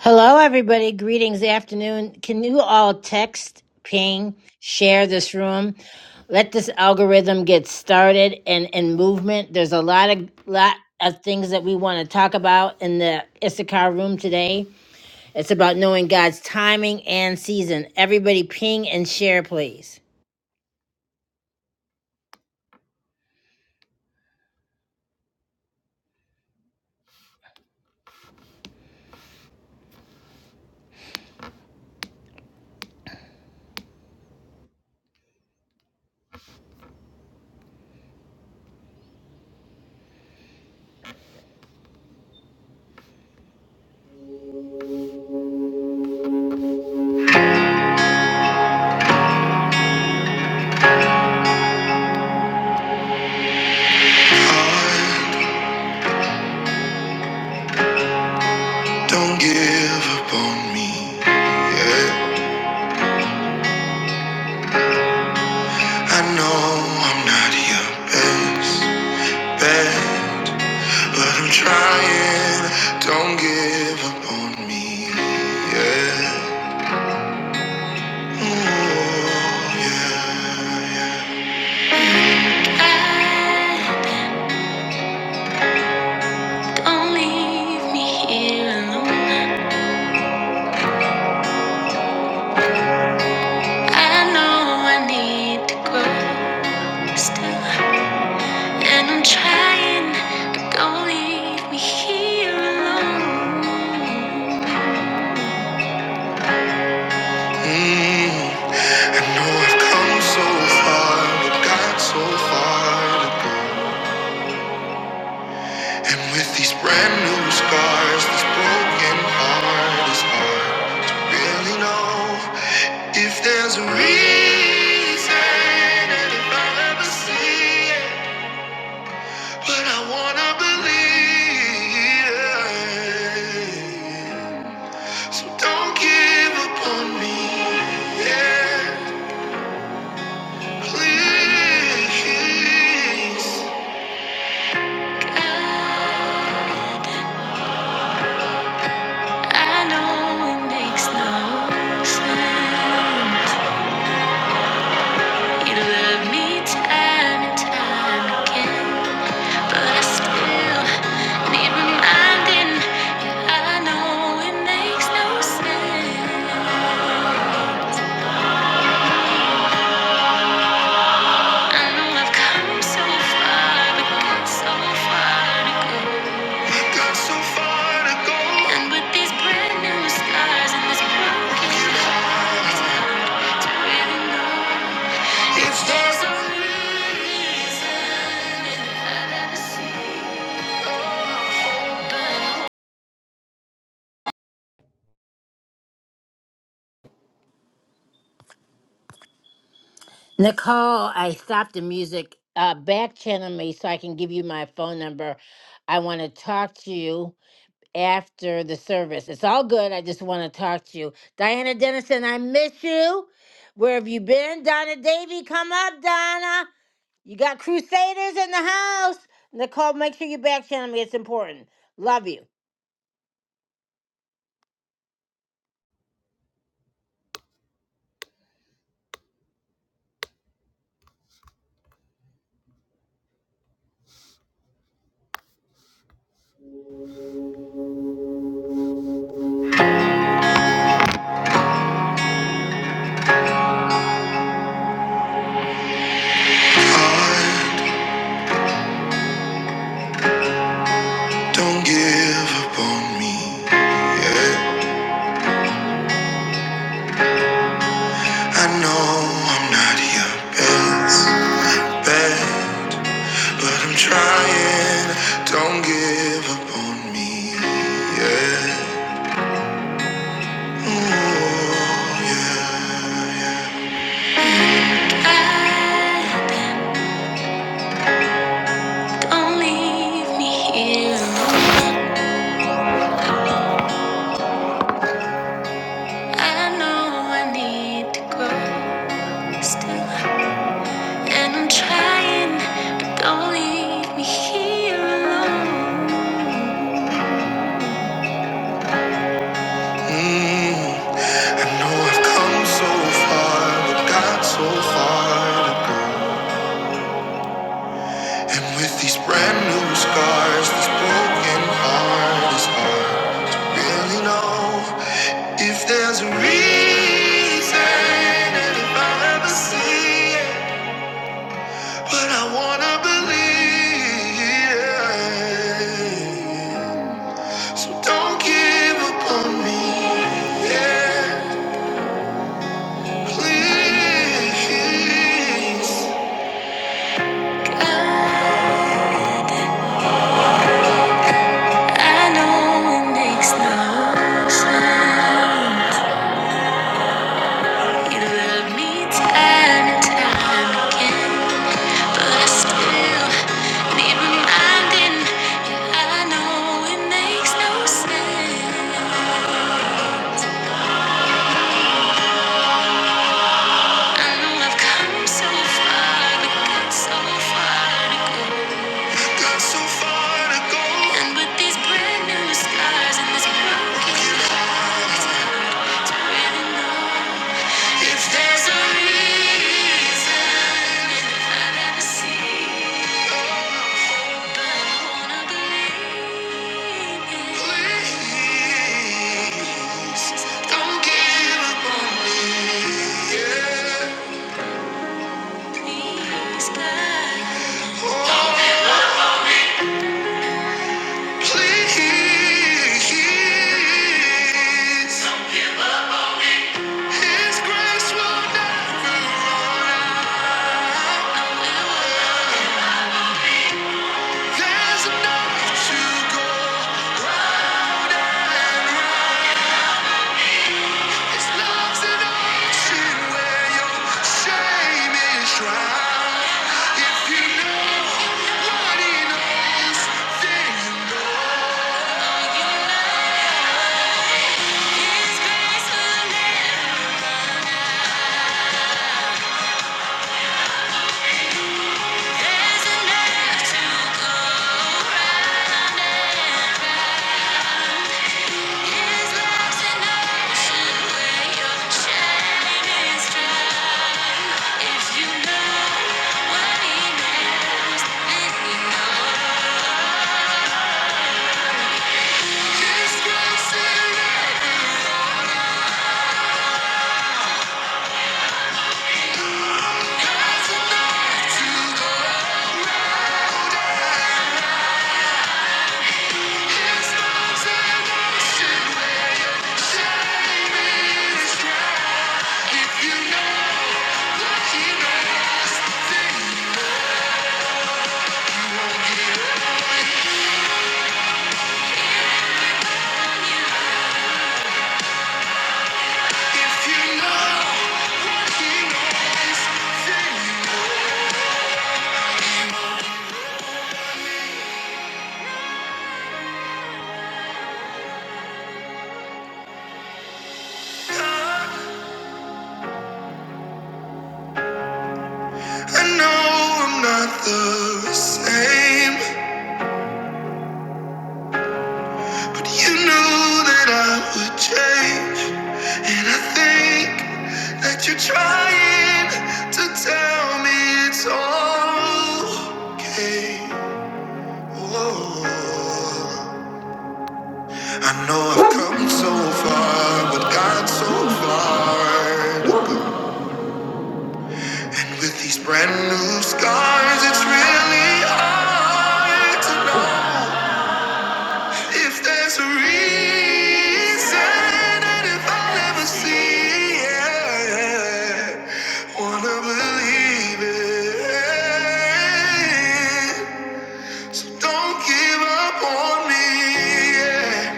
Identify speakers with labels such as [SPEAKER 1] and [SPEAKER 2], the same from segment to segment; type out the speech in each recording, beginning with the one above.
[SPEAKER 1] Hello, everybody. Greetings, afternoon. Can you all text, ping, share this room? Let this algorithm get started and in movement. There's a lot of lot of things that we want to talk about in the Issachar room today. It's about knowing God's timing and season. Everybody, ping and share, please. Don't give up on me. Yeah. I know I'm not your best bet. But I'm trying, don't give up on me. Yeah. Ooh, yeah, yeah. Don't leave me here alone. I know I need to grow still. And I'm trying, but don't leave me here alone. Mm, I know I've come so far, but got so far to go. And with these brand new scars, this broken heart is hard to really know if there's a reason and if I'll ever see it. But I wanna believe, so don't give up on me. Yeah, please. I know it makes no sense. You love me time and time again, but I still need reminding. And I know it makes no sense. I know I've come so far, but got so far to go. Got so far to go. And with these brand new scars and this broken heart, it's hard to really know. Nicole, I stopped the music. Uh, back channel me so I can give you my phone number. I want to talk to you after the service. It's all good. I just want to talk to you. Diana Dennison, I miss you. Where have you been? Donna Davy, come up, Donna. You got Crusaders in the house. Nicole, make sure you back channel me. It's important. Love you. Don't give up on me. Yeah. I know I'm not your best bet, but I'm trying. Don't give up on me. Yeah. Ooh, yeah, yeah. I- Don't leave me here. alone. I know I need to grow. Still. And I'm trying, but don't leave me here alone. Mm, I know I've come so far, but got so far to go. And with these brand new scars, this broken heart is hard to really know if there's a reason if I'll ever see it. But I wanna believe. So don't give up on me, yeah, please. I I know it makes no sense. You love me time and time again, but I still need reminding. Yeah, I know it makes no sense. I know I've come so far, but got so far to go. so And with these brand new scars and this broken heart, to really know if there's a reason But I wanna believe Please, don't give up on me. Yeah. Oh. Please, His grace will never run out. There's enough to go around. love's an ocean where your shame is drowned. If you know what He knows, then you know. His grace will never- There's enough to go. If you know what he knows, then you know. If you know he knows, then I know I'm not the same, but you knew that I would change. And I think that you're trying to tell me it's all okay. Whoa. I know I've come so far, but got so far. And with these brand new scars, it's really hard to know if there's a reason and if I'll ever see it. Wanna believe it. So don't give up on me. Yeah.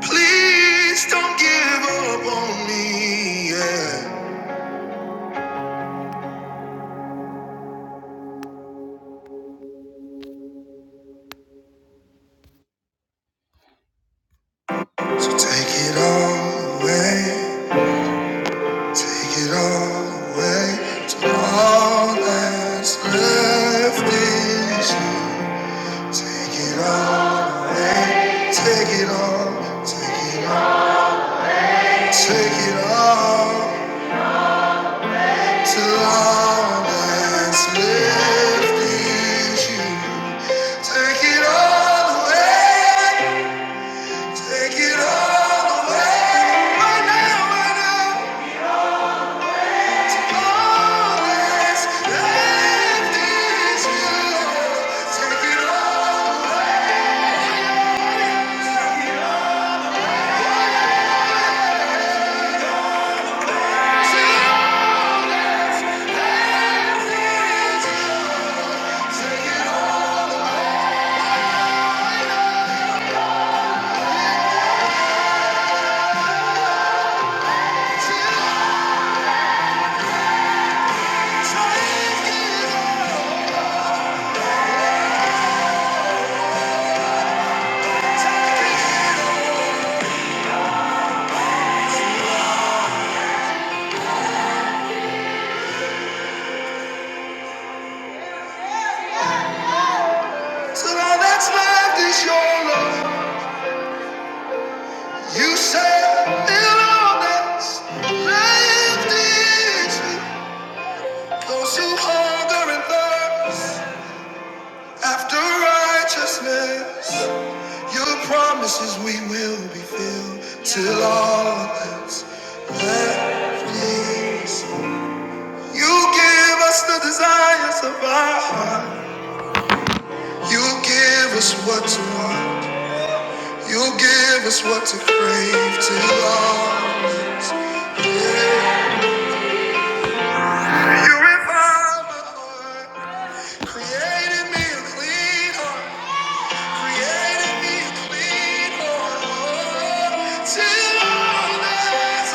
[SPEAKER 1] Please don't give up on me. Yeah. So take it all away. Take it all away. So all that's left is you. Take it all away. Take it all. Take it all. Take it all. Till all that's left is you. Take it all away. Take it all away. Right now, right now. All that's left is you. Take it all away. Take it all. take it all. So all that's left is your love. You said "And all that's left is you." Those who hunger and thirst after righteousness. Your promises we will be filled till all that's left is. You give us the desires of our heart. You give us what to want. You give us what to crave till all that's left. You revive my heart, created me a clean heart. Created me clean, oh Lord, till all that's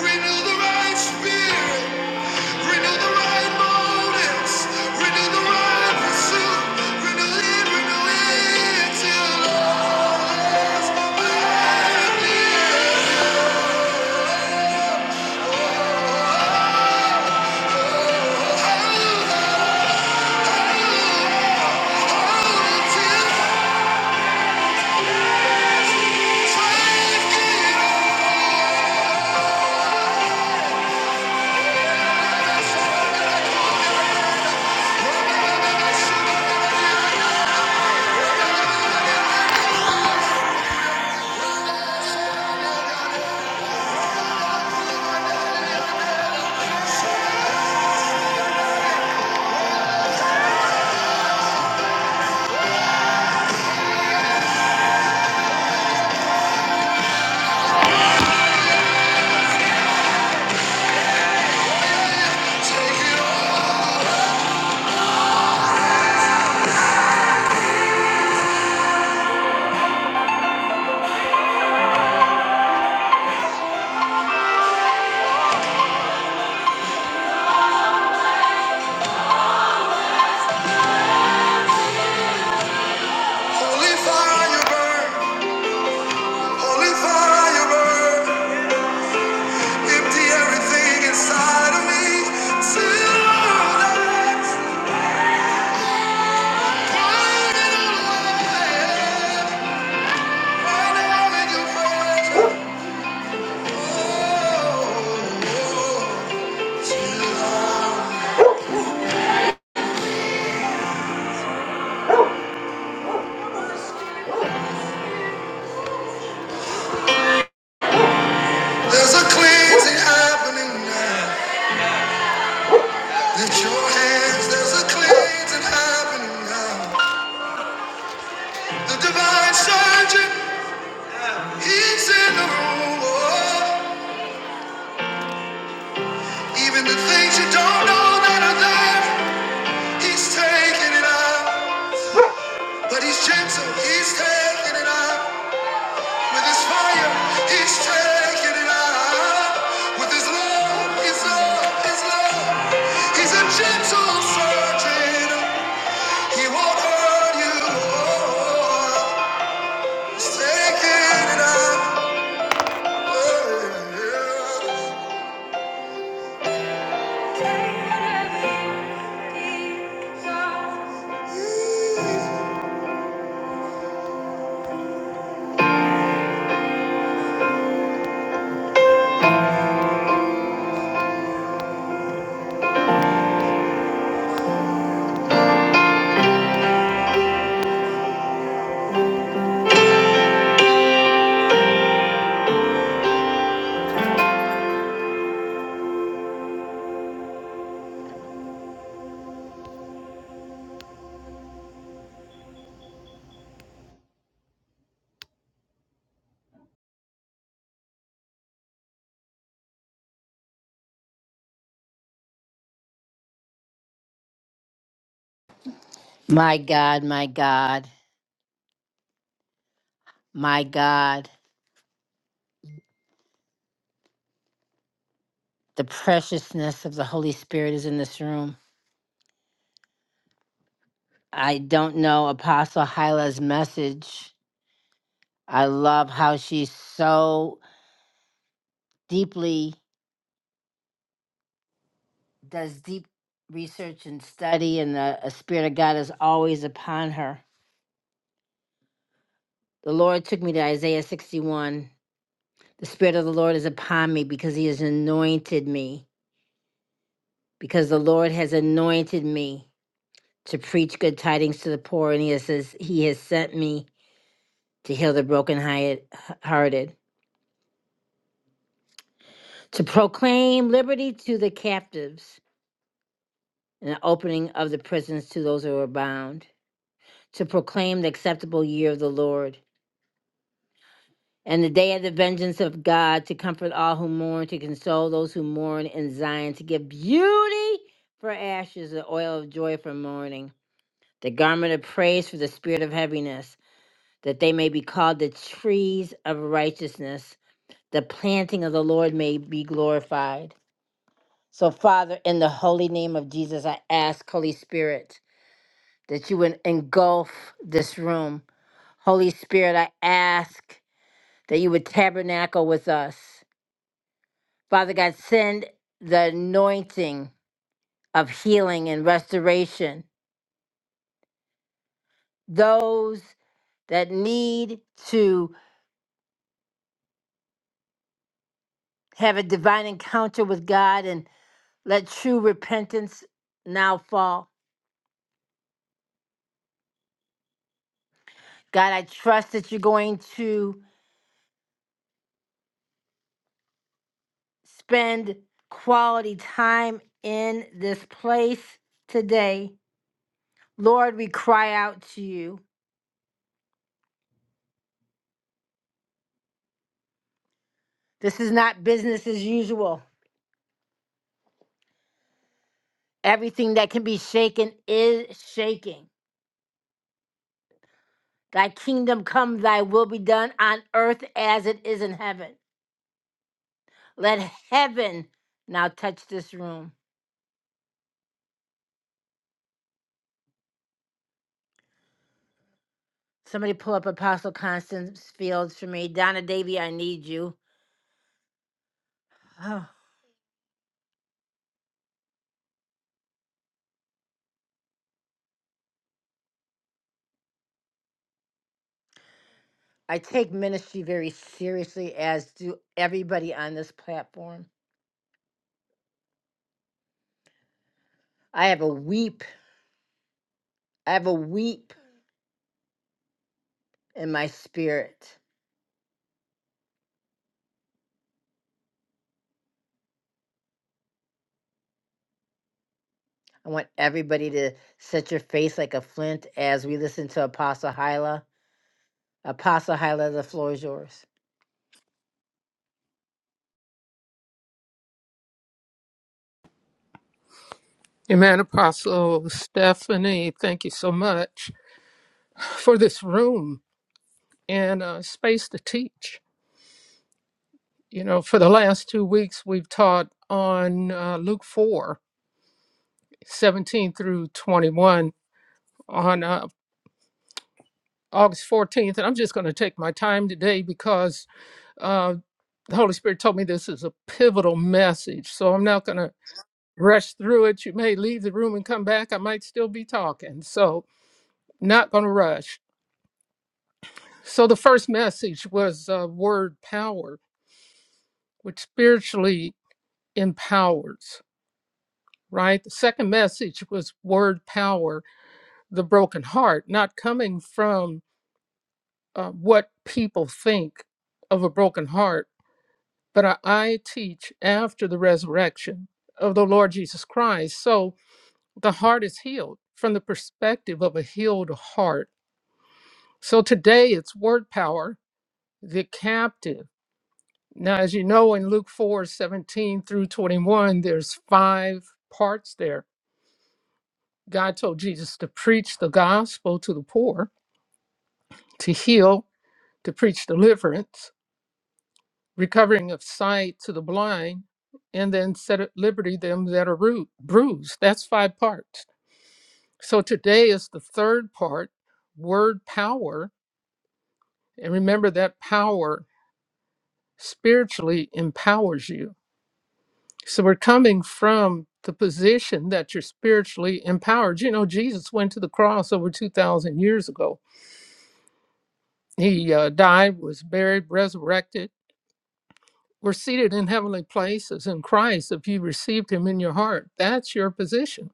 [SPEAKER 1] within. Renew the right spirit, renew the right motives, renew the right pursuit, renew it, renew it till all's within. Oh, oh, Holy fire, you burn. Holy fire, you burn. Right Oh, There's a cleansing happening now. Lift your hands. There's a cleansing happening now. The divine surgeon, he's in the room. Oh, even the things you don't know that are there, he's taking it out. But he's gentle, he's taking it up with his fire, he's taking it up with his love, his love, his love. He's a gentle surgeon, he won't hurt you. Oh, he's taking it up. Oh, yeah. My God, my God, my God, the preciousness of the Holy Spirit is in this room. I don't know Apostle Hyla's message I love how she so deeply does deep research and study, and the uh, Spirit of God is always upon her. The Lord took me to Isaiah 61. The Spirit of the Lord is upon me because He has anointed me, because the Lord has anointed me to preach good tidings to the poor, and He has, says, he has sent me to heal the brokenhearted, to proclaim liberty to the captives, and the opening of the prisons to those who are bound to proclaim the acceptable year of the Lord and the day of the vengeance of God, to comfort all who mourn, to console those who mourn in Zion, to give beauty for ashes, the oil of joy for mourning, the garment of praise for the spirit of heaviness, that they may be called the trees of righteousness. The planting of the Lord may be glorified. So, Father, in the holy name of Jesus, I ask, Holy Spirit, that you would engulf this room. Holy Spirit, I ask that you would tabernacle with us. Father God, send the anointing of healing and restoration. Those that need to have a divine encounter with God and let true repentance now fall. God, I trust that you're going to spend quality time in this place today. Lord, we cry out to you. This is not business as usual. Everything that can be shaken is shaking. Thy kingdom come, thy will be done on earth as it is in heaven. Let heaven now touch this room. Somebody pull up Apostle Constance Fields for me. Donna Davy, I need you. Oh, I take ministry very seriously, as do everybody on this platform. I have a weep. I have a weep in my spirit. I want everybody to set your face like a flint as we listen to Apostle Hyla Apostle Hyla, the floor is yours.
[SPEAKER 2] Amen, Apostle Stephanie. Thank you so much for this room and uh, space to teach. You know, for the last two weeks, we've taught on uh, Luke 4 17 through 21 on uh, August 14th. And I'm just going to take my time today because uh, the Holy Spirit told me this is a pivotal message. So I'm not going to rush through it. You may leave the room and come back. I might still be talking. So, not going to rush. So the first message was uh, word power, which spiritually empowers, right? The second message was word power, the broken heart, not coming from uh, what people think of a broken heart, but I, I teach after the resurrection of the Lord Jesus Christ. So the heart is healed from the perspective of a healed heart. So today it's word power, the captive Now, as you know, in Luke 4 17 through 21, there's five parts there. God told Jesus to preach the gospel to the poor, to heal, to preach deliverance, recovering of sight to the blind, and then set at liberty them that are ru- bruised. That's five parts. So today is the third part, word power. And remember that power spiritually empowers you So we're coming from the position that you're spiritually empowered. You know, Jesus went to the cross over 2,000 years ago. He uh, died, was buried, resurrected. We're seated in heavenly places in Christ if you received him in your heart. That's your position.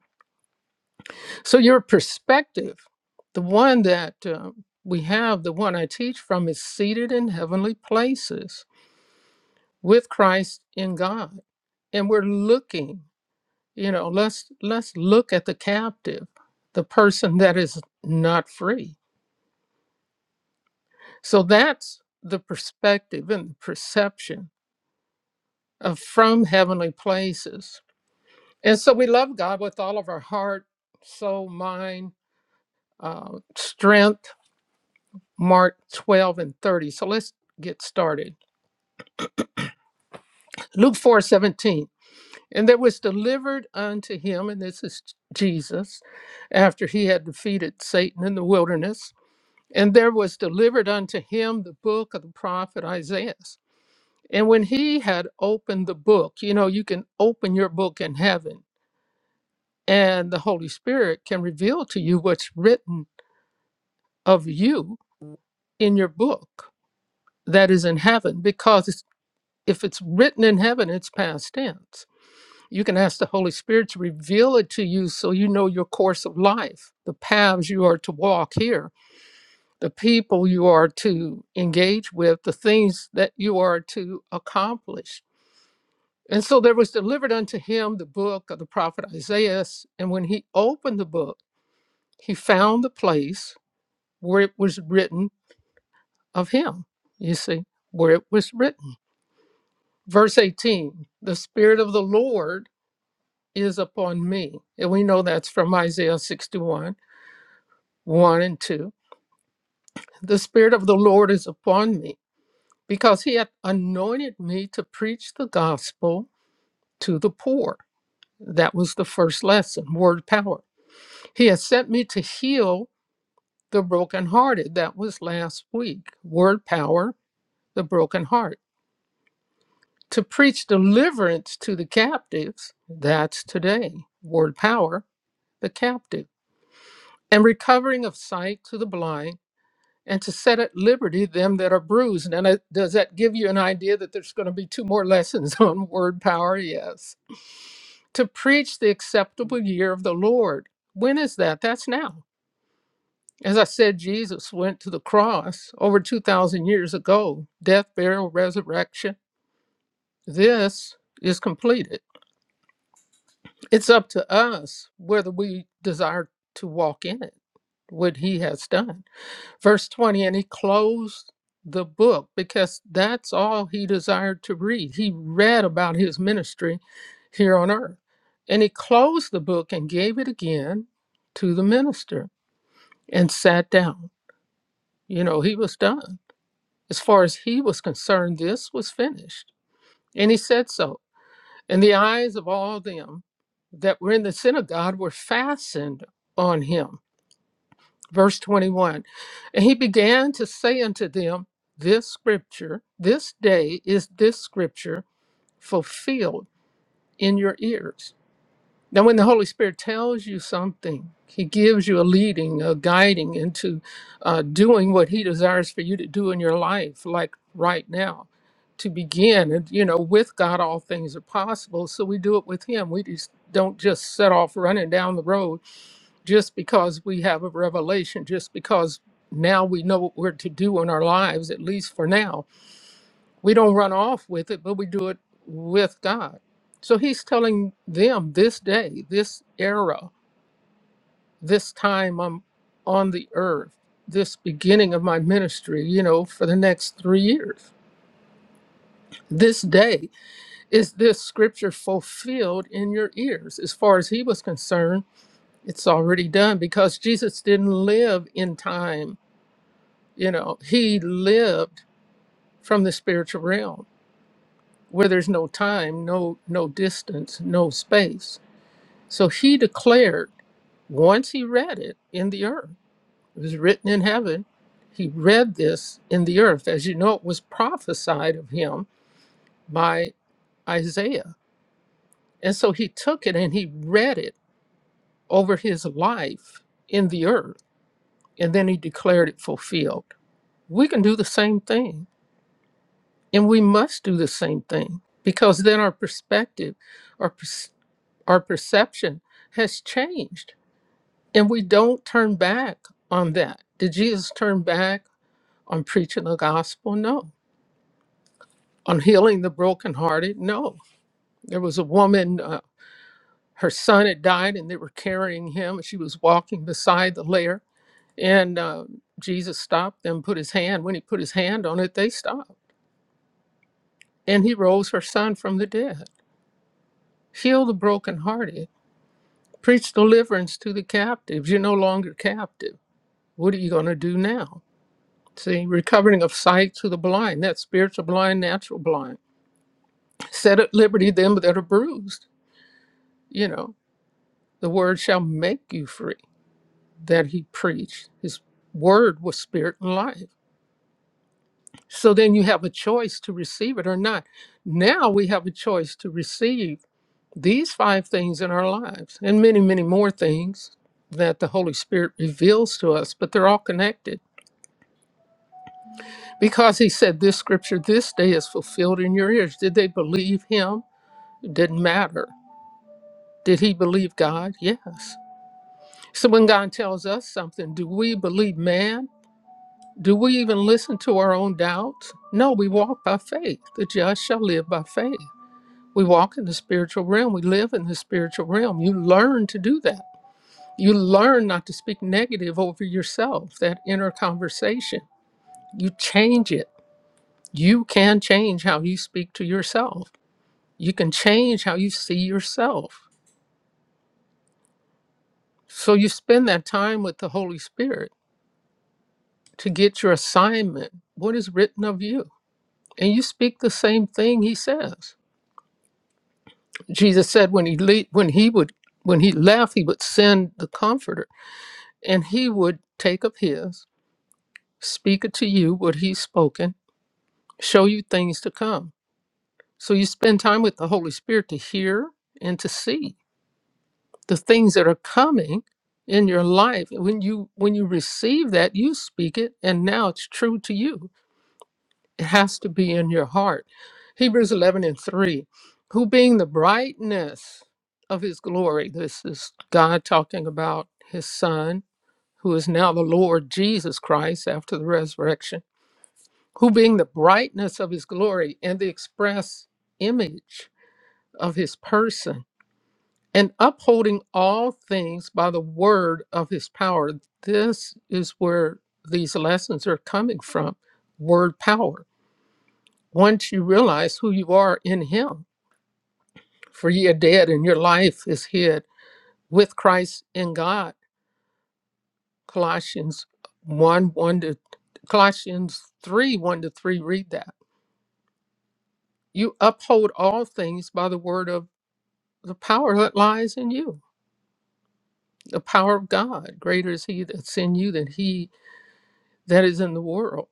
[SPEAKER 2] So your perspective, the one that uh, we have, the one I teach from, is seated in heavenly places with Christ in God. And we're looking. you know let's let's look at the captive the person that is not free so that's the perspective and the perception of from heavenly places and so we love god with all of our heart soul mind uh, strength mark 12 and 30 so let's get started luke 4 17, and there was delivered unto him and this is jesus after he had defeated satan in the wilderness And there was delivered unto him the book of the prophet Isaiah. And when he had opened the book, you know, you can open your book in heaven, and the Holy Spirit can reveal to you what's written of you in your book that is in heaven, because it's- if it's written in heaven, it's past tense. You can ask the Holy Spirit to reveal it to you so you know your course of life, the paths you are to walk here the people you are to engage with, the things that you are to accomplish. And so there was delivered unto him the book of the prophet Isaiah. And when he opened the book, he found the place where it was written of him. You see, where it was written. Verse 18 The Spirit of the Lord is upon me. And we know that's from Isaiah 61 1 and 2. The Spirit of the Lord is upon me because he had anointed me to preach the gospel to the poor. That was the first lesson, word power. He has sent me to heal the brokenhearted. That was last week, word power, the broken heart. To preach deliverance to the captives. That's today, word power, the captive. And recovering of sight to the blind. And to set at liberty them that are bruised. And I- does that give you an idea that there's going to be two more lessons on word power? Yes to preach the acceptable year of the Lord. When is that? That's now. As I said, Jesus went to the cross over 2,000 years ago death, burial, resurrection. This is completed. It's up to us whether we desire to walk in it, what he has done. Verse 20, and he closed the book because that's all he desired to read. He read about his ministry here on earth. And he closed the book and gave it again to the minister and sat down. You know, he was done. As far as he was concerned, this was finished. And he said so. And the eyes of all them that were in the synagogue were fastened on him. verse 21 and he began to say unto them this scripture this day is this scripture fulfilled in your ears now when the holy spirit tells you something he gives you a leading a guiding into uh, doing what he desires for you to do in your life like right now to begin and you know with god all things are possible so we do it with him we just don't just set off running down the road just because we have a revelation, just because now we know what we're to do in our lives, at least for now, we don't run off with it, but we do it with God. So he's telling them this day, this era, this time I'm on the earth, this beginning of my ministry, you know, for the next three years. This day, is this scripture fulfilled in your ears? As far as he was concerned, it's already done because Jesus didn't live in time you know he lived from the spiritual realm where there's no time no no distance no space so he declared once he read it in the earth it was written in heaven he read this in the earth as you know it was prophesied of him by isaiah and so he took it and he read it over his life in the earth and then he declared it fulfilled we can do the same thing And we must do the same thing because then our perspective, our, perc- our perception has changed. And we don't turn back on that. Did Jesus turn back on preaching the gospel? No. On healing the brokenhearted? No. There was a woman, uh, her son had died, and they were carrying him. and She was walking beside the lair, and uh, Jesus stopped them, put his hand. When he put his hand on it, they stopped. And he rose her son from the dead. Heal the brokenhearted Preach deliverance to the captives. You're no longer captive. What are you going to do now? See, recovering of sight to the blind, that's spiritual blind, natural blind. Set at liberty them that are bruised. You know, the word shall make you free that he preached. His word was spirit and life. So then you have a choice to receive it or not. Now we have a choice to receive these five things in our lives and many, many more things that the Holy Spirit reveals to us, but they're all connected Because he said, This scripture this day is fulfilled in your ears. Did they believe him? It didn't matter. Did he believe God? Yes. So when God tells us something, do we believe man? Do we even listen to our own doubts? No, we walk by faith. The just shall live by faith. We walk in the spiritual realm. We live in the spiritual realm. You learn to do that. You learn not to speak negative over yourself, that inner conversation. You change it. You can change how you speak to yourself You can change how you see yourself. So you spend that time with the Holy Spirit to get your assignment, what is written of you. And you speak the same thing he says. Jesus said when he le- when he would when he left, he would send the comforter and he would take up his, speak it to you what he's spoken, show you things to come. So you spend time with the Holy Spirit to hear and to see. the things that are coming in your life when you when you receive that you speak it and now it's true to you it has to be in your heart hebrews 11 and 3 who being the brightness of his glory this is god talking about his son who is now the lord jesus christ after the resurrection who being the brightness of his glory and the express image of his person and upholding all things by the word of his power. This is where these lessons are coming from word power. Once you realize who you are in him, for ye are dead and your life is hid with Christ in God. Colossians 1 1 to Colossians 3 1 to 3. Read that. You uphold all things by the word of the power that lies in you, the power of God. Greater is he that's in you than he that is in the world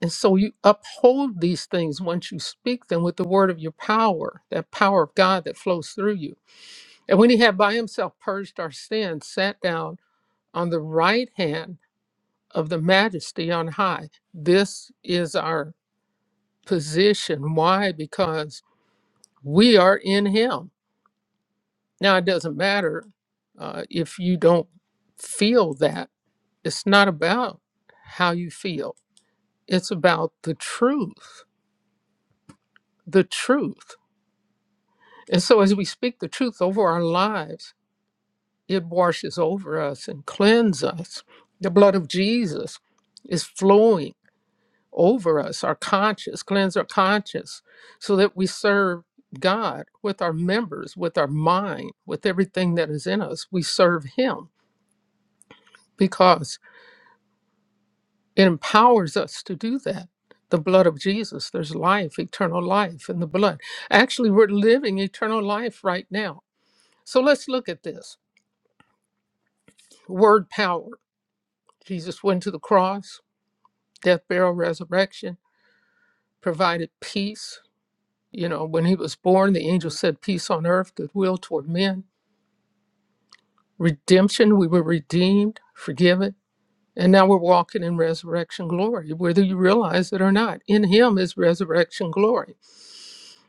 [SPEAKER 2] And so you uphold these things once you speak them with the word of your power, that power of God that flows through you. And when he had by himself purged our sins, sat down on the right hand of the majesty on high. This is our position. Why? Because we are in him. Now, it doesn't matter uh, if you don't feel that. It's not about how you feel, it's about the truth. The truth. And so as we speak the truth over our lives, it washes over us and cleanses us. The blood of Jesus is flowing over us, our conscience, cleanse our conscience, so that we serve God with our members, with our mind, with everything that is in us. We serve Him because it empowers us to do that. The blood of Jesus, there's life, eternal life in the blood. Actually, we're living eternal life right now. So let's look at this word power Jesus went to the cross, death, burial, resurrection, provided peace. You know, when he was born, the angel said, Peace on earth, goodwill toward men. Redemption, we were redeemed, forgiven. And now we're walking in resurrection glory, whether you realize it or not. In him is resurrection glory.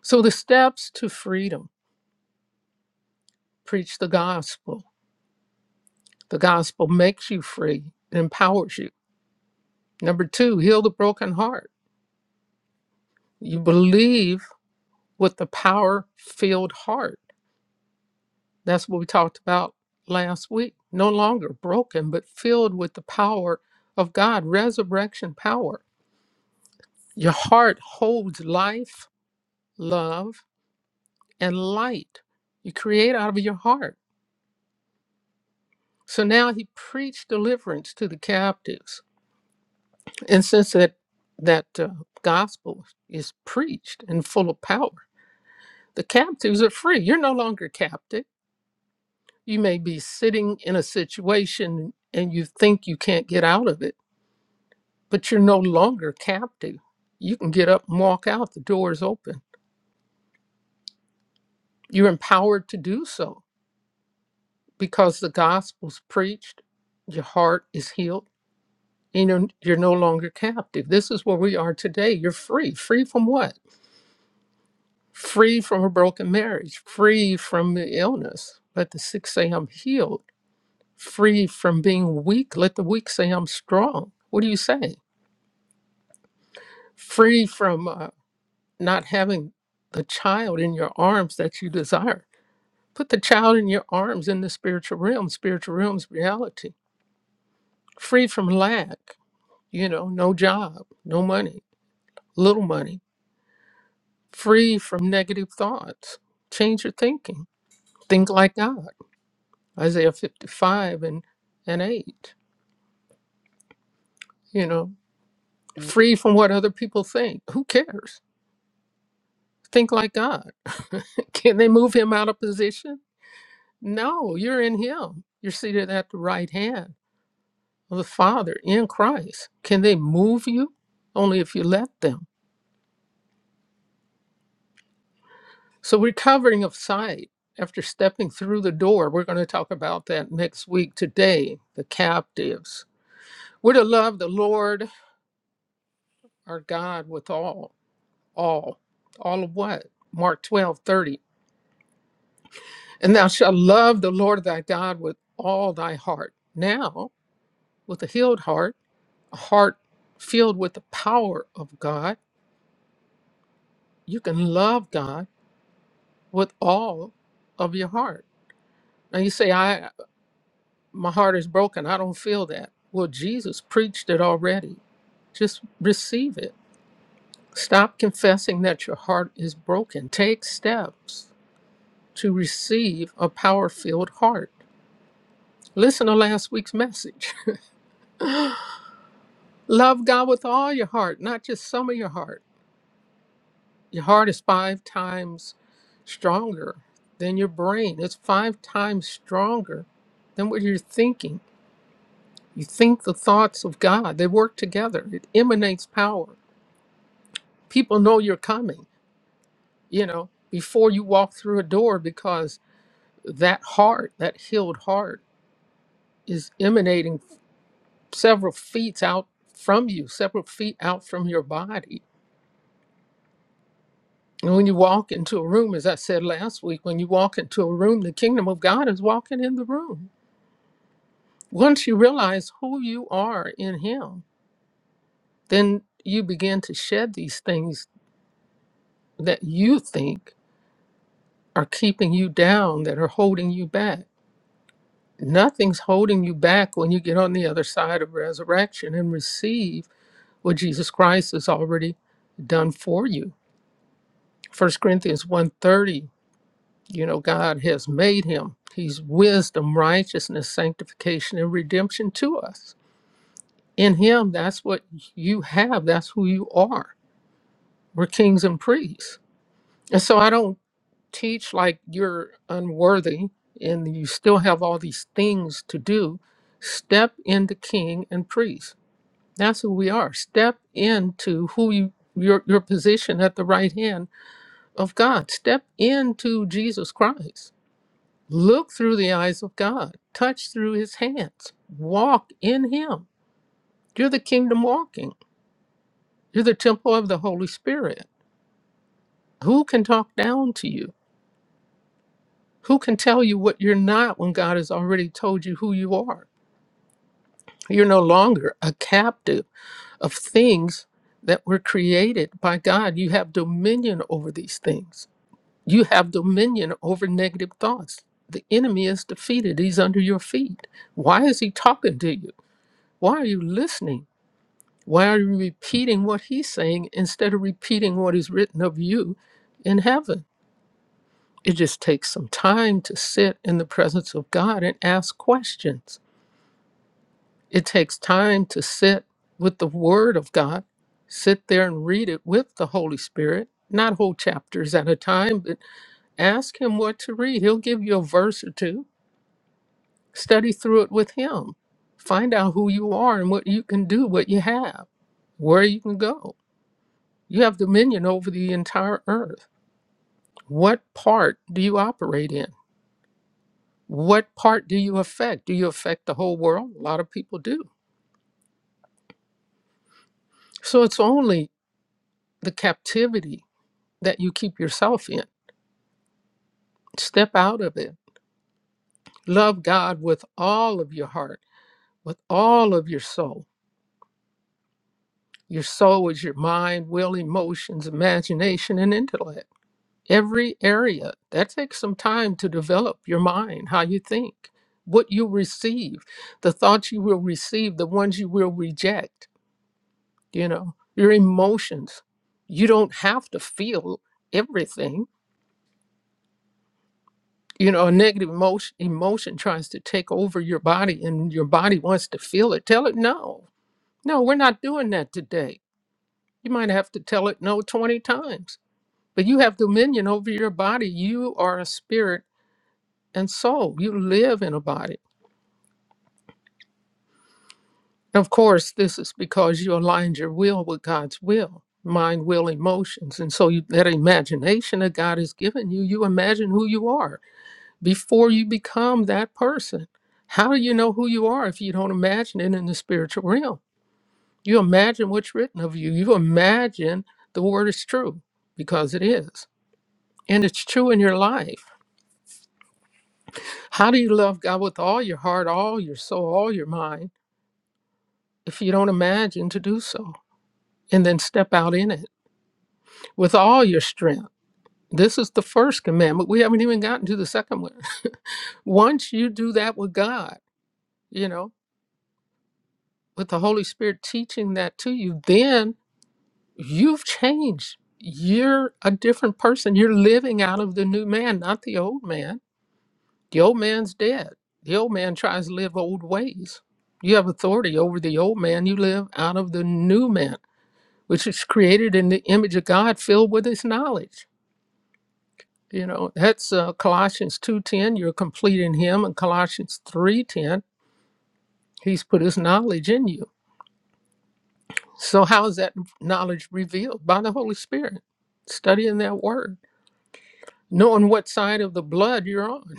[SPEAKER 2] So the steps to freedom preach the gospel. The gospel makes you free, it empowers you. Number two, heal the broken heart. You believe with the power filled heart That's what we talked about last week. No longer broken, but filled with the power of God, resurrection power. Your heart holds life, love, and light. You create out of your heart. So now he preached deliverance to the captives. And since that, that uh, gospel is preached and full of power, the captives are free. You're no longer captive. You may be sitting in a situation and you think you can't get out of it but you're no longer captive. You can get up and walk out, the door is open. You're empowered to do so because the gospel's preached, your heart is healed, you know you're no longer captive. This is where we are today. You're free. Free from what? Free from a broken marriage, free from the illness. Let the sick say, I'm healed. Free from being weak. Let the weak say, I'm strong. What do you say? Free from uh, not having the child in your arms that you desire Put the child in your arms in the spiritual realm. Spiritual realm's reality. Free from lack, you know, no job, no money, little money. Free from negative thoughts. Change your thinking. Think like God. Isaiah 55 and, and 8. You know, free from what other people think. Who cares? Think like God. Can they move him out of position? No, you're in him. You're seated at the right hand of the Father in Christ. Can they move you? Only if you let them. So, recovering of sight after stepping through the door, we're going to talk about that next week. Today, the captives. We're to love the Lord our God with all, all, all of what? Mark 12 30. And thou shalt love the Lord thy God with all thy heart. Now, with a healed heart, a heart filled with the power of God, you can love God with all of your heart. Now you say, I my heart is broken, I don't feel that. Well, Jesus preached it already. Just receive it. Stop confessing that your heart is broken. Take steps to receive a power filled heart. Listen to last week's message. Love God with all your heart, not just some of your heart. Your heart is five times stronger than your brain, it's five times stronger than what you're thinking You think the thoughts of God, they work together. It emanates power. People know you're coming, you know, before you walk through a door because that heart, that healed heart, is emanating several feet out from you, several feet out from your body. And when you walk into a room, as I said last week, when you walk into a room, the kingdom of God is walking in the room. Once you realize who you are in Him, then you begin to shed these things that you think are keeping you down, that are holding you back. Nothing's holding you back when you get on the other side of resurrection and receive what Jesus Christ has already done for you. First Corinthians one thirty. you know, God has made him. He's wisdom, righteousness, sanctification, and redemption to us. In him, that's what you have. That's who you are. We're kings and priests. And so I don't teach like you're unworthy and you still have all these things to do, step into king and priest. That's who we are. Step into who you your your position at the right hand of God. Step into Jesus Christ. Look through the eyes of God. Touch through his hands. Walk in him. You're the kingdom walking. You're the temple of the Holy Spirit. Who can talk down to you? Who can tell you what you're not when God has already told you who you are? You're no longer a captive of things that were created by God. You have dominion over these things. You have dominion over negative thoughts. The enemy is defeated, he's under your feet. Why is he talking to you? Why are you listening? Why are you repeating what he's saying instead of repeating what is written of you in heaven? It just takes some time to sit in the presence of God and ask questions It takes time to sit with the Word of God, sit there and read it with the Holy Spirit, not whole chapters at a time, but ask Him what to read. He'll give you a verse or two. Study through it with Him. Find out who you are and what you can do, what you have, where you can go. You have dominion over the entire earth. What part do you operate in? What part do you affect? Do you affect the whole world? A lot of people do. So it's only the captivity that you keep yourself in. Step out of it. Love God with all of your heart, with all of your soul. Your soul is your mind, will, emotions, imagination, and intellect. Every area. That takes some time to develop your mind, how you think, what you receive, the thoughts you will receive, the ones you will reject, you know, your emotions. You don't have to feel everything you know a negative emotion emotion tries to take over your body and your body wants to feel it tell it no no we're not doing that today you might have to tell it no 20 times but you have dominion over your body you are a spirit and soul you live in a body of course this is because you aligned your will with god's will mind will emotions and so you, that imagination that god has given you you imagine who you are before you become that person. How do you know who you are if you don't imagine it in the spiritual realm? You imagine what's written of you. You imagine the word is true because it is. And it's true in your life. How do you love God with all your heart, all your soul, all your mind if you don't imagine to do so and then step out in it with all your strength? This is the first commandment. We haven't even gotten to the second one. Once you do that with God, you know. with the Holy Spirit teaching that to you, then you've changed. You're a different person. You're living out of the new man, not the old man. The old man's dead. The old man tries to live old ways. You have authority over the old man. You live out of the new man, which is created in the image of God, filled with His knowledge. You know that's uh, Colossians two ten. You're complete in Him, and Colossians three ten. He's put His knowledge in you So, how is that knowledge revealed? By the Holy Spirit, studying that word, knowing what side of the blood you're on.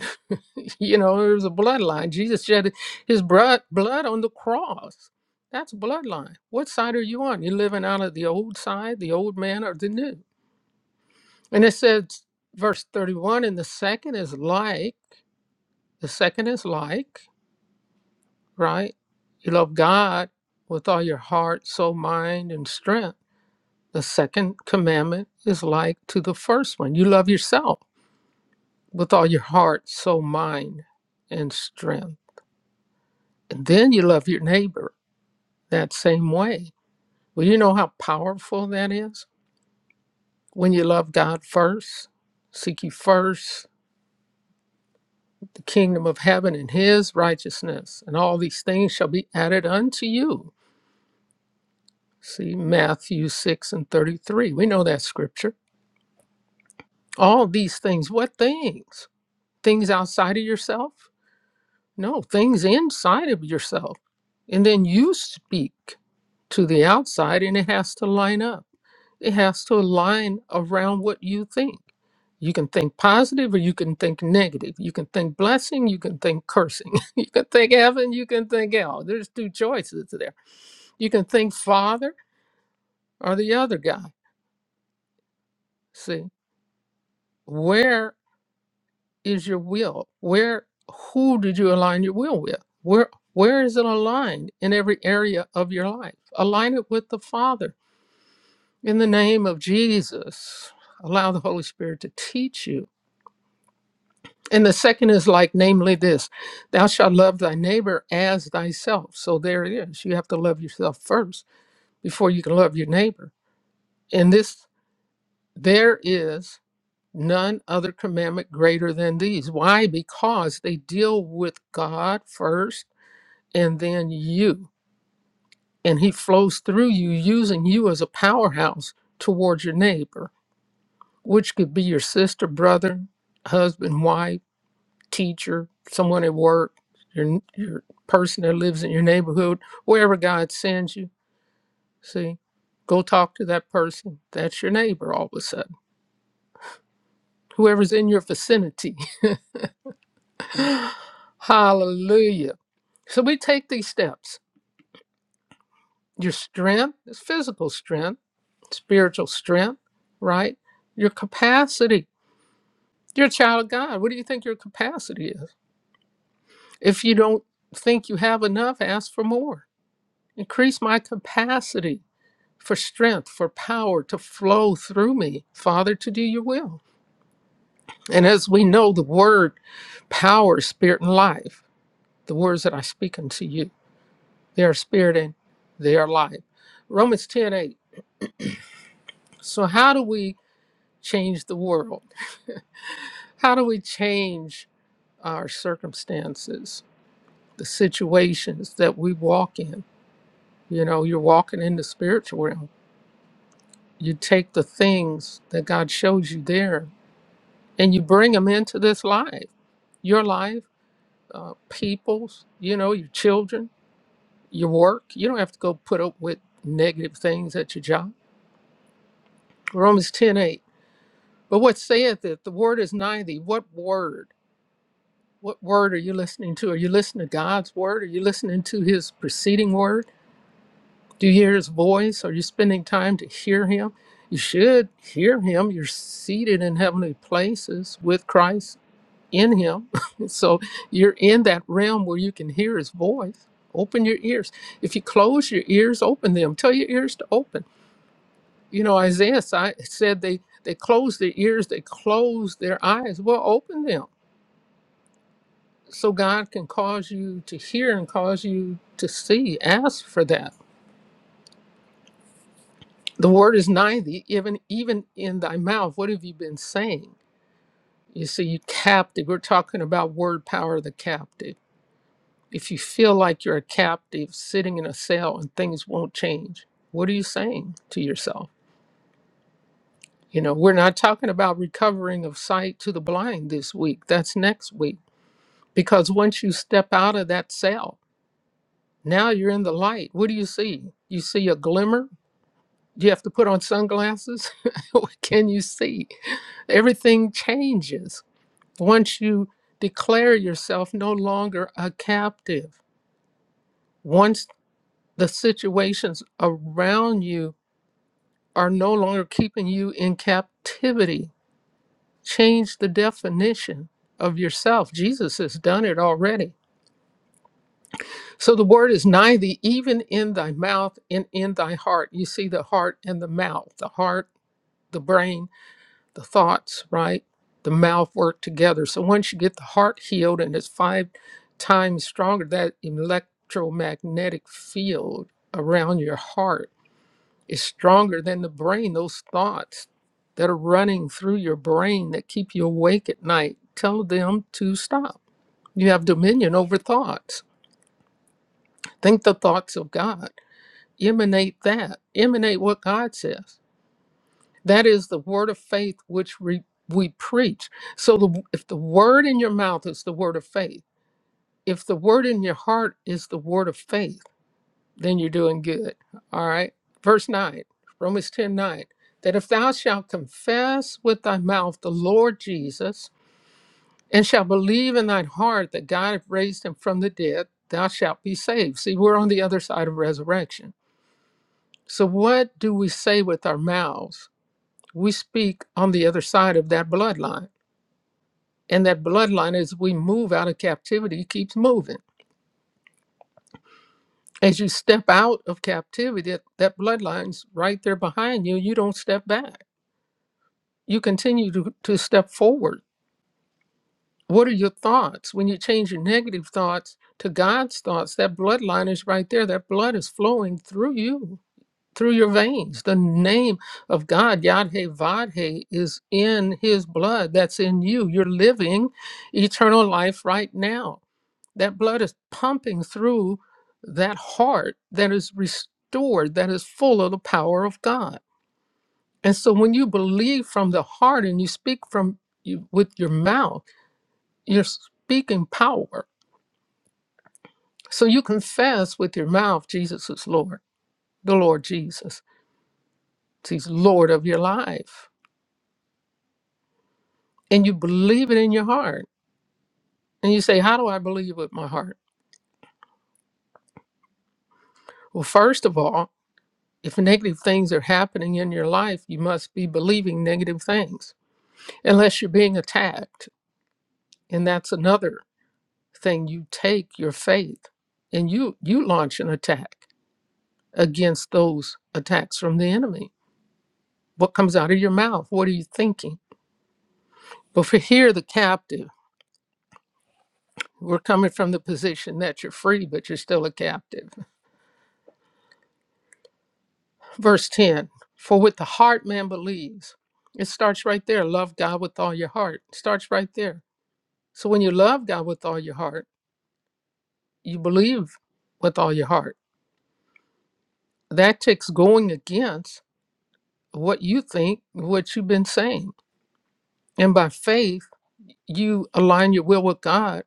[SPEAKER 2] you know, there's a bloodline. Jesus shed his blood, blood on the cross. That's bloodline. What side are you on? You're living out of the old side, the old man, or the new. And it says, verse 31, and the second is like, the second is like, right? You love God with all your heart, soul, mind, and strength The second commandment is like to the first one you love yourself with all your heart, soul, mind, and strength. And then you love your neighbor that same way. Well, you know how powerful that is? When you love God first, seek ye first the kingdom of heaven and his righteousness, and all these things shall be added unto you. See Matthew 6 and 33. We know that scripture. All these things, what things? Things outside of yourself? No, things inside of yourself. And then you speak to the outside and it has to line up. It has to align around what you think. You can think positive or you can think negative. You can think blessing, you can think cursing. you can think heaven, you can think hell. There's two choices there. You can think father or the other guy. See, where is your will? Where who did you align your will with? Where where is it aligned in every area of your life? Align it with the Father in the name of Jesus. Allow the Holy Spirit to teach you. And the second is like namely this, thou shalt love thy neighbor as thyself. So there it is. You have to love yourself first before you can love your neighbor. And this there is none other commandment greater than these. Why? Because they deal with God first and then you. And he flows through you, using you as a powerhouse towards your neighbor, which could be your sister, brother, husband, wife, teacher, someone at work, your, your person that lives in your neighborhood, wherever God sends you. See, go talk to that person. That's your neighbor all of a sudden, whoever's in your vicinity. Hallelujah. So we take these steps. Your strength is physical strength spiritual strength, right? Your capacity. You're a child of God. What do you think your capacity is? If you don't think you have enough, ask for more. Increase my capacity for strength, for power to flow through me, Father, to do your will. And as we know, the word power, spirit, and life, the words that I speak unto you, they are spirit and they are life. Romans 10 8. So, how do we change the world? how do we change our circumstances, the situations that we walk in. You know, you're walking in the spiritual realm. You take the things that God shows you there and you bring them into this life, your life, uh, people's, you know, your children, your work. You don't have to go put up with negative things at your job. Romans ten eight. But what saith it? The word is nigh thee. What word? What word are you listening to? Are you listening to God's word? Are you listening to his preceding word? Do you hear his voice? Are you spending time to hear him? You should hear him. You're seated in heavenly places with Christ in him. so you're in that realm where you can hear his voice. Open your ears. If you close your ears, open them. Tell your ears to open. You know, Isaiah si- said they, they close their ears, they close their eyes. Well, open them so God can cause you to hear and cause you to see. Ask for that The word is nigh thee, even even in thy mouth. What have you been saying? You see, you captive. We're talking about word power of the captive. If you feel like you're a captive sitting in a cell and things won't change, what are you saying to yourself? You know, we're not talking about recovering of sight to the blind this week. That's next week. Because once you step out of that cell, now you're in the light. What do you see? You see a glimmer Do you have to put on sunglasses? what can you see? Everything changes once you declare yourself no longer a captive. Once the situations around you are no longer keeping you in captivity, change the definition of yourself. Jesus has done it already. So the word is nigh thee, even in thy mouth and in thy heart. You see the heart and the mouth, the heart, the brain, the thoughts, right? The mouth work together. So once you get the heart healed and it's five times stronger, that electromagnetic field around your heart is stronger than the brain. Those thoughts that are running through your brain that keep you awake at night, tell them to stop. You have dominion over thoughts. Think the thoughts of God. Emanate that. Emanate what God says That is the word of faith which we, we preach. So the, if the word in your mouth is the word of faith, if the word in your heart is the word of faith, then you're doing good. All right. Verse 9, Romans 10 9: that if thou shalt confess with thy mouth the Lord Jesus and shalt believe in thine heart that God hath raised him from the dead, thou shalt be saved. See, we're on the other side of resurrection. So what do we say with our mouths? We speak on the other side of that bloodline And that bloodline, as we move out of captivity, keeps moving. As you step out of captivity, that, that bloodline's right there behind you. You don't step back. You continue to, to step forward. What are your thoughts? When you change your negative thoughts to God's thoughts, that bloodline is right there. That blood is flowing through you, through your veins. The name of God, Yadhe Vadhe, is in his blood. That's in you. You're living eternal life right now That blood is pumping through that heart that is restored, that is full of the power of God. And so when you believe from the heart and you speak from you, with your mouth, you're speaking power. So you confess with your mouth Jesus is Lord, the Lord Jesus. He's Lord of your life. And you believe it in your heart. And you say, How do I believe with my heart? Well, first of all, if negative things are happening in your life, you must be believing negative things. unless you're being attacked. And that's another thing. You take your faith and you you launch an attack against those attacks from the enemy. What comes out of your mouth? What are you thinking? But for here, the captive, we're coming from the position that you're free, but you're still a captive. Verse 10 For with the heart man believes. It starts right there. Love God with all your heart. It starts right there. So when you love God with all your heart, you believe with all your heart that takes going against what you think, what you've been saying. And by faith, you align your will with God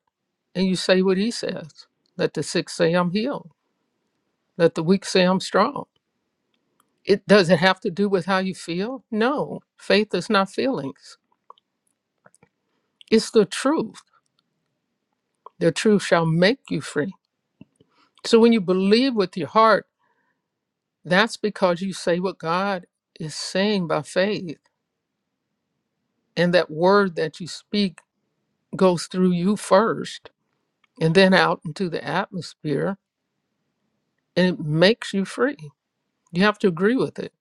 [SPEAKER 2] and you say what He says. Let the sick say, I'm healed. Let the weak say, I'm strong. It does it have to do with how you feel? No, faith is not feelings, it's the truth. The truth shall make you free. So when you believe with your heart, that's because you say what God is saying by faith. And that word that you speak goes through you first and then out into the atmosphere, and it makes you free. You have to agree with it.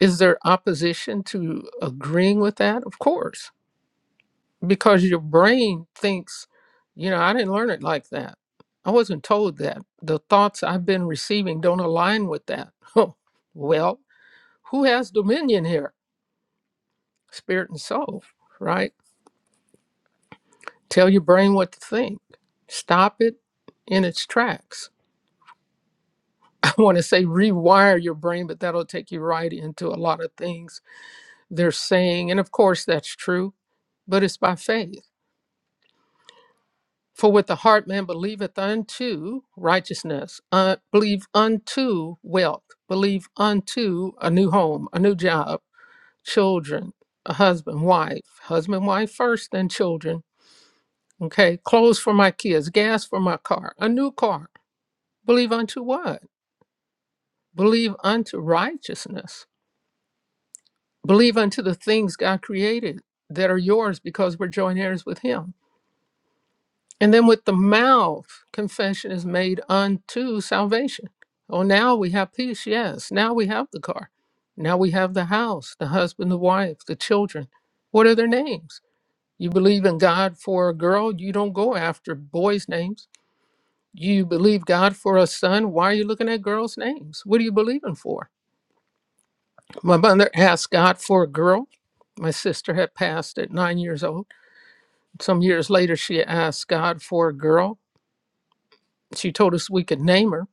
[SPEAKER 2] Is there opposition to agreeing with that? Of course, because your brain thinks, you know, I didn't learn it like that. I wasn't told that. The thoughts I've been receiving don't align with that. well, who has dominion here? Spirit and soul, right? Tell your brain what to think. Stop it in its tracks want to say rewire your brain, but that'll take you right into a lot of things they're saying. And of course, that's true, but it's by faith. For with the heart man believeth unto righteousness, uh, believe unto wealth, believe unto a new home, a new job, children, a husband, wife, husband, wife first, then children. Okay, clothes for my kids, gas for my car, a new car. Believe unto what? Believe unto righteousness Believe unto the things God created that are yours because we're joint heirs with Him. And then with the mouth, confession is made unto salvation. Oh, now we have peace. Yes. Now we have the car. Now we have the house, the husband, the wife, the children. What are their names? You believe in God for a girl, you don't go after boys' names. You believe God for a son, why are you looking at girls' names? What are you believing for? My mother asked God for a girl. My sister had passed at nine years old. Some years later, she asked God for a girl. She told us we could name her.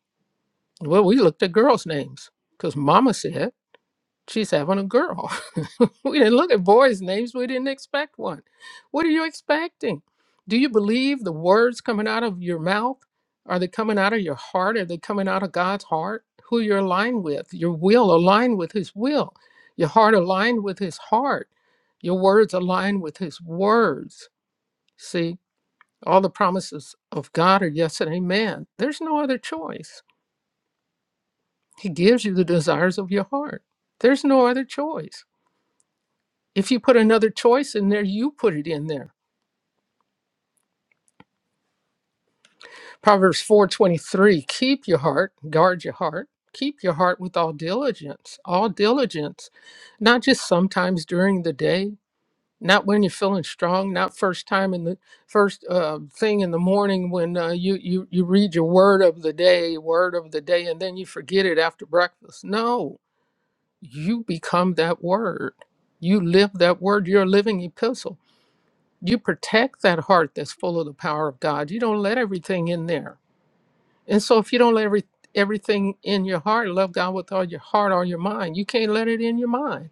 [SPEAKER 2] Well, we looked at girls' names because Mama said she's having a girl. we didn't look at boys' names. We didn't expect one. What are you expecting? Do you believe the words coming out of your mouth? Are they coming out of your heart? Are they coming out of God's heart? Who you're aligned with? Your will aligned with His will. Your heart aligned with His heart. Your words aligned with His words. See? All the promises of God are yes and amen. There's no other choice. He gives you the desires of your heart. There's no other choice. If you put another choice in there, you put it in there. Proverbs 4:23, keep your heart, guard your heart. Keep your heart with all diligence, all diligence, not just sometimes during the day, not when you're feeling strong not first time in the first uh, thing in the morning when uh, you, you you read your word of the day word of the day and then you forget it after breakfast no you become that word you live that word you're a living epistle you protect that heart that's full of the power of god you don't let everything in there and so if you don't let every, everything in your heart love god with all your heart all your mind you can't let it in your mind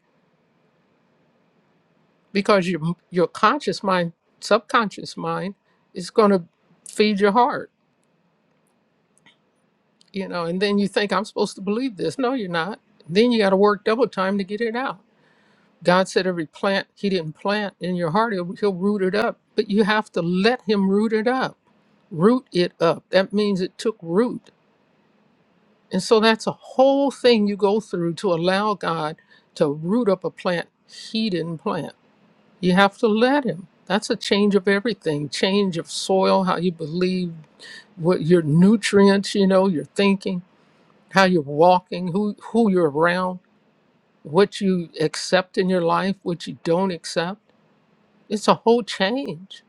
[SPEAKER 2] because your your conscious mind, subconscious mind, is going to feed your heart, you know. And then you think I'm supposed to believe this. No, you're not. Then you got to work double time to get it out. God said every plant He didn't plant in your heart, he'll, he'll root it up. But you have to let Him root it up. Root it up. That means it took root. And so that's a whole thing you go through to allow God to root up a plant He didn't plant You have to let him. That's a change of everything change of soil, how you believe, what your nutrients, you know, your thinking, how you're walking, who, who you're around, what you accept in your life, what you don't accept. It's a whole change.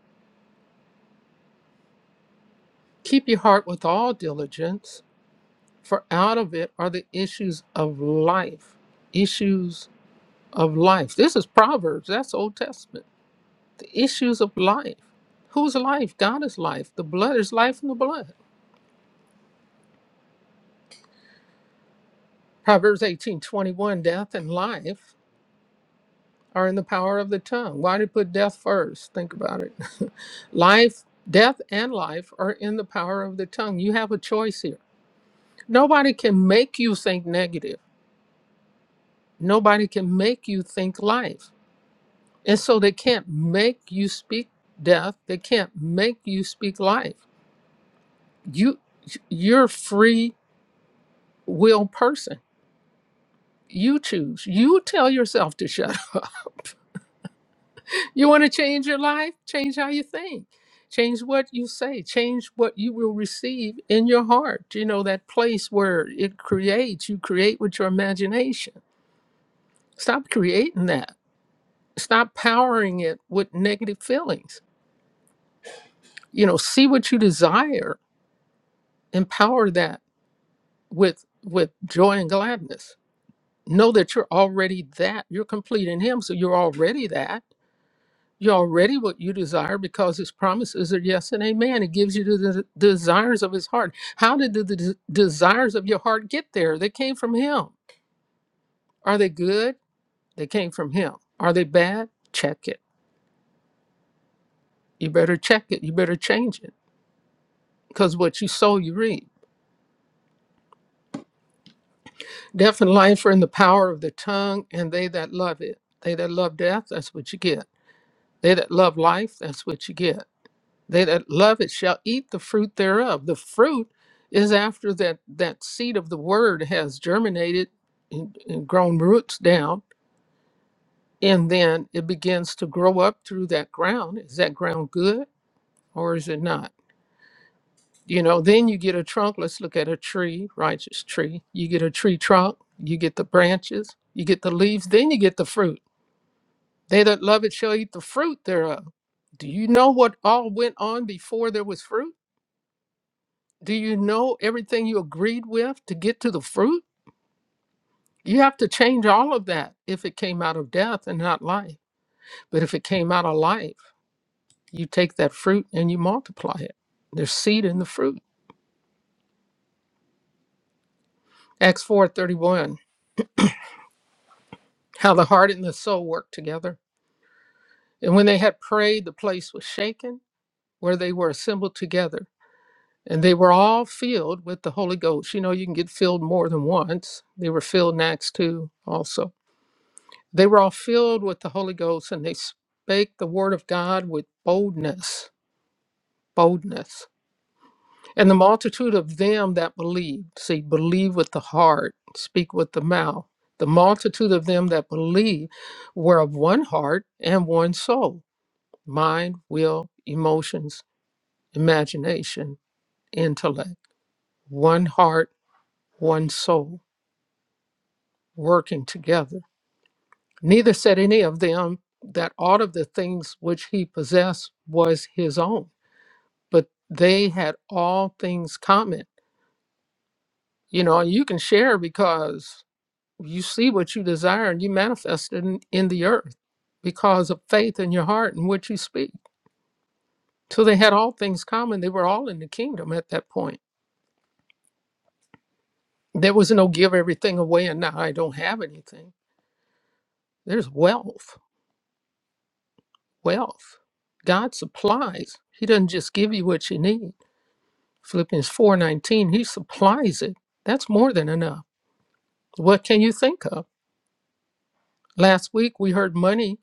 [SPEAKER 2] Keep your heart with all diligence, for out of it are the issues of life. Issues of life. This is Proverbs, that's Old Testament. The issues of life. Whose life? God is life. The blood is life in the blood. Proverbs eighteen twenty one. death and life are in the power of the tongue. Why did he put death first? Think about it. life, death and life are in the power of the tongue. You have a choice here. Nobody can make you think negative. Nobody can make you think life. And so they can't make you speak death. They can't make you speak life. You you're a free will person. You choose. You tell yourself to shut You want to change your life? Change how you think. Change what you say. Change what you will receive in your heart. You know, that place where it creates, you create with your imagination. Stop creating that. Stop powering it with negative feelings. You know, see what you desire, empower that with with joy and gladness. Know that you're already that. You're complete in him, so you're already that You're already what you desire because his promises are yes and amen. It gives you the, the desires of his heart. How did the, des- desires of your heart get there? They came from him. Are they good? They came from him. Are they bad? Check it. You better check it. You better change it because what you sow, you reap. Death and life are in the power of the tongue, and they that love it. They that love death, that's what you get. They that love life, that's what you get. They that love it shall eat the fruit thereof. The fruit is after that that seed of the word has germinated and, and grown roots down, and then it begins to grow up through that ground. Is that ground good or is it not? You know, then you get a trunk. Let's look at a tree, righteous tree. You get a tree trunk, you get the branches, you get the leaves, then you get the fruit. They that love it shall eat the fruit thereof. Do you know what all went on before there was fruit? Do you know everything you agreed with to get to the fruit? You have to change all of that if it came out of death and not life. But if it came out of life, you take that fruit and you multiply it. There's seed in the fruit. Acts 4:31. How the heart and the soul work together. And when they had prayed, the place was shaken where they were assembled together. And they were all filled with the Holy Ghost. You know, you can get filled more than once. They were filled in Acts 2 also They were all filled with the Holy Ghost and they spake the word of God with boldness, boldness. And the multitude of them that believed, see, believe with the heart, speak with the mouth. The multitude of them that believed were of one heart and one soul mind, will, emotions, imagination, intellect, one heart, one soul, working together. Neither said any of them that aught of the things which he possessed was his own, but they had all things common. You know, and you can share because you see what you desire and you manifest it in, in the earth because of faith in your heart and what you speak. So they had all things common. They were all in the kingdom at that point. There was no give everything away and now I don't have anything. There's wealth, wealth. God supplies. He doesn't just give you what you need. Philippians 4:19, he supplies it. That's more than enough. What can you think of? Last week we heard money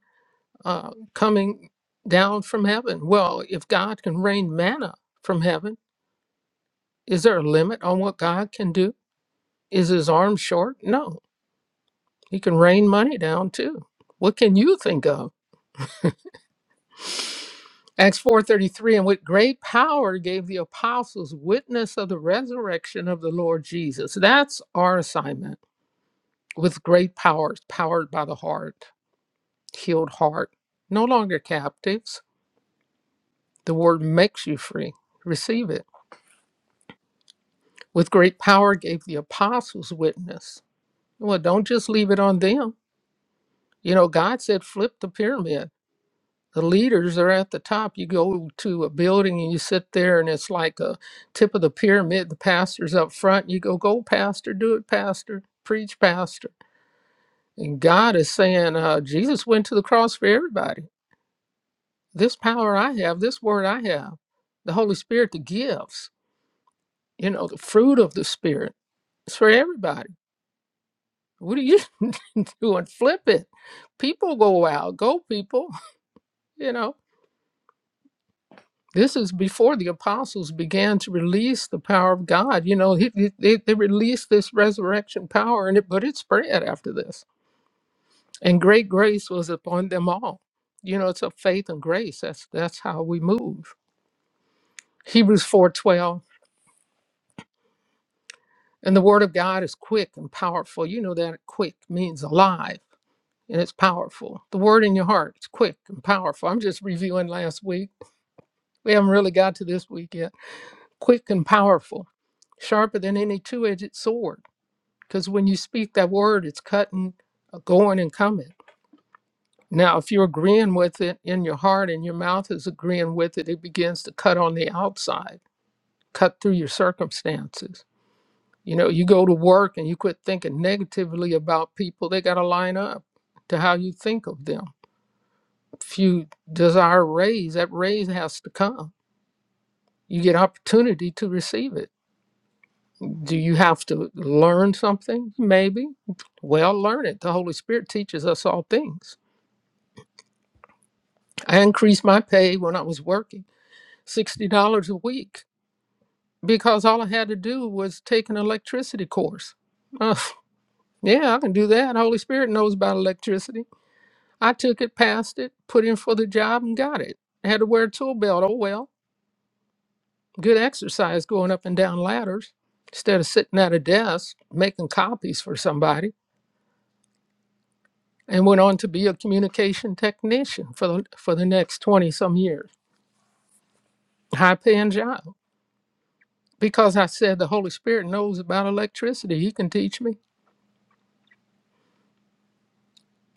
[SPEAKER 2] uh, coming down from heaven. Well, if God can rain manna from heaven, is there a limit on what God can do? Is his arm short? No. He can rain money down too. What can you think of? Acts 4:33 and with great power gave the apostles witness of the resurrection of the Lord Jesus. That's our assignment with great powers powered by the heart. healed heart, no longer captives. The word makes you free. Receive it. With great power gave the apostles witness. Well, don't just leave it on them. You know, God said, flip the pyramid. The leaders are at the top. You go to a building and you sit there, and it's like a tip of the pyramid. The pastor's up front. You go, go, pastor, do it, pastor, preach, pastor. And God is saying, uh, Jesus went to the cross for everybody. this power I have, this word I have, the Holy Spirit, the gifts, you know, the fruit of the Spirit. It's for everybody. What are you doing? Flip it. People go out. Go, people. You know, this is before the apostles began to release the power of God. You know, he, he- they, they released this resurrection power, and it, but it spread after this. And great grace was upon them all. You know, it's a faith and grace. That's that's how we move. Hebrews 4:12 And the word of God is quick and powerful. You know that quick means alive and it's powerful. The word in your heart is quick and powerful. I'm just reviewing last week. We haven't really got to this week yet. Quick and powerful, sharper than any two edged sword. Because when you speak that word, it's cutting, uh, going, and coming. Now, if you're agreeing with it in your heart and your mouth is agreeing with it, it begins to cut on the outside, cut through your circumstances You know, you go to work and you quit thinking negatively about people, they got to line up to how you think of them. If you desire a raise, that raise has to come. You get opportunity to receive it. Do you have to learn something? Maybe. Well, learn it. The Holy Spirit teaches us all things. I increased my pay when I was working $60 a week because all I had to do was take an electricity course. Uh, yeah, I can do that. Holy Spirit knows about electricity. I took it, passed it, put in for the job, and got it. I had to wear a tool belt. Oh well, good exercise going up and down ladders instead of sitting at a desk making copies for somebody. And went on to be a communication technician for the for the next twenty some years. High paying job because I said the Holy Spirit knows about electricity. He can teach me.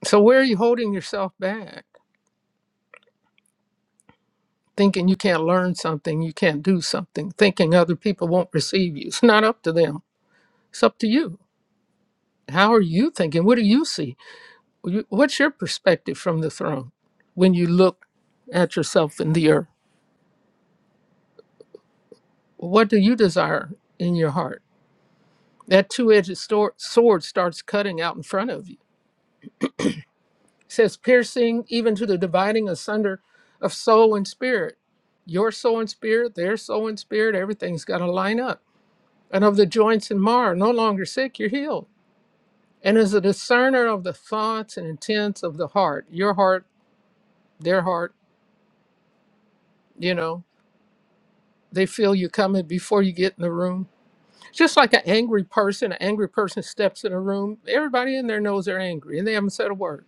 [SPEAKER 2] So where are you holding yourself back? Thinking you can't learn something, you can't do something, thinking other people won't receive you. It's not up to them. It's up to you How are you thinking? What do you see? What's your perspective from the throne when you look at yourself in the earth? What do you desire in your heart? That two edged sword starts cutting out in front of you. It says, piercing even to the dividing asunder of soul and spirit. Your soul and spirit, their soul and spirit, everything's got to line up. And of the joints and marrow, no longer sick, you're healed. And as a discerner of the thoughts and intents of the heart, your heart, their heart, you know, they feel you coming before you get in the room. Just like an angry person, an angry person steps in a room, everybody in there knows they're angry and they haven't said a word.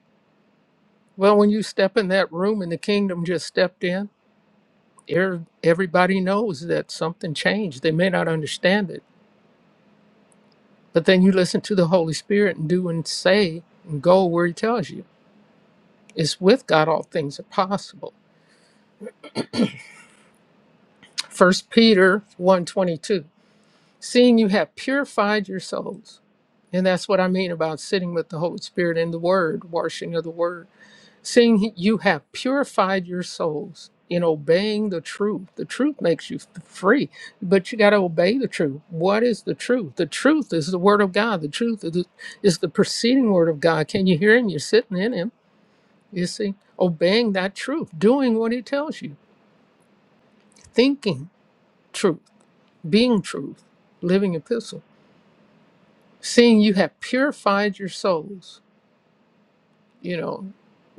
[SPEAKER 2] Well, when you step in that room and the kingdom just stepped in, er- everybody knows that something changed. They may not understand it, but then you listen to the Holy Spirit and do and say and go where he tells you. It's with God all things are possible. First Peter one twenty-two: Seeing you have purified your souls And that's what I mean about sitting with the Holy Spirit in the Word, washing of the Word, seeing he- you have purified your souls in obeying the truth. The truth makes you f- free, but you got to obey the truth. What is the truth? The truth is the Word of God. The truth is the, is the preceding Word of God. Can you hear Him? You're sitting in Him. You see, obeying that truth, doing what He tells you, thinking truth, being truth, living epistle, seeing you have purified your souls You know,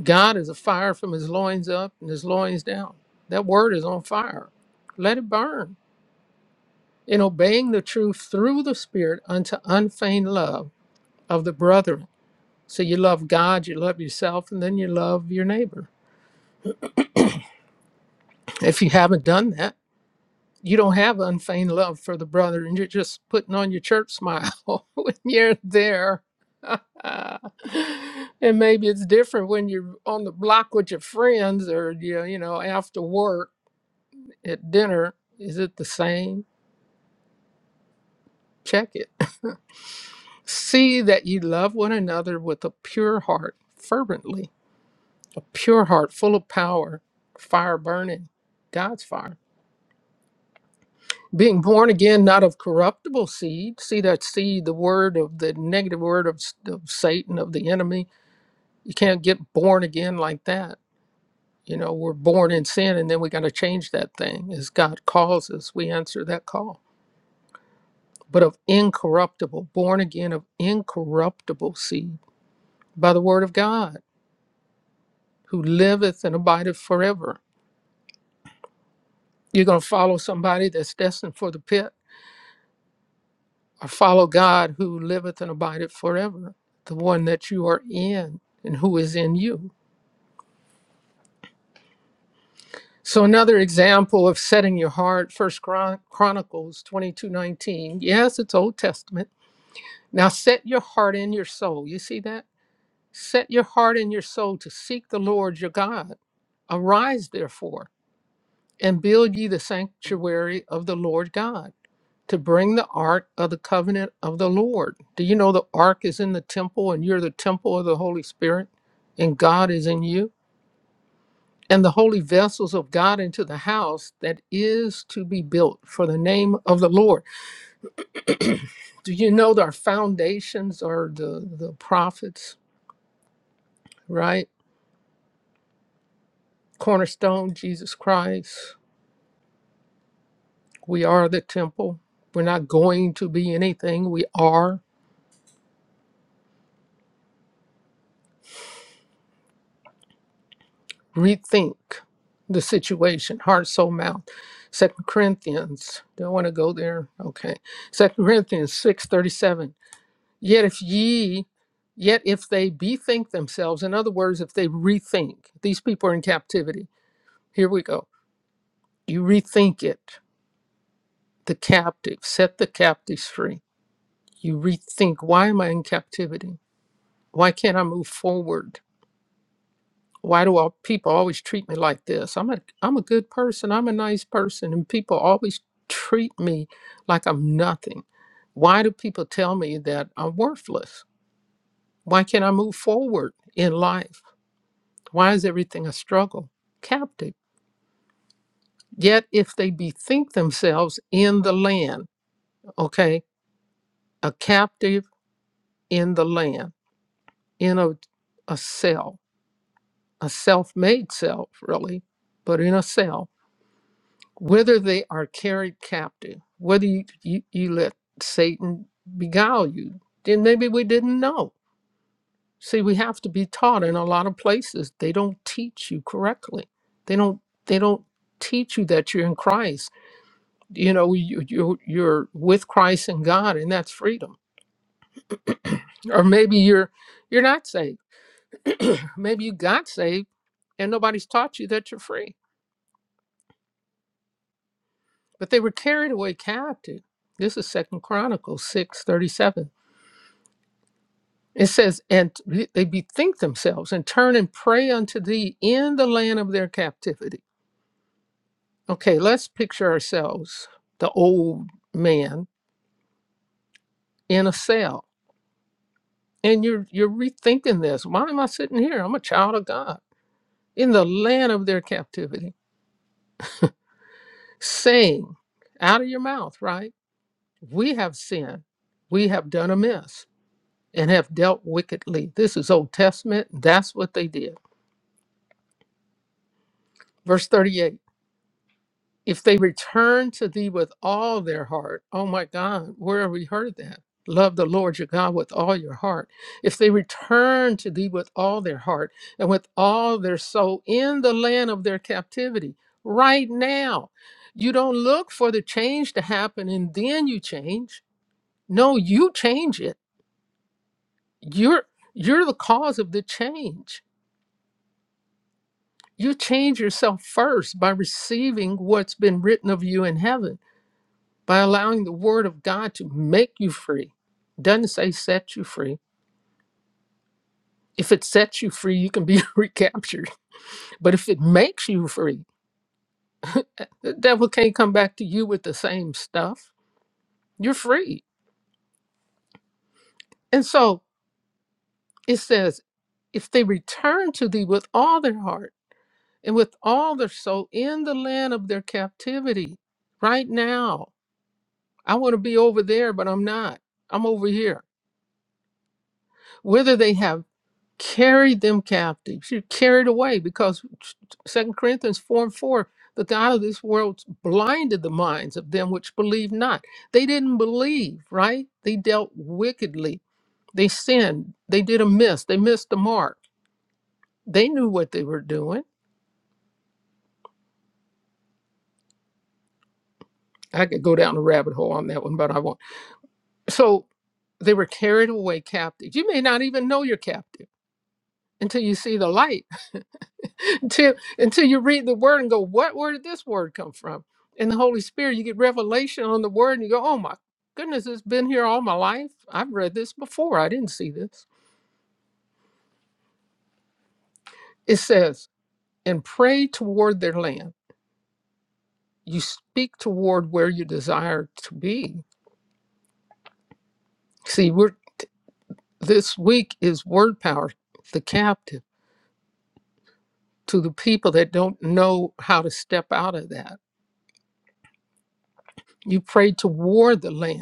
[SPEAKER 2] God is a fire from his loins up and his loins down. That word is on fire. Let it burn. In obeying the truth through the Spirit unto unfeigned love of the brethren. So you love God, you love yourself, and then you love your neighbor. If you haven't done that, you don't have unfeigned love for the brother, and you're just putting on your church smile when you're there. and maybe it's different when you're on the block with your friends or you you know after work at dinner, is it the same? Check it. See that ye love one another with a pure heart, fervently, a pure heart full of power, fire burning, God's fire. Being born again, not of corruptible seed. See that seed, the word of the negative word of, s- of Satan, of the enemy. You can't get born again like that. You know, we're born in sin and then we got to change that thing as God calls us. We answer that call but of incorruptible, born again of incorruptible seed by the word of God, who liveth and abideth forever. You're going to follow somebody that's destined for the pit, or follow God who liveth and abideth forever, the one that you are in and who is in you. So another example of setting your heart, First Chron- Chronicles 22:19. Yes, it's Old Testament. Now set your heart in your soul. You see that? Set your heart and your soul to seek the Lord your God. Arise, therefore, and build ye the sanctuary of the Lord God, to bring the ark of the covenant of the Lord. Do you know the ark is in the temple, and you're the temple of the Holy Spirit, and God is in you? And the holy vessels of God into the house that is to be built for the name of the Lord. Do you know that our foundations are the, the prophets, right? Cornerstone, Jesus Christ, We are the temple. We're not going to be anything. We are. Rethink the situation, heart, soul, mouth. Second Corinthians. Don't want to go there. Okay. Second Corinthians six thirty seven. Yet if ye, yet if they bethink themselves, in other words, if they rethink, these people are in captivity. Here we go. You rethink it. The captive. Set the captives free. You rethink. Why am I in captivity? Why can't I move forward? Why do all people always treat me like this? I'm a I'm a good person. I'm a nice person, and people always treat me like I'm nothing. Why do people tell me that I'm worthless? Why can't I move forward in life? Why is everything a struggle? Captive. Yet if they bethink themselves in the land, okay, a captive in the land, in a a cell, a self-made self, really, but in a cell. whether they are carried captive, whether you, you, you let Satan beguile you, then maybe we didn't know. See, we have to be taught in a lot of places. They don't teach you correctly. They don't they don't teach you that you're in Christ. You know, you, you you're with Christ and God, and that's freedom. Or maybe you're you're not saved. maybe you got saved and nobody's taught you that you're free. But they were carried away captive. This is Second Chronicles six thirty seven It says, and t- they bethink themselves and turn and pray unto thee in the land of their captivity. Okay, let's picture ourselves, the old man in a cell. And you're you're rethinking this. Why am I sitting here? I'm a child of God. In the land of their captivity, saying out of your mouth, right? We have sinned, we have done amiss, and have dealt wickedly. This is Old Testament. That's what they did. Verse 38. If they return to thee with all their heart, oh my God, where have we heard that? Love the Lord your God with all your heart. If they return to thee with all their heart and with all their soul in the land of their captivity, right now, you don't look for the change to happen and then you change. No, you change it. You're you're the cause of the change. You change yourself first by receiving what's been written of you in heaven by allowing the word of God to make you free. It Doesn't say set you free. If it sets you free, you can be recaptured. But if it makes you free, the devil can't come back to you with the same stuff. You're free. And so it says, if they return to thee with all their heart and with all their soul in the land of their captivity, right now, I want to be over there, but I'm not. I'm over here. Whether they have carried them captive. She carried away because Second Corinthians 4 and 4, the God of this world blinded the minds of them which believe not. They didn't believe, right? They dealt wickedly. They sinned. They did a miss. They missed the mark. They knew what they were doing. I could go down a rabbit hole on that one, but I won't. So they were carried away captive. You may not even know you're captive until you see the light until until you read the word and go, what where did this word come from? In the Holy Spirit, you get revelation on the word and you go, oh my goodness, it's been here all my life. I've read this before. I didn't see this. It says, and pray toward their land. You speak toward where you desire to be. See, we're this week is word power, the captive to the people that don't know how to step out of that. You pray toward the land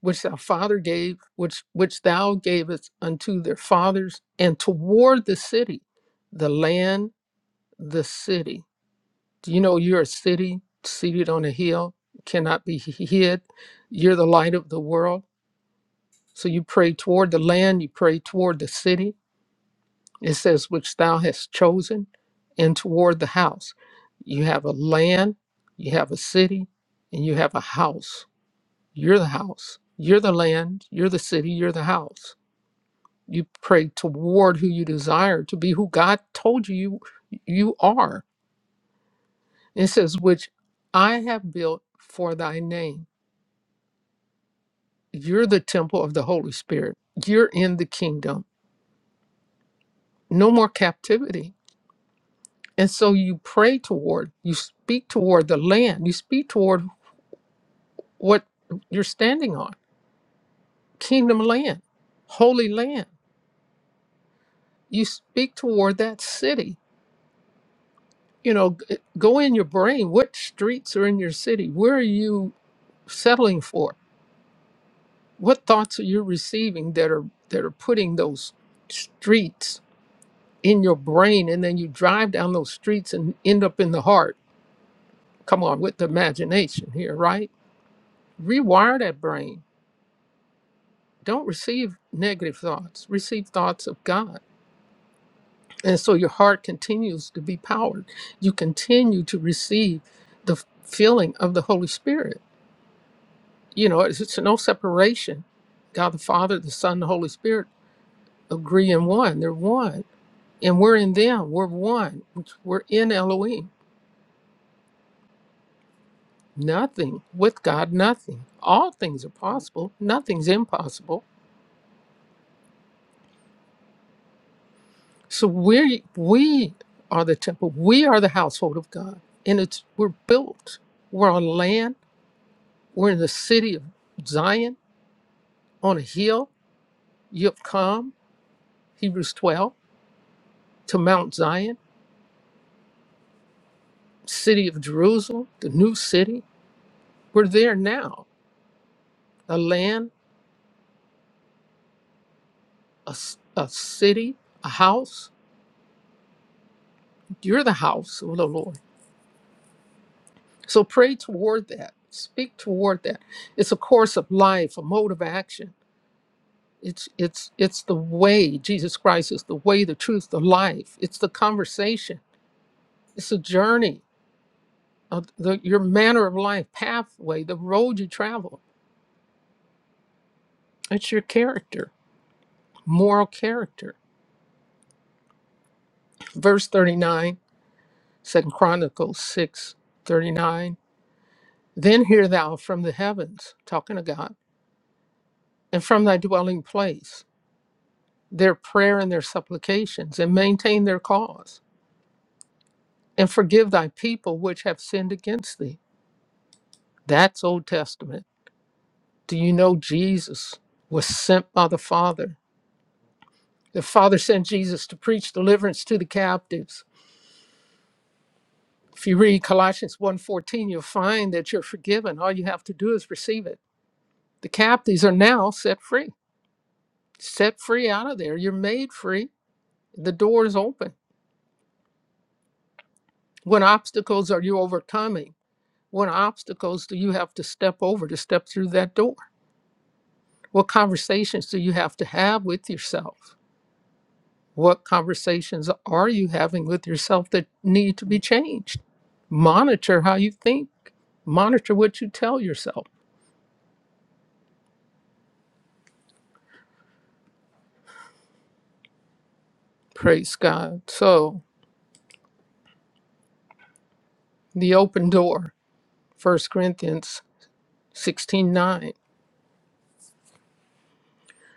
[SPEAKER 2] which thy father gave, which which thou gavest unto their fathers, and toward the city, the land, the city. Do you know you're a city seated on a hill, cannot be h- hid? You're the light of the world. So you pray toward the land, you pray toward the city. It says, which thou hast chosen, and toward the house. You have a land, you have a city, and you have a house. You're the house. You're the land, you're the city, you're the house you pray toward who you desire to be who god told you you you are it says which i have built for thy name you're the temple of the holy spirit you're in the kingdom no more captivity and so you pray toward you speak toward the land you speak toward what you're standing on kingdom land holy land you speak toward that city you know g- go in your brain what streets are in your city where are you settling for? What thoughts are you receiving that are that are putting those streets in your brain and then you drive down those streets and end up in the heart? Come on, with the imagination here, right? Rewire that brain. Don't receive negative thoughts. Receive thoughts of God. And so your heart continues to be powered. You continue to receive the f- feeling of the Holy Spirit. You know, it's, it's no separation. God the Father, the Son, the Holy Spirit agree in one. They're one And we're in them. We're one. We're in Elohim. Nothing with God, nothing. All things are possible. Nothing's impossible. So we we are the temple. We are the household of God. And it's we're built. We're on land. We're in the city of Zion on a hill. You have come, Hebrews 12, to Mount Zion, city of Jerusalem, the new city. We're there now. A land, a, s- a city, a house You're the house of the Lord. So pray toward that. Speak toward that. It's a course of life, a mode of action. It's it's it's the way. Jesus Christ is the way, the truth, the life. It's the conversation. It's a journey. of the, your manner of life, pathway, the road you travel. It's your character, moral character. Verse 39, 2 Chronicles 6 39. Then hear thou from the heavens, talking to God, and from thy dwelling place. their prayer and their supplications and maintain their cause and forgive thy people which have sinned against thee. That's Old Testament. Do you know Jesus was sent by the Father? The Father sent Jesus to preach deliverance to the captives. If you read Colossians one you you'll find that you're forgiven. All you have to do is receive it. The captives are now set free. Set free out of there. You're made free. The door is open. What obstacles are you overcoming? What obstacles do you have to step over to step through that door? What conversations do you have to have with yourself? What conversations are you having with yourself that need to be changed? Monitor how you think, monitor what you tell yourself. Praise God. So, the open door, First Corinthians 16 9.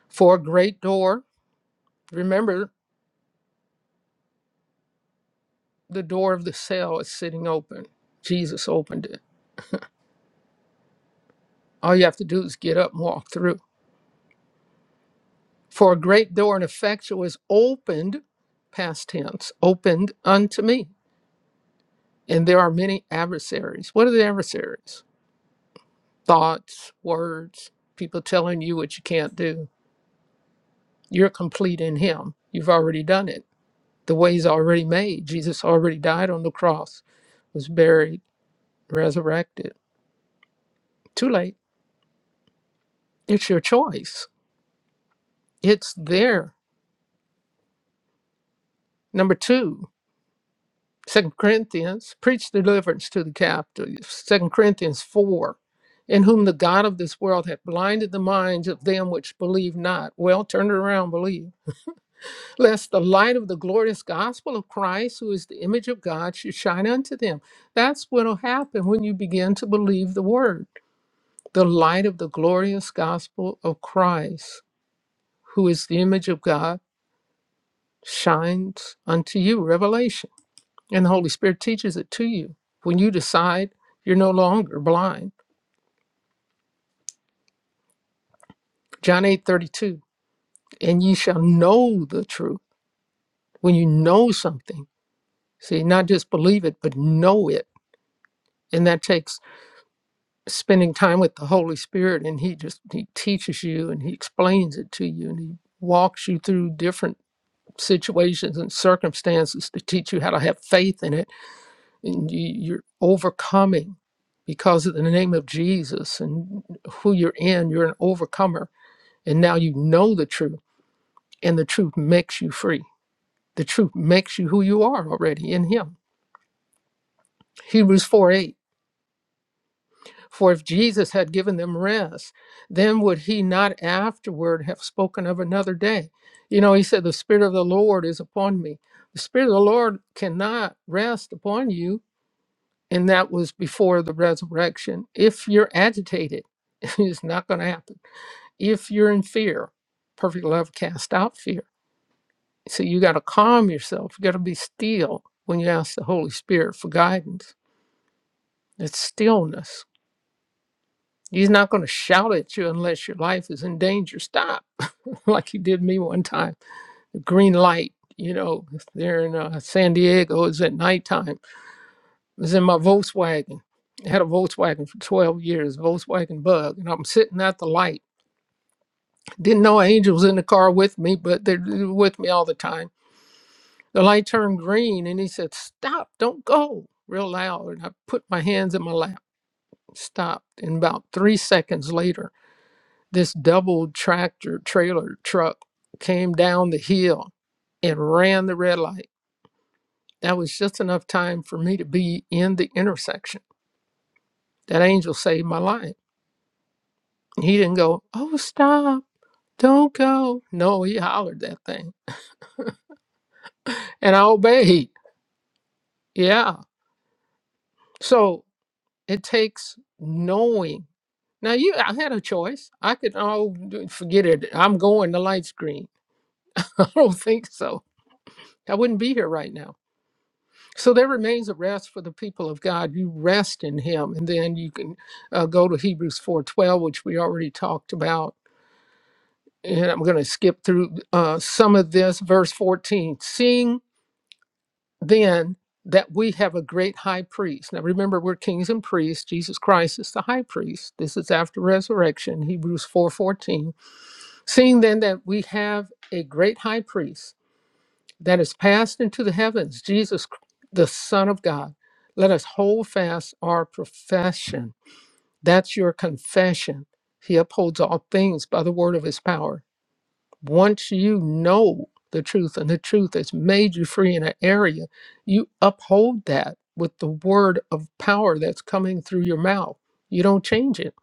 [SPEAKER 2] For a great door, remember the door of the cell is sitting open. Jesus opened it. All you have to do is get up and walk through. it. For a great door and effectual is opened, past tense, opened unto me. And there are many adversaries. What are the adversaries? Thoughts, words, people telling you what you can't do. You're complete in Him. You've already done it. The way's already made. Jesus already died on the cross, was buried, resurrected. Too late. It's your choice. It's there. Number two, Second Corinthians, preach deliverance to the captives. Second Corinthians four, in whom the God of this world hath blinded the minds of them which believe not. Well, turn it around, believe. Lest the light of the glorious gospel of Christ, who is the image of God, should shine unto them. That's what'll happen when you begin to believe the word. The light of the glorious gospel of Christ, who is the image of God, shines unto you. Revelation. and the Holy Spirit teaches it to you. When you decide you're no longer blind, John 8 32, and ye shall know the truth. When you know something, see, not just believe it, but know it. And that takes spending time with the Holy Spirit, and He just He teaches you and He explains it to you, and He walks you through different situations and circumstances to teach you how to have faith in it and you, you're overcoming because of the name of Jesus and who you're in. You're an overcomer, and now you know the truth, and the truth makes you free. The truth makes you who you are already in Him. Hebrews 4 8. For if Jesus had given them rest, then would he not afterward have spoken of another day? You know, he said, The Spirit of the Lord is upon me. The Spirit of the Lord cannot rest upon you and that was before the resurrection. If you're agitated, it's not going to happen. If you're in fear, perfect love casts out fear. So you got to calm yourself. You got to be still when you ask the Holy Spirit for guidance. It's stillness. He's not going to shout at you unless your life is in danger. Stop, like he did me one time. The green light, you know, there in uh, San Diego is at nighttime It was in my Volkswagen. I had a Volkswagen for 12 years, Volkswagen Bug, and I'm sitting at the light. Didn't know Angel was in the car with me, but they're with me all the time. The light turned green, and he said, "Stop! Don't go!" real loud. And I put my hands in my lap, stopped. And about three seconds later, this double tractor trailer truck came down the hill and ran the red light. That was just enough time for me to be in the intersection. That angel saved my life He didn't go, oh, stop, don't go. No, he hollered that thing. And I obeyed. Yeah. So it takes knowing. Now you I had a choice. I could oh d- forget it. I'm going to light screen. I don't think so. I wouldn't be here right now. So there remains a rest for the people of God. You rest in Him, and then you can uh, go to Hebrews four twelve, which we already talked about. And I'm going to skip through uh, some of this. Verse fourteen: Seeing then that we have a great high priest. Now remember, we're kings and priests. Jesus Christ is the high priest. This is after resurrection, Hebrews 4:14. Seeing then that we have a great high priest that is passed into the heavens, Jesus the Son of God, let us hold fast our profession. That's your confession. He upholds all things by the word of his power once you know the truth and the truth has made you free in an area, you uphold that with the word of power that's coming through your mouth. You don't change it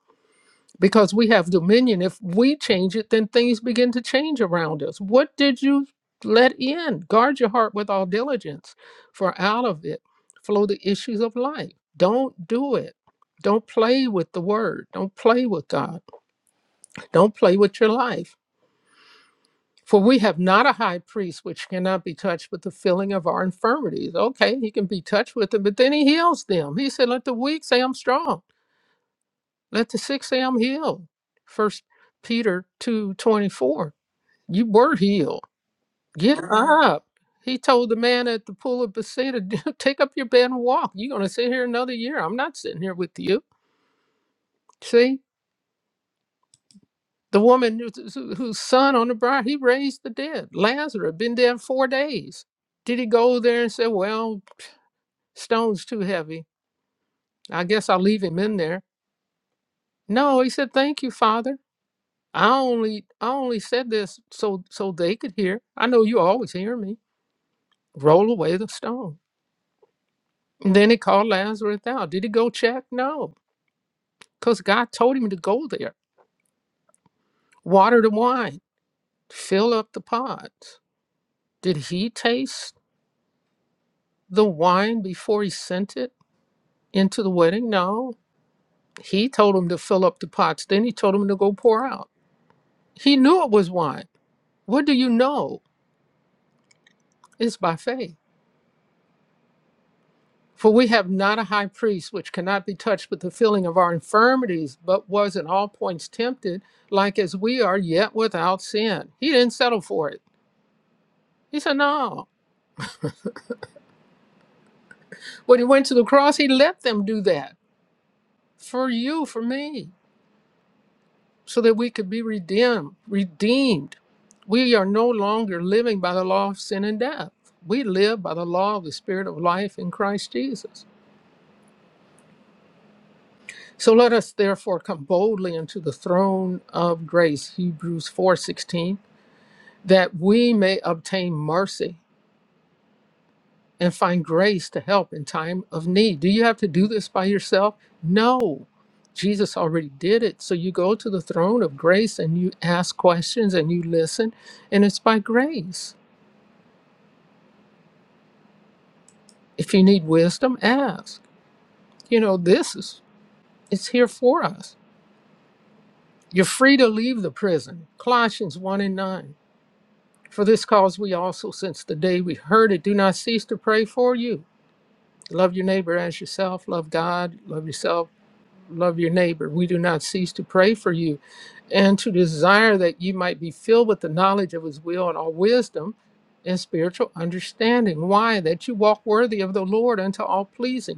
[SPEAKER 2] because we have dominion. If we change it, then things begin to change around us. What did you let in? Guard your heart with all diligence, for out of it flow the issues of life. Don't do it. Don't play with the word. Don't play with God. Don't play with your life for we have not a high priest which cannot be touched with the feeling of our infirmities. Okay, he can be touched with them, but then he heals them. He said, Let the weak say I'm strong. Let the sick say I'm healed. First Peter two twenty four. You were healed. Get Mhm. up. He told the man at the pool of Bethesda, take up your bed and walk. You're gonna sit here another year. I'm not sitting here with you. See? The woman whose whose son on the briar, he raised the dead. Lazarus been dead four days. Did he go there and say, "Well, stone's too heavy. I guess I'll leave him in there"? No, he said, "Thank you, Father. I only I only said this so so they could hear. I know you always hear me. Roll away the stone." And then he called Lazarus out. Did he go check? No, because God told him to go there. Water the wine. Fill up the pots. Did he taste the wine before he sent it? into the wedding. No, he told him to fill up the pots. Then he told him to go pour out. He knew it was wine. What do you know? It's by faith. For we have not a high priest which cannot be touched with the feeling of our infirmities, but was in all points tempted, like as we are, yet without sin. He didn't settle for it. He said, No. When he went to the cross, he let them do that for you, for me. so that we could be redeemed. Redeemed. We are no longer living by the law of sin and death. We live by the law of the Spirit of life in Christ Jesus. So let us therefore come boldly into the throne of grace, Hebrews 4:16, that we may obtain mercy and find grace to help in time of need. Do you have to do this by yourself? No. Jesus already did it. So you go to the throne of grace and you ask questions and you listen, and it's by grace. If you need wisdom, ask. You know, this is it's here for us. You're free to leave the prison. Colossians 1 and 9. For this cause we also, since the day we heard it, do not cease to pray for you. Love your neighbor as yourself, love God, love yourself, love your neighbor. We do not cease to pray for you and to desire that you might be filled with the knowledge of his will and all wisdom and spiritual understanding. Why? That you walk worthy of the Lord unto all pleasing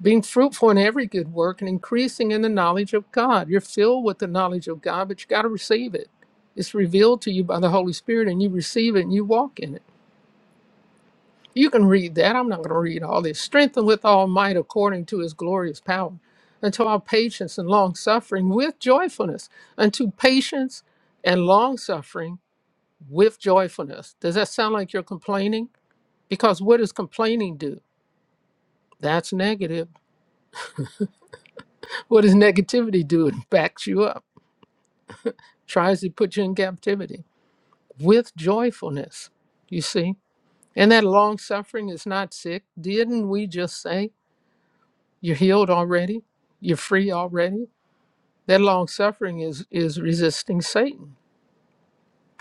[SPEAKER 2] being fruitful in every good work and increasing in the knowledge of God. You're filled with the knowledge of God, but you got to receive it. It's revealed to you by the Holy Spirit, and you receive it and you walk in it. You can read that. I'm not going to read all this. Strengthened with all might according to his glorious power, unto all patience and long suffering with joyfulness, unto patience and long suffering with joyfulness. Does that sound like you're complaining? Because what does complaining do? That's negative. What does negativity do? It backs you up. tries to put you in captivity with joyfulness. You see? And that long suffering is not sick. Didn't we just say you're healed already? You're free already? That long suffering is, is resisting Satan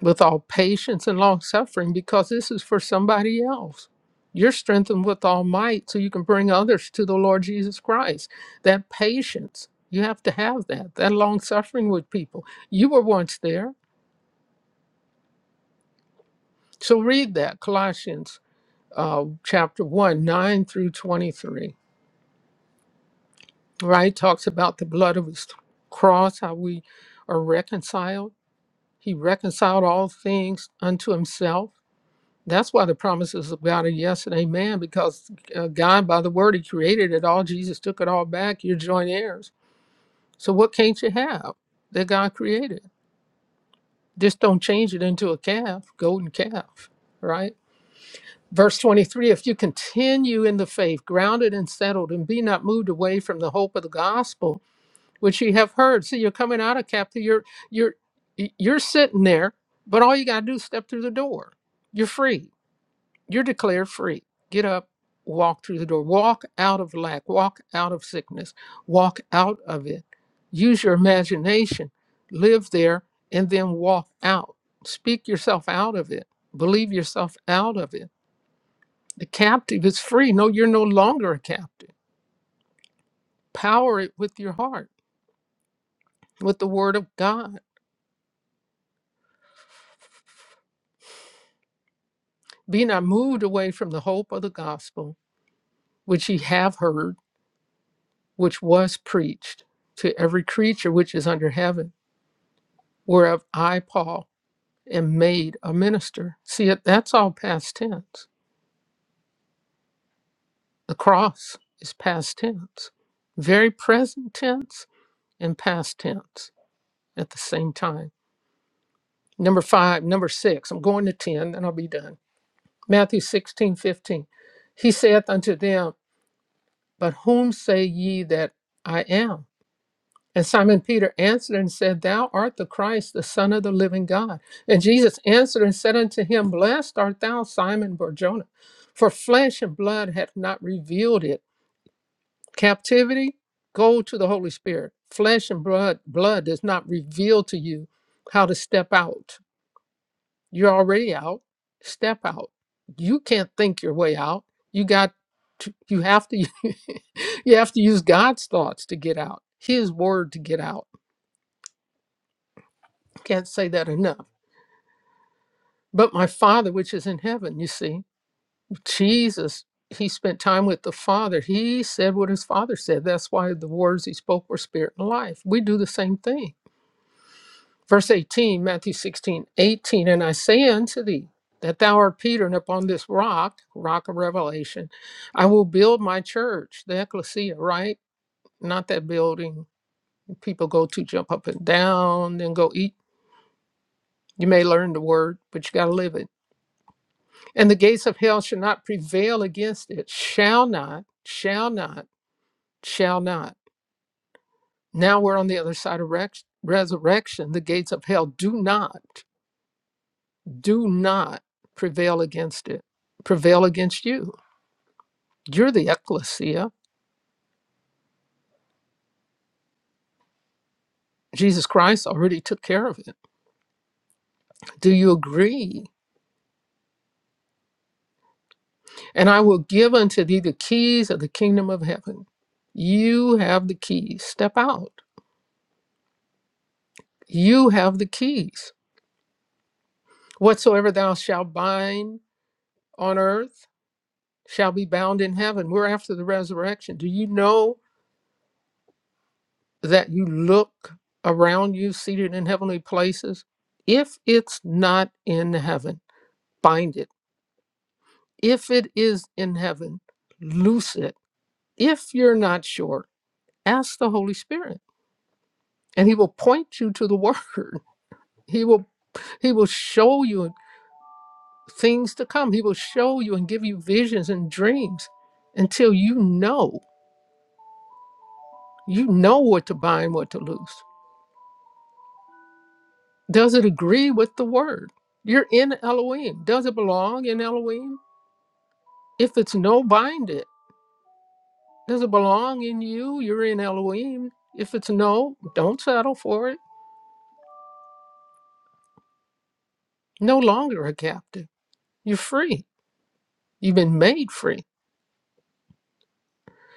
[SPEAKER 2] with all patience and long suffering because this is for somebody else. You're strengthened with all might so you can bring others to the Lord Jesus Christ. That patience, you have to have that, that long suffering with people. You were once there. So read that, Colossians uh, chapter 1, 9 through 23, right? Talks about the blood of his cross, how we are reconciled. He reconciled all things unto himself. That's why the promises of God are yes and amen, because uh, God, by the word, he created it all. Jesus took it all back. You're joint heirs. So what can't you have that God created? Just don't change it into a calf, golden calf, right? Verse 23 If you continue in the faith, grounded and settled, and be not moved away from the hope of the gospel, which ye have heard. See, you're coming out of captivity. You're, you're, you're sitting there, but all you got to do is step through the door. You're free. You're declared free. Get up, walk through the door, walk out of lack, walk out of sickness, walk out of it. Use your imagination, live there, and then walk out. Speak yourself out of it, believe yourself out of it the captive is free. No, you're no longer a captive. Power it with your heart, with the word of God. Be not moved away from the hope of the gospel, which ye have heard, which was preached to every creature which is under heaven, whereof I, Paul, am made a minister. See, it that's all past tense. The cross is past tense, very present tense and past tense at the same time. Number five, number six, I'm going to 10, then I'll be done Matthew sixteen fifteen, He saith unto them, But whom say ye that I am? And Simon Peter answered and said, Thou art the Christ, the Son of the living God. And Jesus answered and said unto him, Blessed art thou, Simon Barjona, for flesh and blood hath not revealed it. Captivity, go to the Holy Spirit. Flesh and blood, blood does not reveal to you how to step out You're already out. Step out. You can't think your way out. You got to, you have to you have to use God's thoughts to get out. His word to get out. Can't say that enough. But my Father which is in heaven, you see, Jesus he spent time with the Father. He said what his Father said. That's why the words he spoke were spirit and life. We do the same thing. Verse 18, Matthew 16, 18, and I say unto thee that thou art Peter, and upon this rock, rock of revelation, I will build my church, the ecclesia, right? Not that building people go to jump up and down and go eat. You may learn the word, but you got to live it. And the gates of hell shall not prevail against it. Shall not, shall not, shall not. Now we're on the other side of rex- resurrection. The gates of hell do not. do not prevail against it, prevail against you. You're the ecclesia. Jesus Christ already took care of it. Do you agree? And I will give unto thee the keys of the kingdom of heaven. You have the keys. Step out. You have the keys. Whatsoever thou shalt bind on earth shall be bound in heaven. We're after the resurrection. Do you know that you look around you seated in heavenly places? If it's not in heaven, bind it. If it is in heaven, loose it. If you're not sure, ask the Holy Spirit and he will point you to the word. He will he will show you things to come. He will show you and give you visions and dreams until you know. You know what to bind, what to loose. Does it agree with the word? You're in Elohim. Does it belong in Elohim? If it's no, bind it. Does it belong in you? You're in Elohim. If it's no, don't settle for it no longer a captive. You're free. You've been made free.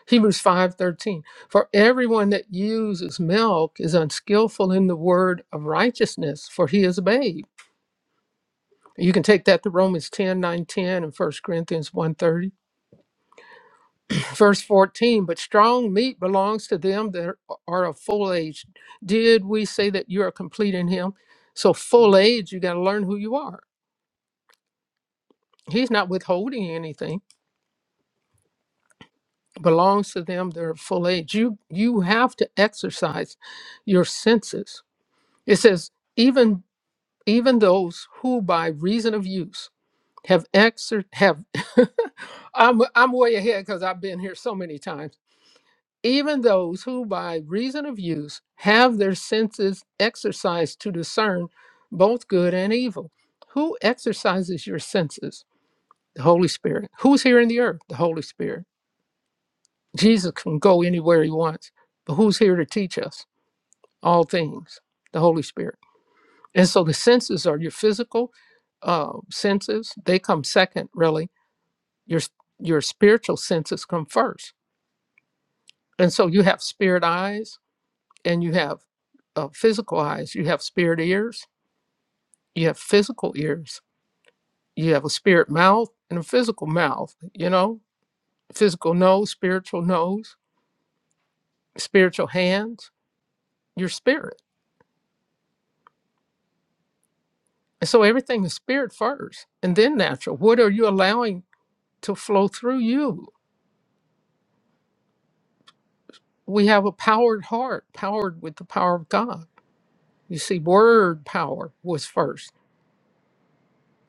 [SPEAKER 2] Hebrews 5:13 For everyone that uses milk is unskillful in the word of righteousness, for he is a babe. You can take that to Romans 10 9 10 and First Corinthians one thirty Verse 14, but strong meat belongs to them that are of full age. Did we say that you are complete in him? So full age, you got to learn who you are. He's not withholding anything belongs to them they their full age you you have to exercise your senses it says even even those who by reason of use have exer have i'm i'm way ahead because i've been here so many times even those who by reason of use have their senses exercised to discern both good and evil who exercises your senses the holy spirit who's here in the earth the holy spirit Jesus can go anywhere he wants, but who's here to teach us all things? The Holy Spirit. And so the senses are your physical uh, senses; they come second, really. Your your spiritual senses come first, and so you have spirit eyes, and you have uh, physical eyes. You have spirit ears. You have physical ears. You have a spirit mouth and a physical mouth. You know, physical nose, spiritual nose, spiritual hands. Your spirit. And so everything is spirit first and then natural. What are you allowing to flow through you? We have a powered heart, powered with the power of God. You see, word power was first,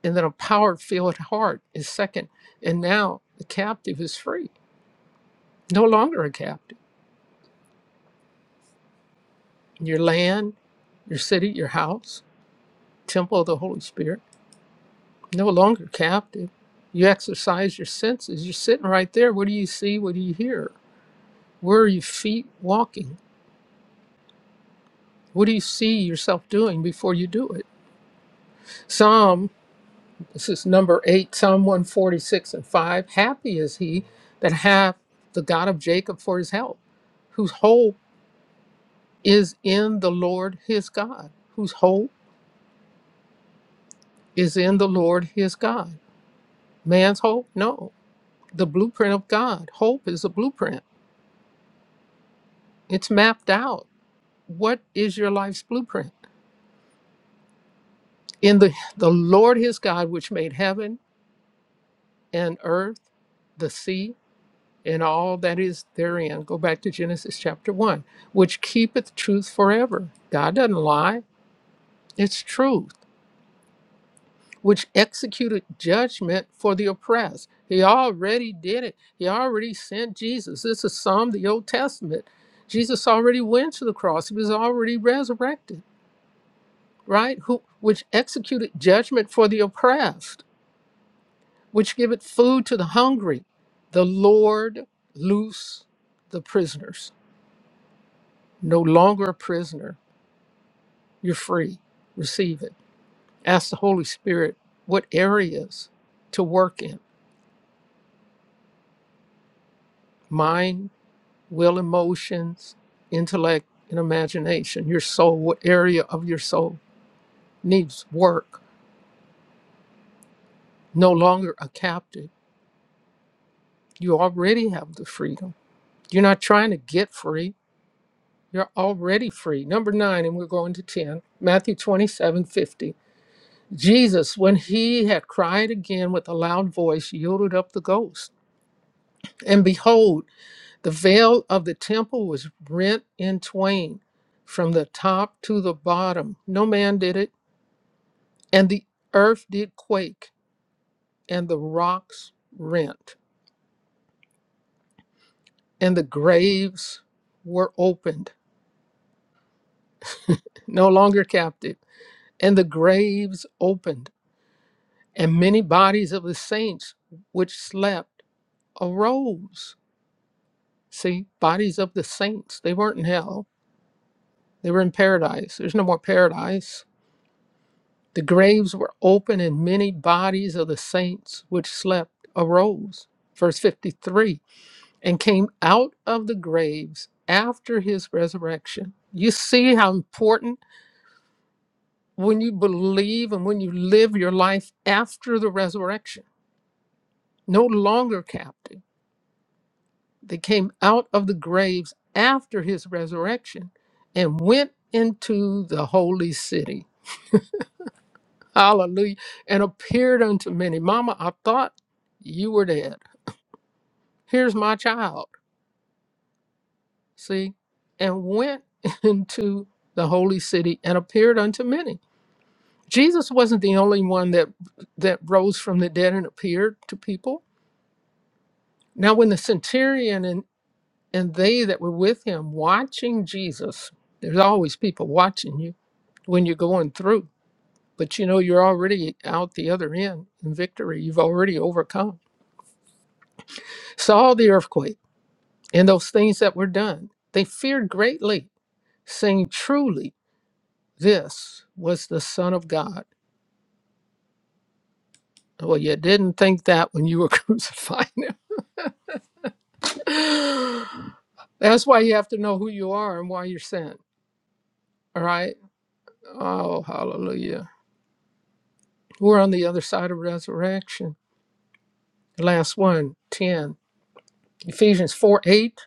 [SPEAKER 2] and then a power filled heart is second. And now the captive is free, no longer a captive. Your land, your city, your house, temple of the Holy Spirit, no longer captive. You exercise your senses. You're sitting right there. What do you see? What do you hear? Where are your feet walking? What do you see yourself doing before you do it? Psalm, this is number eight, Psalm 146 and 5. Happy is he that hath the God of Jacob for his help, whose hope is in the Lord his God, whose hope is in the Lord his God. Man's hope? No. The blueprint of God. Hope is a blueprint, it's mapped out. What is your life's blueprint? In the, the Lord his God, which made heaven and earth, the sea and all that is therein. Go back to Genesis chapter 1, which keepeth truth forever. God doesn't lie, it's truth, which executed judgment for the oppressed. He already did it, He already sent Jesus. This is Psalm, the Old Testament. Jesus already went to the cross, He was already resurrected, right? Who, which executed judgment for the oppressed, which giveth food to the hungry. The Lord loose the prisoners no longer a prisoner. You're free. Receive it. Ask the Holy Spirit what areas to work in mind, will, emotions, intellect, and imagination. Your soul, what area of your soul needs work? No longer a captive. You already have the freedom. You're not trying to get free. You're already free. Number nine, and we're going to 10, Matthew 27:50. Jesus, when he had cried again with a loud voice, yielded up the ghost And behold, the veil of the temple was rent in twain from the top to the bottom. No man did it. And the earth did quake, and the rocks rent, and the graves were opened, no longer captive, and the graves opened, and many bodies of the saints which slept arose. See, bodies of the saints, they weren't in hell, they were in paradise. There's no more paradise The graves were open, and many bodies of the saints which slept arose. Verse 53 and came out of the graves after his resurrection. You see how important when you believe and when you live your life after the resurrection, no longer captive. They came out of the graves after his resurrection and went into the holy city. Hallelujah. And appeared unto many. Mama, I thought you were dead. Here's my child, see, and went into the holy city and appeared unto many. Jesus wasn't the only one that that rose from the dead and appeared to people. Now when the centurion and, and they that were with him watching Jesus, there's always people watching you when you're going through, but you know you're already out the other end in victory. You've already overcome. Saw the earthquake and those things that were done. They feared greatly, saying, Truly. this was the Son of God. Well, you didn't think that when you were crucifying him. That's why you have to know who you are and why you're sent. All right. Oh, hallelujah. We're on the other side of resurrection. The last one, 10, Ephesians 4 8.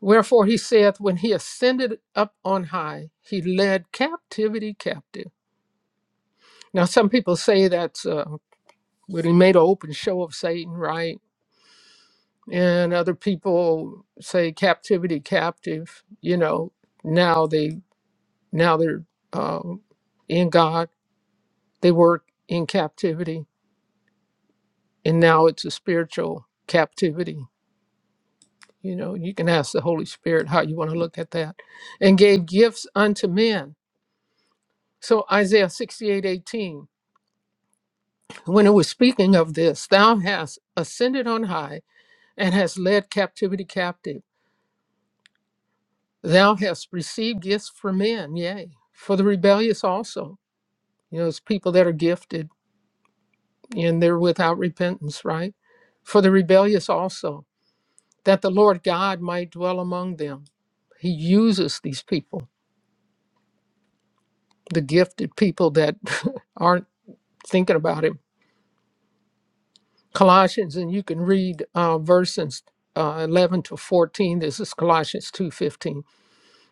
[SPEAKER 2] Wherefore he saith, When he ascended up on high, he led captivity captive. Now, some people say that's uh, when he made an open show of Satan, right? and other people say captivity captive you know now they now they're um, in god they were in captivity and now it's a spiritual captivity you know you can ask the holy spirit how you want to look at that and gave gifts unto men so isaiah 68:18, when it was speaking of this thou hast ascended on high and hast led captivity captive Thou hast received gifts for men, yea, for the rebellious also. You know, it's people that are gifted and they're without repentance, right? For the rebellious also, that the Lord God might dwell among them. He uses these people, the gifted people that aren't thinking about Him. Colossians, and you can read uh, verses uh, 11 to 14. This is Colossians 2:15.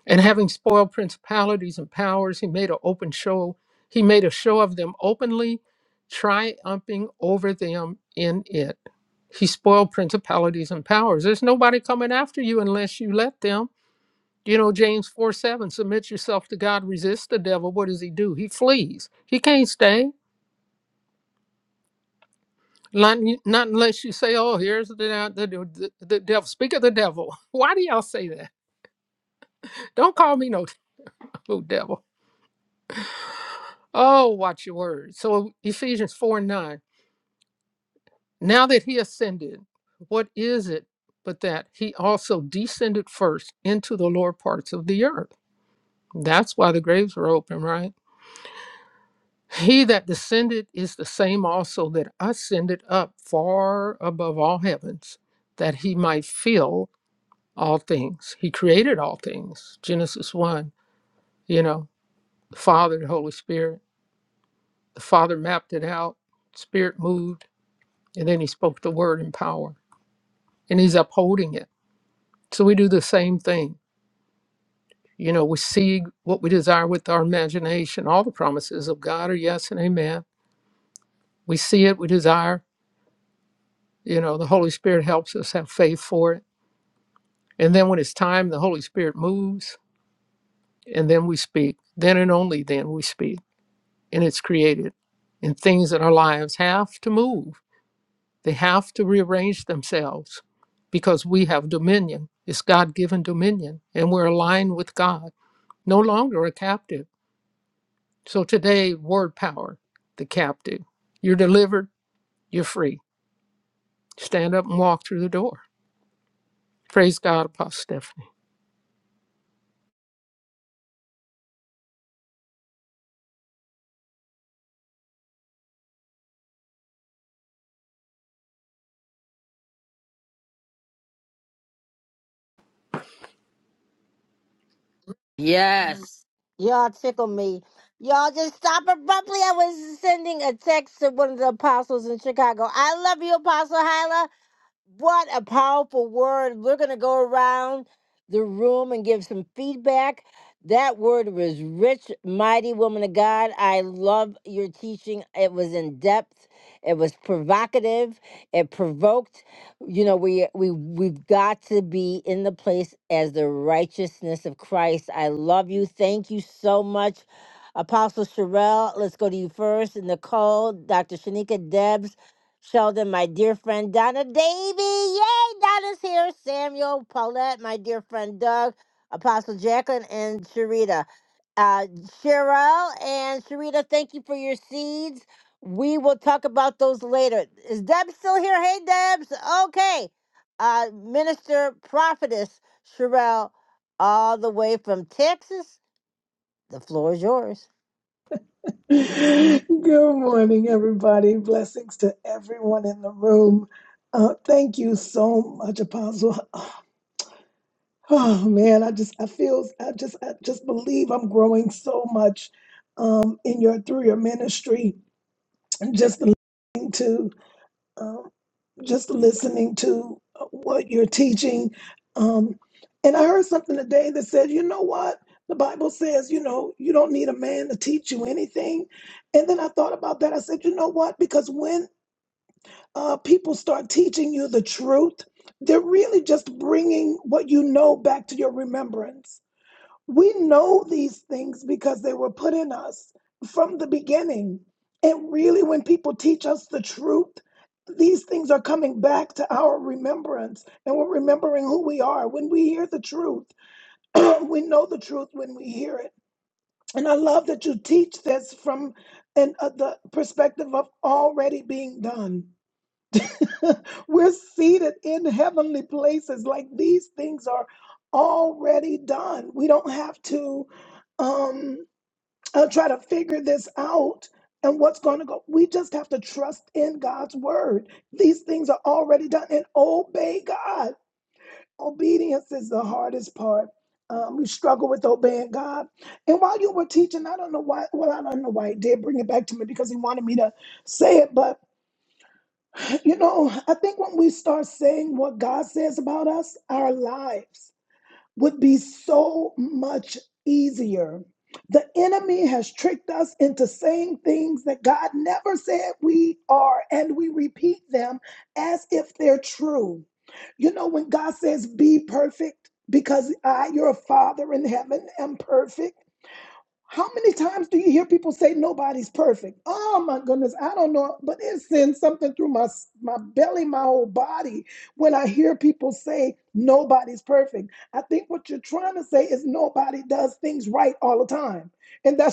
[SPEAKER 2] And having spoiled principalities and powers, he made an open show. He made a show of them openly, triumphing over them in it. He spoiled principalities and powers. There's nobody coming after you unless you let them. You know, James 4 7, submit yourself to God, resist the devil. What does he do? He flees. He can't stay. Not, not unless you say, oh, here's the, the, the, the devil. Speak of the devil. Why do y'all say that? Don't call me no devil. Oh, watch your words. So Ephesians 4 and 9. Now that he ascended, what is it but that he also descended first into the lower parts of the earth? That's why the graves were open, right? He that descended is the same also that ascended up far above all heavens, that he might fill all things. He created all things. Genesis 1, you know, the Father, the Holy Spirit. The Father mapped it out, Spirit moved. And then he spoke the word in power, and he's upholding it. So we do the same thing. You know, we see what we desire with our imagination. All the promises of God are yes and amen. We see it, we desire. You know, the Holy Spirit helps us have faith for it. And then when it's time, the Holy Spirit moves, and then we speak. Then and only then we speak. And it's created. And things in our lives have to move They have to rearrange themselves because we have dominion. It's God given dominion, and we're aligned with God, no longer a captive. So today, word power, the captive. You're delivered, you're free. Stand up and walk through the door. Praise God, Apostle Stephanie.
[SPEAKER 1] Yes. Y'all tickle me. Y'all just stop abruptly. I was sending a text to one of the apostles in Chicago. I love you, Apostle Hyla. What a powerful word. We're going to go around the room and give some feedback. That word was rich, mighty woman of God. I love your teaching. It was in depth. It was provocative. It provoked. You know, we we we've got to be in the place as the righteousness of Christ. I love you. Thank you so much, Apostle Sherelle. Let's go to you first. Nicole, Dr. Shanika, Debs. Sheldon, my dear friend Donna Davy. Yay, Donna's here. Samuel, Paulette, my dear friend Doug, Apostle Jacqueline, and Sharita. Uh, Cheryl and Sharita, thank you for your seeds. We will talk about those later. Is Deb still here? Hey, Debs. Okay. Uh, Minister Prophetess Sherelle, all the way from Texas. The floor is yours.
[SPEAKER 3] Good morning, everybody. Blessings to everyone in the room. Uh, thank you so much, Apostle. Oh man, I just I feel I just I just believe I'm growing so much um, in your through your ministry. And just listening to. um, just listening to uh, what you're teaching. Um, and I heard something today that said, you know what? The Bible says, you know, you don't need a man to teach you anything. And then I thought about that. I said, you know what? Because when uh, people start teaching you the truth, they're really just bringing what you know back to your remembrance we know these things because they were put in us from the beginning. And really, when people teach us the truth, these things are coming back to our remembrance, and we're remembering who we are. When we hear the truth, we know the truth when we hear it. And I love that you teach this from an, uh, the perspective of already being done. We're seated in heavenly places. Like these things are already done. We don't have to um, uh, try to figure this out and what's going to go. We just have to trust in God's word. These things are already done and obey God. Obedience is the hardest part. Um, we struggle with obeying God. And while you were teaching, I don't know why. Well, I don't know why he did bring it back to me because he wanted me to say it, but you know, I think when we start saying what God says about us, our lives would be so much easier. The enemy has tricked us into saying things that God never said we are, and we repeat them as if they're true. You know, when God says, Be perfect, because I, your Father in heaven, am perfect. How many times do you hear people say nobody's perfect? Oh my goodness, I don't know, but it sends something through my my belly, my whole body when I hear people say nobody's perfect. I think what you're trying to say is nobody does things right all the time. And that's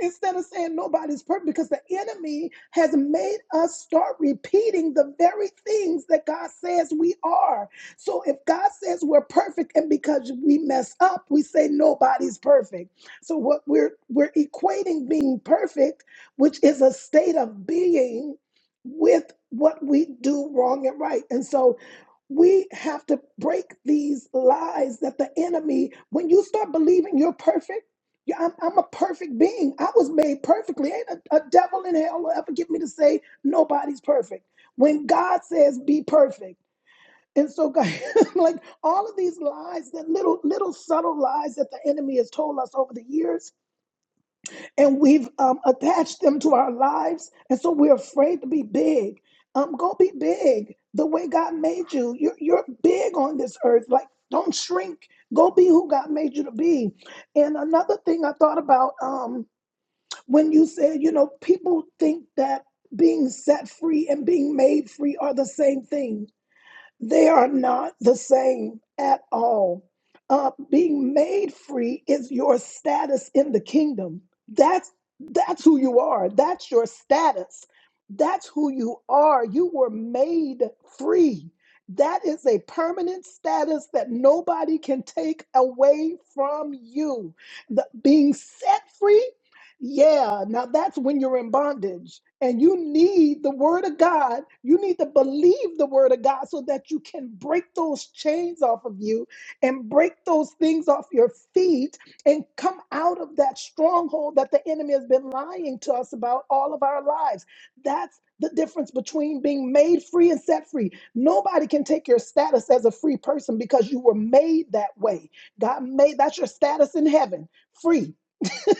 [SPEAKER 3] instead of saying nobody's perfect because the enemy has made us start repeating the very things that God says we are. So if God says we're perfect and because we mess up, we say nobody's perfect. So what we're we're equating being perfect, which is a state of being with what we do wrong and right. And so we have to break these lies that the enemy, when you start believing you're perfect, yeah, I'm, I'm a perfect being. I was made perfectly. Ain't a, a devil in hell will ever get me to say nobody's perfect. When God says be perfect, and so God, like all of these lies, that little little subtle lies that the enemy has told us over the years, and we've um, attached them to our lives. And so we're afraid to be big. Um, go be big the way God made you. You're, you're big on this earth. Like, don't shrink. Go be who God made you to be. And another thing I thought about um, when you said, you know, people think that being set free and being made free are the same thing they are not the same at all. Uh, being made free is your status in the kingdom. That's that's who you are. That's your status. That's who you are. You were made free. That is a permanent status that nobody can take away from you. The, being set free yeah, now that's when you're in bondage. And you need the word of God. You need to believe the word of God so that you can break those chains off of you and break those things off your feet and come out of that stronghold that the enemy has been lying to us about all of our lives. That's the difference between being made free and set free. Nobody can take your status as a free person because you were made that way. God made that's your status in heaven, free.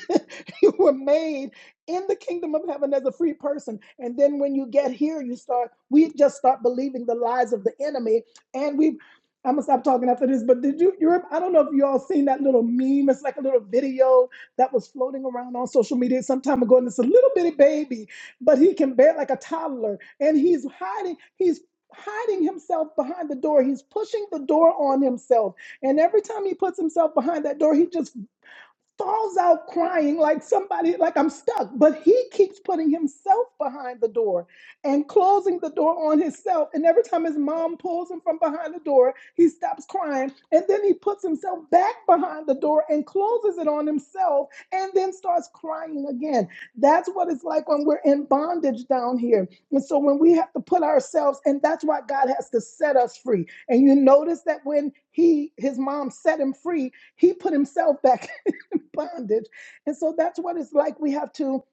[SPEAKER 3] you were made in the kingdom of heaven as a free person. And then when you get here, you start, we just start believing the lies of the enemy. And we, I'm gonna stop talking after this, but did you, Europe? I don't know if you all seen that little meme. It's like a little video that was floating around on social media some time ago. And it's a little bitty baby, but he can bear like a toddler. And he's hiding, he's hiding himself behind the door. He's pushing the door on himself. And every time he puts himself behind that door, he just falls out crying like somebody, like I'm stuck. But he keeps putting himself behind the door and closing the door on himself. And every time his mom pulls him from behind the door, he stops crying. And then he puts himself back behind the door and closes it on himself and then starts crying again. That's what it's like when we're in bondage down here. And so when we have to put ourselves, and that's why God has to set us free. And you notice that when he his mom set him free, he put himself back bondage. And so that's what it's like. We have to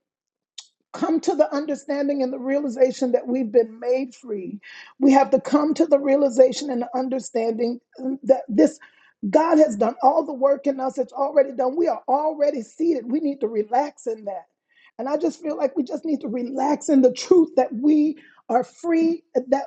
[SPEAKER 3] come to the understanding and the realization that we've been made free. We have to come to the realization and the understanding mm, that this God has done all the work in us. It's already done. We are already seated. We need to relax in that. And I just feel like we just need to relax in the truth that we are free, That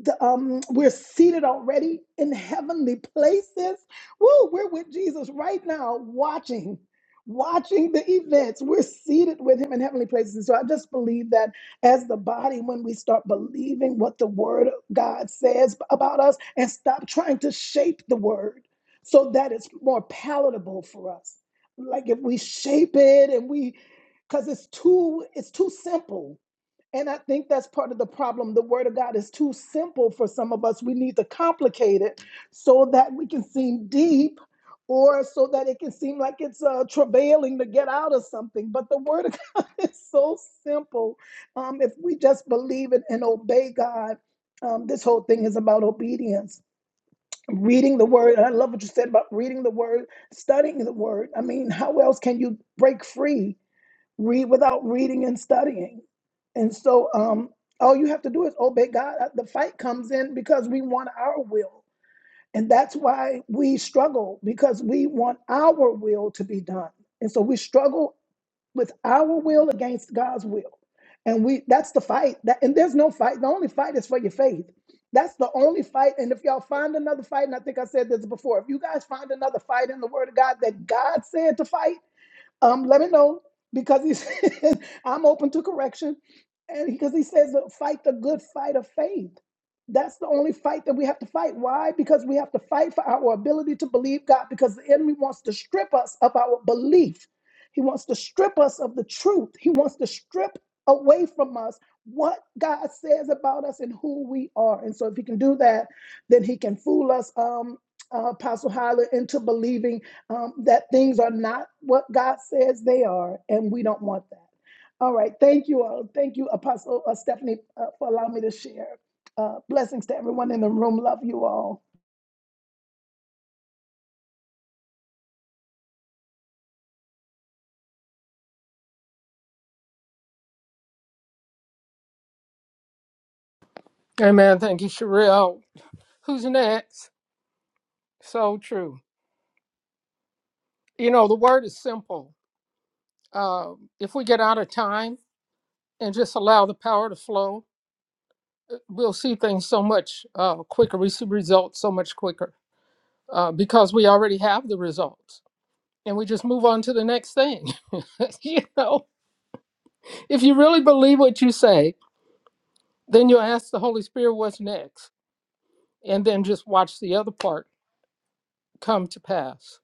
[SPEAKER 3] the, um, we're seated already in heavenly places. Woo, we're with Jesus right now, watching, watching the events. We're seated with him in heavenly places. And so I just believe that as the body, when we start believing what the word of God says about us and stop trying to shape the word so that it's more palatable for us. Like if we shape it and we because it's too it's too simple and I think that's part of the problem. The word of God is too simple for some of us. We need to complicate it so that we can seem deep or so that it can seem like it's uh, travailing to get out of something. But the word of God is so simple. Um, if we just believe it and obey God, um, this whole thing is about obedience. Reading the word, and I love what you said about reading the word, studying the word. I mean, how else can you break free? read without reading and studying. And so um, all you have to do is obey God. Uh, The fight comes in because we want our will. And that's why we struggle because we want our will to be done. And so we struggle with our will against God's will. And we that's the fight. That and there's no fight. The only fight is for your faith. That's the only fight. And if y'all find another fight, and I think I said this before, if you guys find another fight in the word of God that God said to fight, um, let me know because he's I'm open to correction. And because he says uh, fight the good fight of faith. That's the only fight that we have to fight. Why? Because we have to fight for our ability to believe God because the enemy wants to strip us of our belief. He wants to strip us of the truth. He wants to strip away from us what God says about us and who we are. And so if he can do that, then he can fool us um uh, Apostle Hyler into believing um, that things are not what God says they are, and we don't want that. All right. Thank you all. Thank you, Apostle uh, Stephanie, uh, for allowing me to share. Uh, blessings to everyone in the room. Love you all.
[SPEAKER 2] Amen. Thank you, Sherelle. Who's next? So true. You know, the word is simple. Uh, if we get out of time and just allow the power to flow, we'll see things so much uh, quicker. We see results so much quicker uh, because we already have the results, and we just move on to the next thing. you know, if you really believe what you say, then you ask the Holy Spirit what's next, and then just watch the other part come to pass.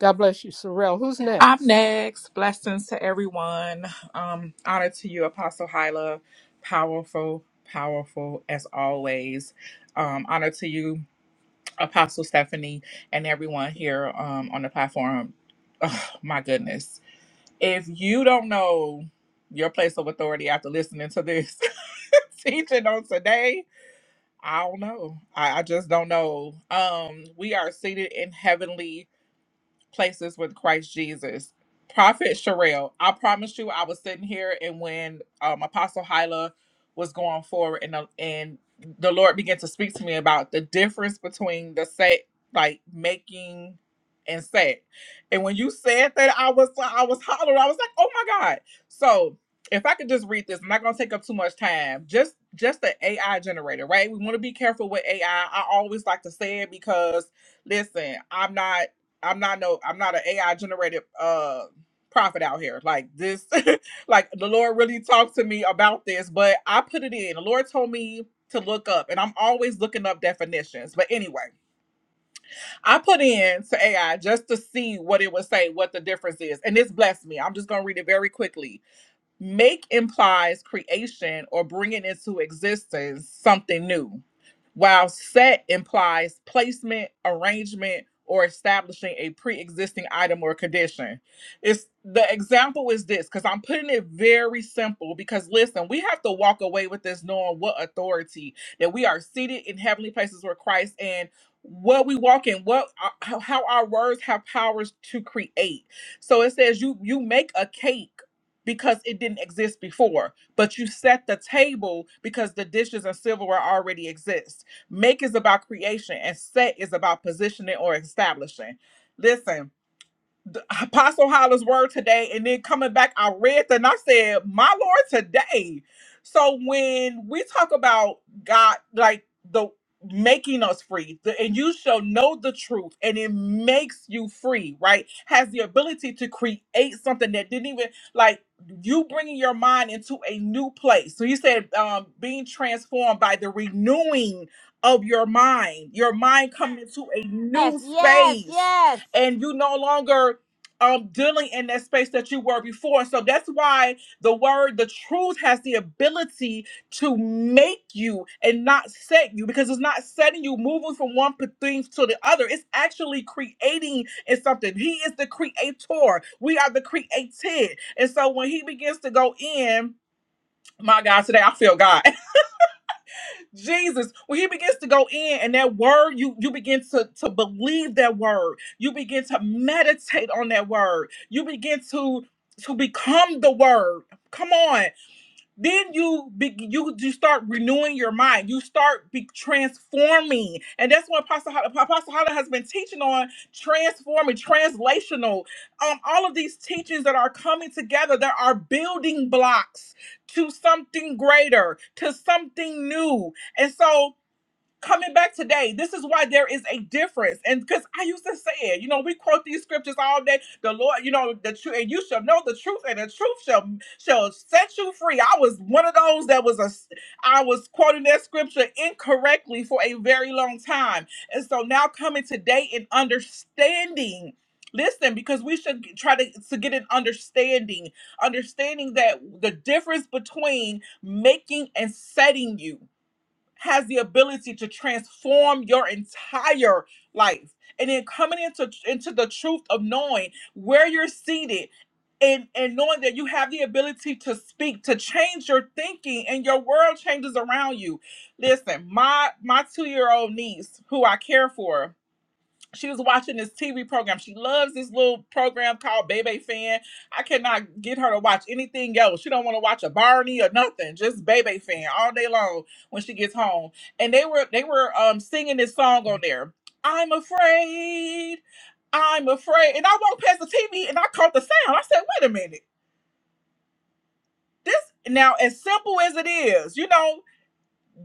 [SPEAKER 2] God bless you, Sorrell. Who's
[SPEAKER 4] I'm
[SPEAKER 2] next?
[SPEAKER 4] next. Blessings to everyone. Um, honor to you, Apostle Hyla. Powerful, powerful as always. Um, honor to you, Apostle Stephanie, and everyone here um, on the platform. Oh, my goodness. If you don't know your place of authority after listening to this teaching on today, I don't know. I, I just don't know. Um, we are seated in heavenly places with Christ Jesus. Prophet Sherelle, I promise you, I was sitting here, and when um, Apostle Hyla was going forward, and the, and the Lord began to speak to me about the difference between the set, like making and set. And when you said that, I was I was hollering. I was like, oh my god! So if I could just read this, I'm not gonna take up too much time. Just just the AI generator, right? We want to be careful with AI. I I always like to say it because listen, I'm not. I'm not no I'm not an AI generated uh prophet out here. Like this like the Lord really talked to me about this, but I put it in. The Lord told me to look up and I'm always looking up definitions. But anyway, I put in to AI just to see what it would say, what the difference is. And this blessed me. I'm just gonna read it very quickly. Make implies creation or bringing into existence something new, while set implies placement, arrangement, or establishing a pre existing item or condition. It's the example is this because I'm putting it very simple. Because listen, we have to walk away with this knowing what authority that we are seated in heavenly places with Christ and what we walk in, what uh, how how our words have powers to create. So it says you you make a cake because it didn't exist before. But you set the table because the dishes and silverware already exist. Make is about creation, and set is about positioning or establishing. Listen, the Apostle Hollis' word today, and then coming back, I read that and I said, "My Lord, today." So when we talk about God, like the making us free, the, and you shall know the truth, and it makes you free, right? Has the ability to create something that didn't even like you bringing your mind into a new place. So you said, um, being transformed by the renewing of your mind, your mind coming into a
[SPEAKER 1] Yes,
[SPEAKER 4] new
[SPEAKER 1] yes,
[SPEAKER 4] space
[SPEAKER 1] yes.
[SPEAKER 4] and you no longer um dealing in that space that you were before. So that's why the word, the truth has the ability to make you and not set you because it's not setting you moving from one p- thing to the other. It's actually creating in something. He is the creator. We are the created. And so when he begins to go in, my God, today I feel God. Jesus, when he begins to go in and that word, you you begin to, to believe that word. You begin to meditate on that word. You begin to to become the word. Come on then you be, you you start renewing your mind. You start be transforming, and that's what Apostle Hala, Apostle Hala has been teaching on transforming, translational. Um, all of these teachings that are coming together, there are building blocks to something greater, to something new, and so coming back today. This is why there is a difference. And because I used to say it, you know, we quote these scriptures all day. The Lord, you know, the truth, and you shall know the truth, and the truth shall shall set you free. I was one of those that was a s- I was quoting that scripture incorrectly for a very long time. And so now coming today and understanding. Listen, because we should g- try to, to get an understanding, understanding that the difference between making and setting you has the ability to transform your entire life. And then coming into into the truth of knowing where you're seated and and knowing that you have the ability to speak to change your thinking and your world changes around you. Listen, my my 2-year-old niece who I care for, she was watching this TV program. She loves this little program called Bebe Fan. I cannot get her to watch anything else. She don't want to watch a Barney or nothing. Just Bebe Fan all day long when she gets home. And they were they were um singing this song on there. I'm afraid. I'm afraid. And I walked past the TV and I caught the sound. I said, wait a minute. This now as simple as it is, you know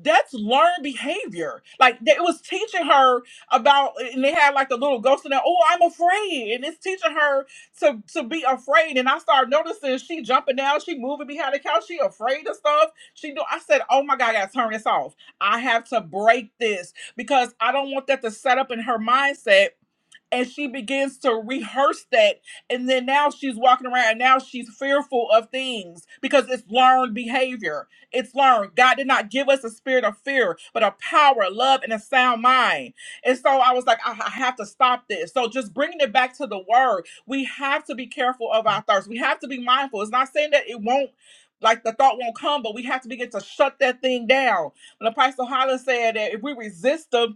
[SPEAKER 4] that's learned behavior. Like they- it was teaching her about, and they had like the little ghost in there. Oh, I'm afraid, and it's teaching her to to be afraid. And I started noticing she jumping down, she moving behind the couch, she afraid of stuff. She do. I said, oh my god, I gotta turn this off. I have to break this because I don't want that to set up in her mindset and she begins to rehearse that and then now she's walking around and now she's fearful of things because it's learned behavior it's learned god did not give us a spirit of fear but a power love and a sound mind and so i was like i, I have to stop this so just bringing it back to the word we have to be careful of our thoughts we have to be mindful it's not saying that it won't like the thought won't come, but we have to begin to shut that thing down. When Apostle Holland said that if we resist them,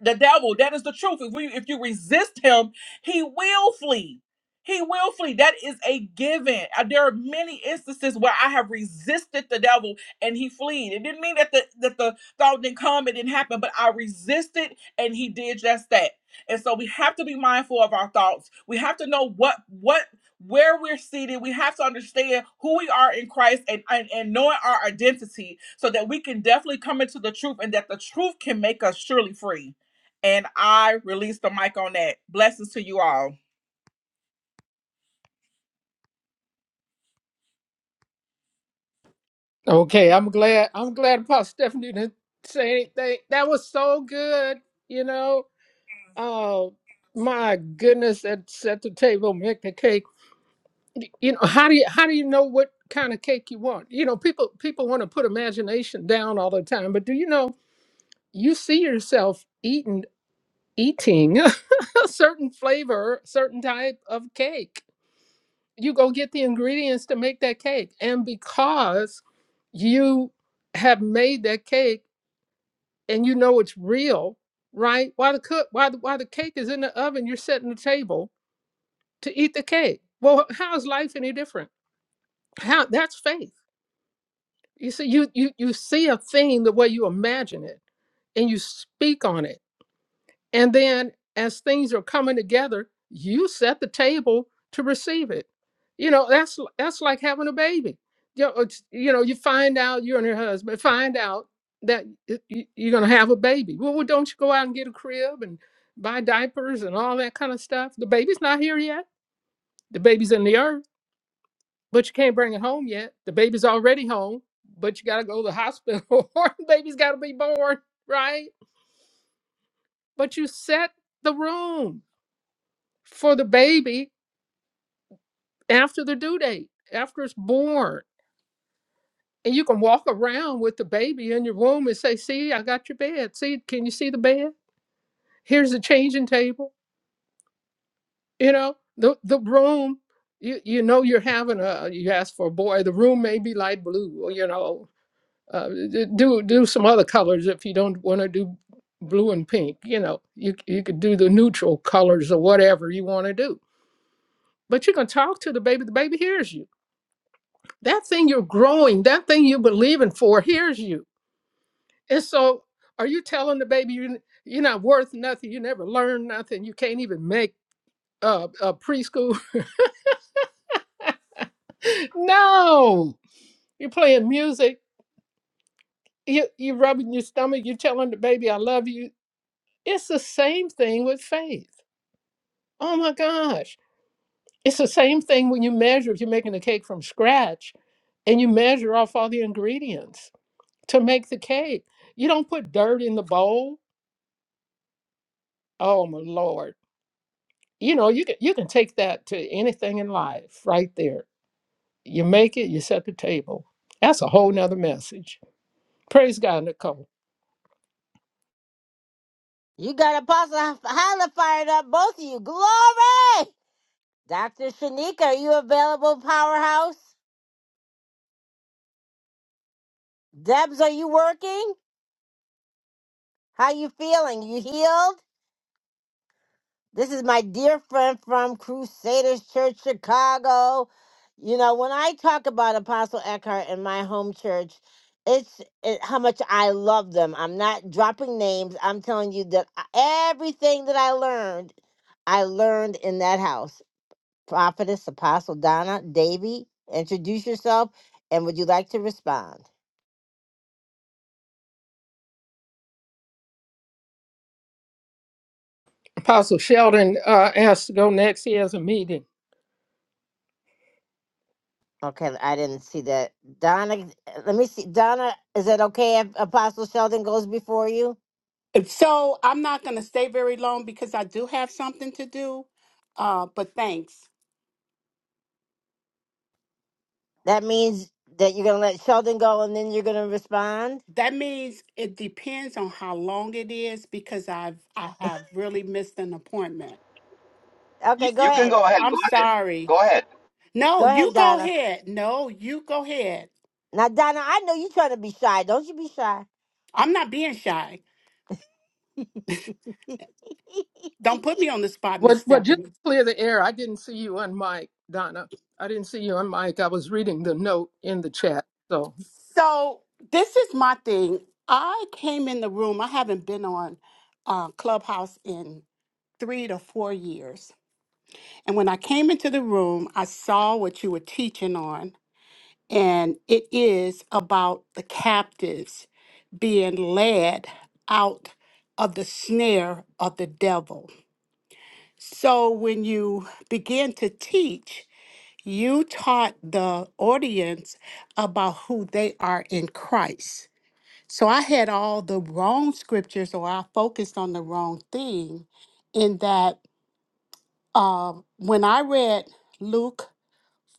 [SPEAKER 4] the devil that is the truth if we if you resist him he will flee he will flee that is a given Uh, there are many instances where i have resisted the devil and he fled it didn't mean that the that the thought didn't come it didn't happen but i resisted and he did just that and so we have to be mindful of our thoughts we have to know what what where we're seated we have to understand who we are in christ and and, and knowing our identity so that we can definitely come into the truth and that the truth can make us surely free and I release the mic on that. Blessings to you all.
[SPEAKER 2] Okay, I'm glad. I'm glad Apostle Stephanie didn't say anything. That was so good. You know, oh my goodness, that set the table, make the cake y- you know how do you how do you know what kind of cake you want you know people people want to put imagination down all the time but do you know you see yourself eating eating a certain flavor certain type of cake you go get the ingredients to make that cake and because you have made that cake and you know it's real right while the cook while the, while the cake is in the oven you're setting the table to eat the cake well how is life any different how that's faith You see, you you you see a thing the way you imagine it, and you speak on it, and then as things are coming together, you set the table to receive it. You know that's l- that's like having a baby. You know, it's- you know, you find out you and your husband find out that y- y- you're going to have a baby. Well, well, don't you go out and get a crib and buy diapers and all that kind of stuff? The baby's not here yet. The baby's in the earth but you can't bring it home yet. The baby's already home, but you got to go to the hospital or the baby's got to be born, right? But you set the room for the baby after the due date, after it's born. And you can walk around with the baby in your womb and say, See, I got your bed. See, can you see the bed? Here's the changing table. You know, the, the room, you, you know, you're having a, you ask for a boy, the room may be light blue, or, you know, uh, d- do do some other colors if you don't want to do blue and pink. You know, you you could do the neutral colors or whatever you want to do. But you can talk to the baby. The baby hears you. That thing you're growing, that thing you're believing for, hears you. And so, are you telling the baby you you're not worth nothing? You never learn nothing. You can't even make uh, a preschool. no, you're playing music. You you rubbing your stomach. You're telling the baby I love you. It's the same thing with faith Oh my gosh. It's the same thing when you measure, if you're making a cake from scratch and you measure off all the ingredients to make the cake. You don't put dirt in the bowl. Oh my Lord. You know, you can you can take that to anything in life right there. You make it, you set the table. That's a whole nother message. Praise God, Nicole.
[SPEAKER 1] You got Apostle Hyla fired up, both of you. Glory! Dr. Shanika, are you available, Powerhouse? Debs, are you working? How you feeling? You healed? This is my dear friend from Crusaders Church, Chicago. You know, when I talk about Apostle Eckhart in my home church, it's it, how much I love them. I'm not dropping names. I'm telling you that I- everything that I learned, I learned in that house Prophetess Apostle Donna Davy, introduce yourself and would you like to respond?
[SPEAKER 2] Apostle Sheldon uh, asked to go next. He has a meeting.
[SPEAKER 1] Okay, I didn't see that. Donna, let me see. Donna, is that okay if Apostle Sheldon goes before you?
[SPEAKER 5] So I'm not going to stay very long because I do have something to do. Uh, but thanks.
[SPEAKER 1] That means that you're going to let Sheldon go and then you're going to respond?
[SPEAKER 5] That means it depends on how long it is because I've I have really missed an appointment.
[SPEAKER 1] Okay,
[SPEAKER 6] You,
[SPEAKER 1] go
[SPEAKER 6] you can
[SPEAKER 1] ahead.
[SPEAKER 6] go ahead.
[SPEAKER 5] I'm
[SPEAKER 6] Go ahead.
[SPEAKER 5] sorry.
[SPEAKER 6] Go ahead.
[SPEAKER 5] No,
[SPEAKER 1] Go ahead,
[SPEAKER 5] you go
[SPEAKER 1] Donna.
[SPEAKER 5] ahead. No, you go ahead.
[SPEAKER 1] Now, Donna, I know you're trying to be shy. Don't you be shy.
[SPEAKER 5] I'm not being shy. Don't put me on the spot, Miss
[SPEAKER 2] Well, well, just
[SPEAKER 5] Stephanie.
[SPEAKER 2] to clear the air, I didn't see you on mic, Donna. I didn't see you on mic. I was reading the note in the chat. So,
[SPEAKER 5] So this is my thing. I came in the room. I haven't been on uh, Clubhouse in three to four years And when I came into the room, I saw what you were teaching on, and it is about the captives being led out of the snare of the devil. So when you begin to teach, you taught the audience about who they are in Christ. So I had all the wrong scriptures, or I focused on the wrong thing, in that uh, when I read Luke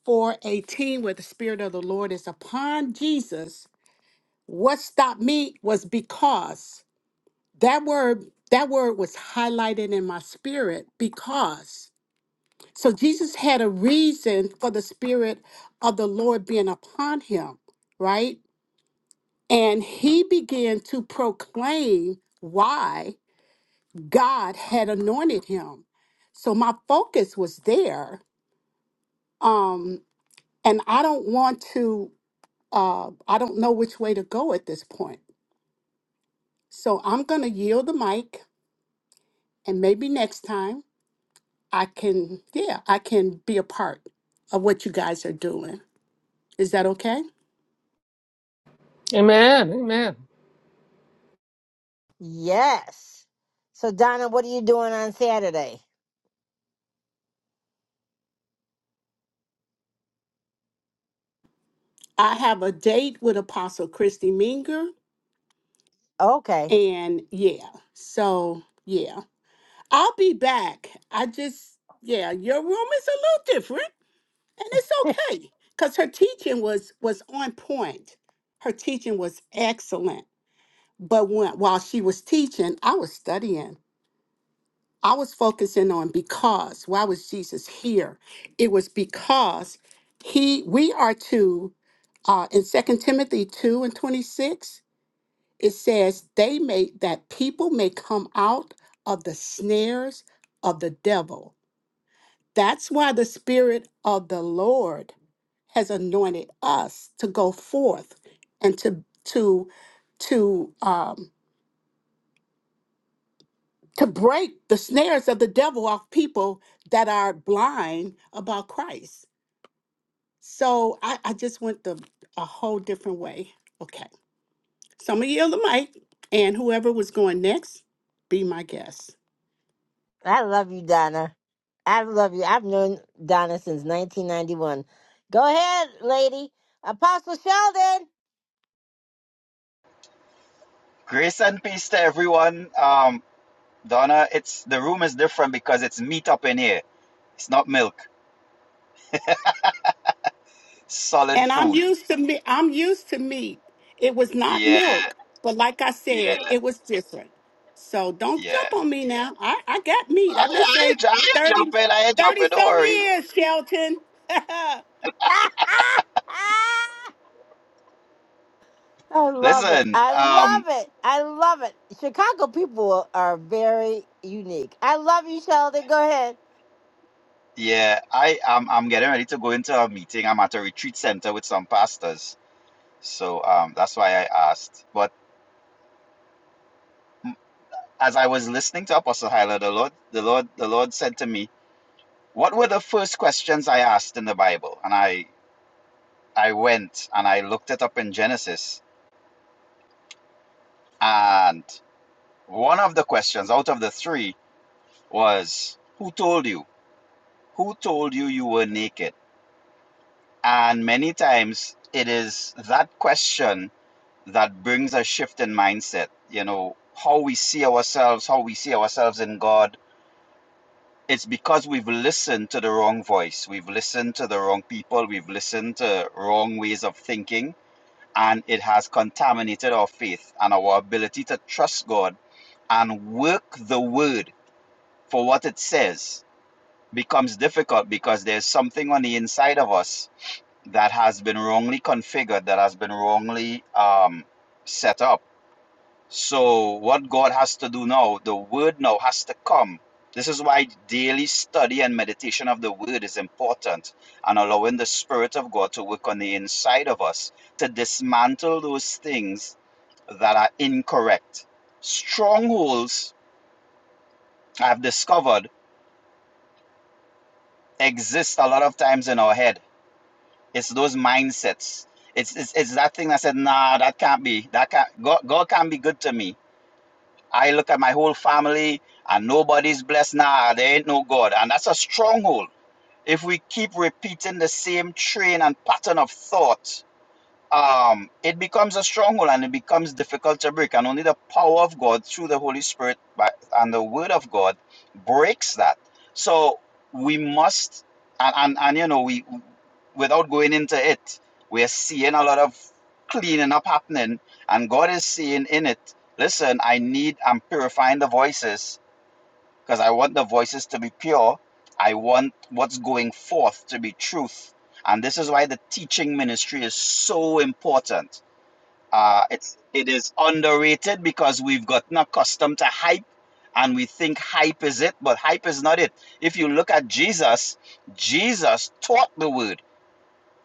[SPEAKER 5] 4:18 where the spirit of the Lord is upon Jesus, what stopped me was because that word that word was highlighted in my spirit because so Jesus had a reason for the spirit of the Lord being upon him, right? And he began to proclaim why God had anointed him. So my focus was there. Um and I don't want to uh, I don't know which way to go at this point. So I'm going to yield the mic, and maybe next time I can, yeah, I can be a part of what you guys are doing. Is that okay?
[SPEAKER 2] amen, amen,
[SPEAKER 1] yes. So, Donna, what are you doing on Saturday?
[SPEAKER 5] I have a date with Apostle Christy Minger,
[SPEAKER 1] Okay.
[SPEAKER 5] and yeah, so yeah, I'll be back. I just, yeah, your room is a little different, and it's okay because her teaching was was on point. Her teaching was excellent. But when, while she was teaching, I was studying. I was focusing on because why was Jesus here? It was because he we are to uh, in Second Timothy 2 and 26, it says they may that people may come out of the snares of the devil. That's why the spirit of the Lord has anointed us to go forth and to to to um to break the snares of the devil off people that are blind about Christ. So I, I just went the a whole different way. Okay. So I'm gonna yield the mic and whoever was going next, be my guest.
[SPEAKER 1] I love you, Donna. I love you. I've known Donna since 1991. Go ahead, lady. Apostle Sheldon.
[SPEAKER 6] Grace and peace to everyone. Um, Donna, it's the room is different because it's meat up in here. It's not milk. Solid
[SPEAKER 5] And I'm
[SPEAKER 6] food.
[SPEAKER 5] used to me I'm used to meat. It was not
[SPEAKER 6] Yeah,
[SPEAKER 5] milk, but like I said,
[SPEAKER 6] yeah,
[SPEAKER 5] it was different. So don't
[SPEAKER 6] yeah.
[SPEAKER 5] jump on me now. I, I got meat.
[SPEAKER 6] I,
[SPEAKER 5] I've been
[SPEAKER 6] I, ain't,
[SPEAKER 5] saved
[SPEAKER 6] ju- I ain't
[SPEAKER 5] 30
[SPEAKER 6] jumping. I ain't
[SPEAKER 5] 30
[SPEAKER 6] jumping. Don't
[SPEAKER 5] some
[SPEAKER 6] worry.
[SPEAKER 5] years, Shelton.
[SPEAKER 1] I love it.
[SPEAKER 6] Listen.
[SPEAKER 1] I love
[SPEAKER 6] Um.
[SPEAKER 1] it. I love it. Chicago people are very unique. I love you, Sheldon. Go ahead.
[SPEAKER 6] Yeah. I am. I'm, I'm getting ready to go into a meeting. I'm at a retreat center with some pastors. So um. That's why I asked. But as I was listening to Apostle Hyla, the Lord, the Lord, the Lord said to me What were the first questions I asked in the Bible? And I I went and I looked it up in Genesis, and one of the questions out of the three was, "Who told you? Who told you you were naked?" And many times it is that question that brings a shift in mindset. You know how we see ourselves, how we see ourselves in God. It's because we've listened to the wrong voice. We've listened to the wrong people. We've listened to wrong ways of thinking and it has contaminated our faith and our ability to trust God and work the word for what it says becomes difficult because there's something on the inside of us that has been wrongly configured, that has been wrongly um, set up. So, what God has to do now, the word now has to come. This is why daily study and meditation of the word is important and allowing the Spirit of God to work on the inside of us to dismantle those things that are incorrect. Strongholds, I've discovered, exist a lot of times in our head. It's those mindsets. It's, it's, it's that thing that said, nah, that can't be. That can't, God, God can't be good to me. I look at my whole family and nobody's blessed. Nah, there ain't no God. And that's a stronghold. If we keep repeating the same train and pattern of thought, um, it becomes a stronghold and it becomes difficult to break. And only the power of God through the Holy Spirit by, and the Word of God breaks that. So we must, and, and, and you know, we without going into it, we're seeing a lot of cleaning up happening, and God is seeing in it. Listen, I need. I'm purifying the voices because I want the voices to be pure. I want what's going forth to be truth. And this is why the teaching ministry is so important. Uh, it's it is underrated because we've gotten accustomed to hype and we think hype is it, but hype is not it. If you look at Jesus, Jesus taught the word.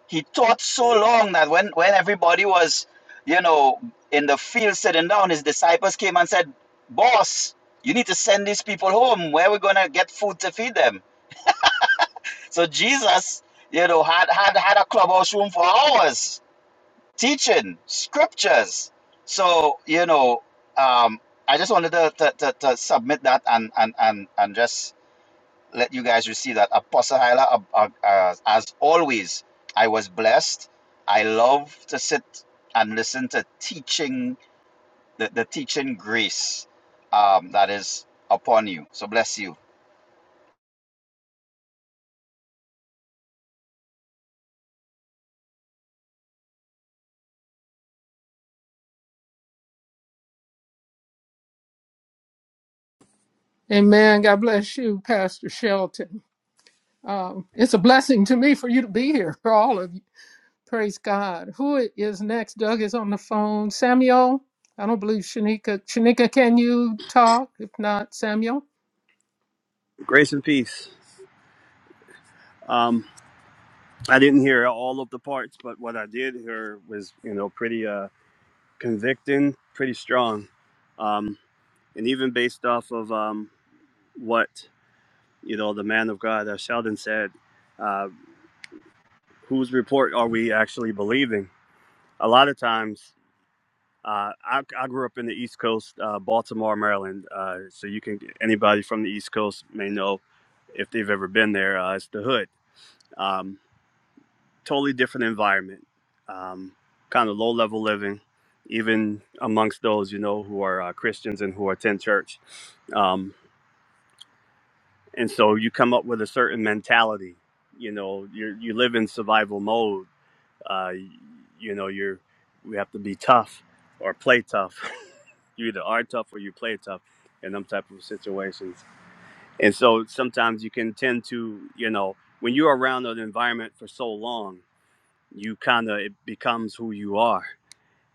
[SPEAKER 6] He taught so long that when, when everybody was, you know, in the field sitting down, his disciples came and said, Boss, you need to send these people home. Where are we going to get food to feed them? So Jesus, you know, had, had, had a clubhouse room for hours teaching scriptures. So, you know, um, I just wanted to, to, to, to submit that and, and, and, and just let you guys receive that. Apostle Hyla, uh, uh, uh, as always, I was blessed. I love to sit and listen to teaching, the, the teaching grace um, that is upon you. So bless you.
[SPEAKER 2] amen. God bless you, Pastor Shelton. Um, it's a blessing to me for you to be here, for all of you. Praise God. Who is next? Doug is on the phone. Samuel, I don't believe Shanika. Shanika, can you talk? If not, Samuel?
[SPEAKER 7] Grace and peace. Um, I didn't hear all of the parts, but what I did hear was, you know, pretty uh, convicting, pretty strong, um, and even based off of um, what you know the man of God, uh, Sheldon said. Uh, whose report are we actually believing? A lot of times, uh, I, I grew up in the East Coast, uh, Baltimore, Maryland. Uh, so you can anybody from the East Coast may know if they've ever been there. Uh, it's the hood. Um, totally different environment, um, kind of low level living, even amongst those you know who are uh, Christians and who attend church. Um, and so you come up with a certain mentality. You know, you you live in survival mode. Uh, you know, you're we have to be tough or play tough. you either are tough or you play tough in them type of situations. And so sometimes you can tend to, you know, when you're around an environment for so long you kind of it becomes who you are.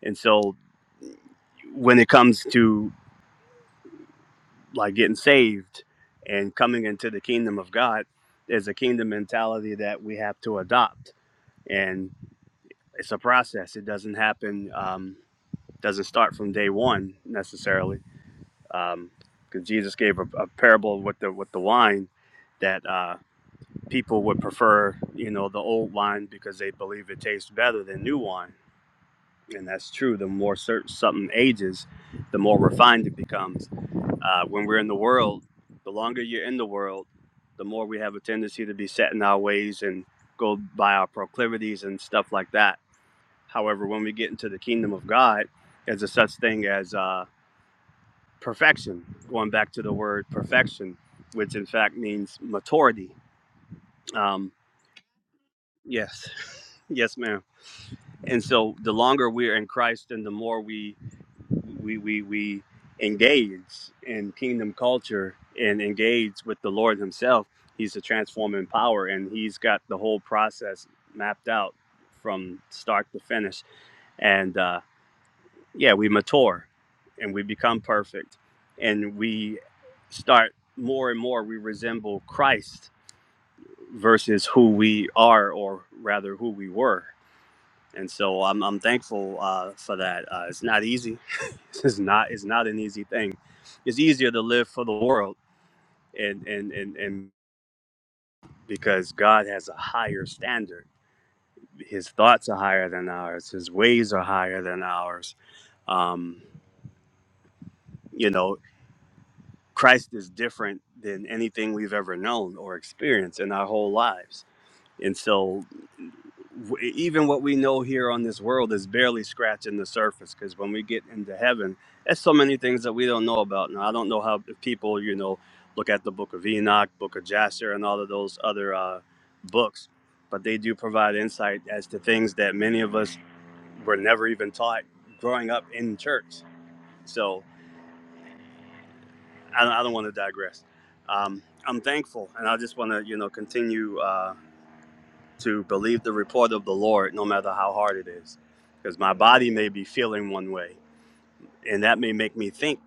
[SPEAKER 7] And so when it comes to like getting saved and coming into the kingdom of God, there's a kingdom mentality that we have to adopt, and it's a process. It doesn't happen, um, doesn't start from day one necessarily, Um, because Jesus gave a, a parable with the with the wine that uh, people would prefer, you know, the old wine because they believe it tastes better than new wine and that's true. The more certain something ages, the more refined it becomes. Uh, when we're in the world, the longer you're in the world, the more we have a tendency to be set in our ways and go by our proclivities and stuff like that. However, when we get into the kingdom of God, there's a such thing as uh, perfection. Going back to the word perfection, which in fact means maturity. Um, yes, yes, ma'am. And so, the longer we're in Christ, and the more we we we we engage in kingdom culture and engage with the Lord Himself. He's a transforming power, and He's got the whole process mapped out from start to finish. And uh, yeah, we mature and we become perfect, and we start more and more. We resemble Christ versus who we are, or rather, who we were and so I'm I'm thankful uh, for that. Uh, it's not easy. it's not it's not an easy thing. It's easier to live for the world and and and and because God has a higher standard. His thoughts are higher than ours. His ways are higher than ours. Um, you know, Christ is different than anything we've ever known or experienced in our whole lives And so, w- even what we know here on this world is barely scratching the surface because when we get into heaven, there's so many things that we don't know about. Now, I don't know how if people, you know, look at the book of Enoch, book of Jasher, and all of those other uh, books, but they do provide insight as to things that many of us were never even taught growing up in church. So, I, I don't want to digress. Um, I'm thankful, and I just want to, you know, continue. Uh, to believe the report of the Lord, no matter how hard it is. Because my body may be feeling one way, and that may make me think,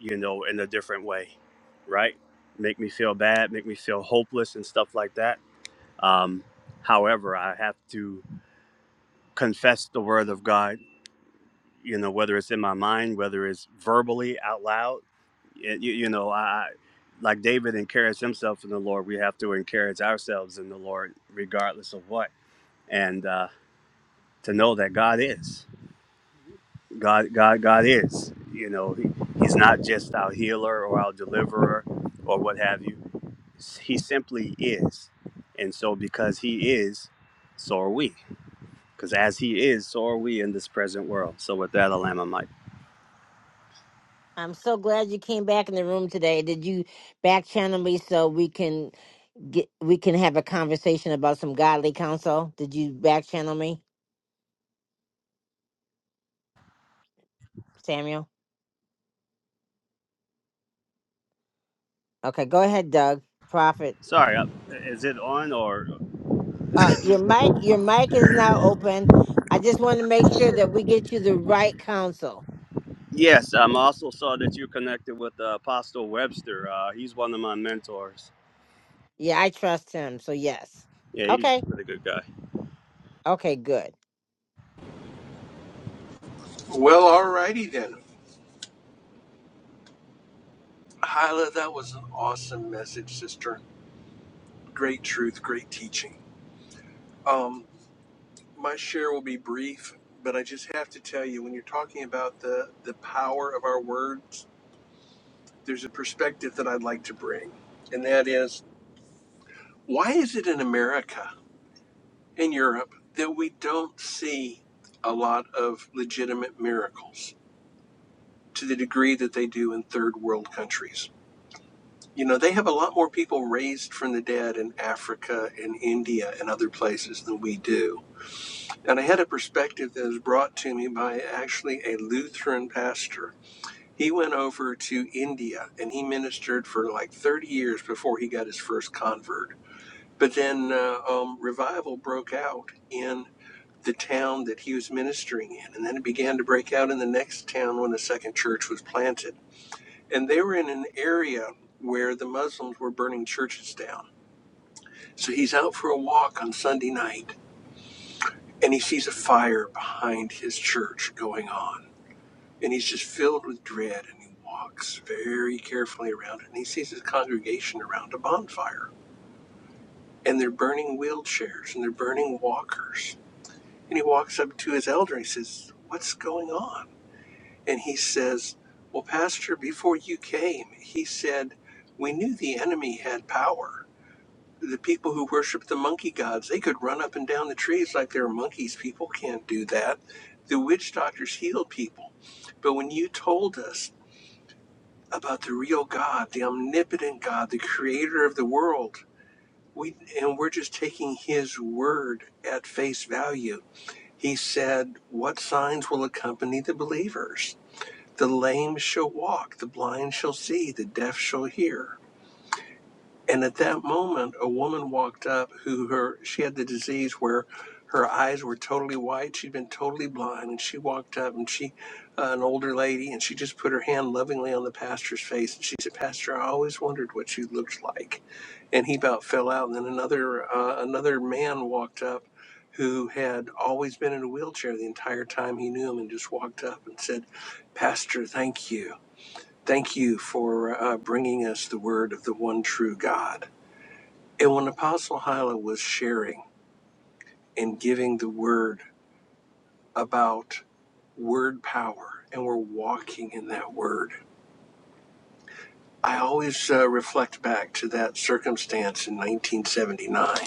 [SPEAKER 7] you know, in a different way, right? Make me feel bad, make me feel hopeless, and stuff like that. Um, however, I have to confess the word of God, you know, whether it's in my mind, whether it's verbally out loud. Y- You, you know, I, like David encouraged himself in the Lord, we have to encourage ourselves in the Lord, regardless of what. And, uh, to know that God is. God, God, God is. You know, he, He's not just our healer or our deliverer or what have you. He simply is. And so, because He is, so are we. Because as He is, so are we in this present world. So, with that, I'll land my mic.
[SPEAKER 1] I'm so glad you came back in the room today. Did you back channel me so we can get we can have a conversation about some godly counsel? Did you back channel me, Samuel? Okay, go ahead, Doug. Prophet.
[SPEAKER 7] Sorry, uh, is it on or?
[SPEAKER 1] Uh, your mic your mic is now open. I just want to make sure that we get you the right counsel.
[SPEAKER 7] Yes, I am also saw that you connected with uh, Apostle Webster. Uh, he's one of my mentors.
[SPEAKER 1] Yeah, I trust him. So yes.
[SPEAKER 7] Yeah, he's a
[SPEAKER 1] Okay.
[SPEAKER 7] really good guy.
[SPEAKER 1] Okay, good.
[SPEAKER 8] Well, alrighty then. Hyla, that was an awesome message, sister. Great truth, great teaching. Um, my share will be brief, but I just have to tell you, when you're talking about the, the power of our words, there's a perspective that I'd like to bring, and that is why is it in America, in Europe, that we don't see a lot of legitimate miracles to the degree that they do in third world countries? You know, they have a lot more people raised from the dead in Africa and India and other places than we do. And I had a perspective that was brought to me by actually a Lutheran pastor. He went over to India and he ministered for like 30 years before he got his first convert. But then uh, um, revival broke out in the town that he was ministering in. And then it began to break out in the next town when a second church was planted. And they were in an area where the Muslims were burning churches down. So he's out for a walk on Sunday night and he sees a fire behind his church going on. And he's just filled with dread and he walks very carefully around it and he sees his congregation around a bonfire. And they're burning wheelchairs and they're burning walkers. And he walks up to his elder and he says, What's going on? And he says, Well, Pastor, before you came, he said, We knew the enemy had power the people who worship the monkey gods, they could run up and down the trees like they're monkeys. People can't do that. The witch doctors healed people. But when you told us about the real God, the omnipotent God, the creator of the world, we and we're just taking his word at face value. He said, What signs will accompany the believers? The lame shall walk, the blind shall see, the deaf shall hear And at that moment, a woman walked up who her she had the disease where her eyes were totally white. She'd been totally blind, and she walked up and she, uh, an older lady, and she just put her hand lovingly on the pastor's face and she said, "Pastor, I always wondered what you looked like." And he about fell out. And then another uh, another man walked up. Who had always been in a wheelchair the entire time he knew him and just walked up and said, Pastor, thank you. Thank you for uh, bringing us the word of the one true God and when Apostle Hyla was sharing and giving the word about word power, and we're walking in that word, I always uh, reflect back to that circumstance in 1979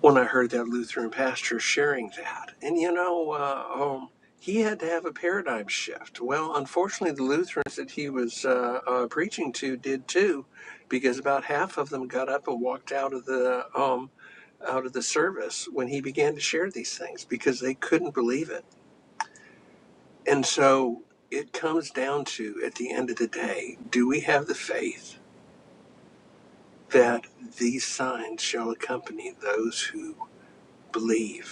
[SPEAKER 8] when I heard that Lutheran pastor sharing that. And you know, uh, um, he had to have a paradigm shift. Well, unfortunately, the Lutherans that he was uh, uh, preaching to did too, because about half of them got up and walked out of the um, out of the service when he began to share these things because they couldn't believe it. And so it comes down to, at the end of the day, do we have the faith that these signs shall accompany those who believe?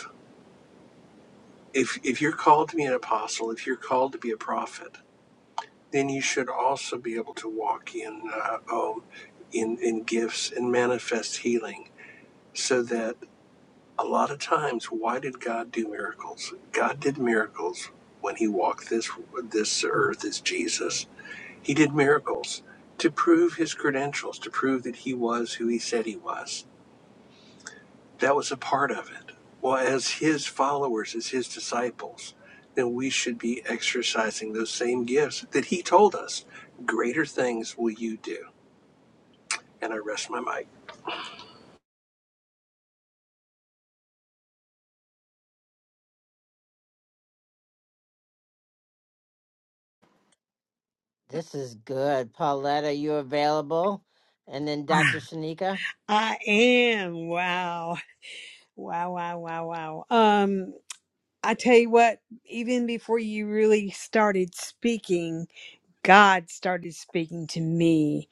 [SPEAKER 8] if if you're called to be an apostle, if you're called to be a prophet, then you should also be able to walk in uh, oh, in in gifts and manifest healing. So that a lot of times, why did God do miracles? God did miracles when He walked this this earth as Jesus. He did miracles to prove His credentials, to prove that He was who He said He was. That was a part of it. Well, as his followers, as his disciples, then we should be exercising those same gifts that he told us. Greater things will you do. And I rest my mic.
[SPEAKER 1] This is good. Paulette, are you available? And then Dr. Shanika.
[SPEAKER 9] I am. Wow. Wow, wow, wow, wow. Um, I tell you what, even before you really started speaking, God started speaking to me.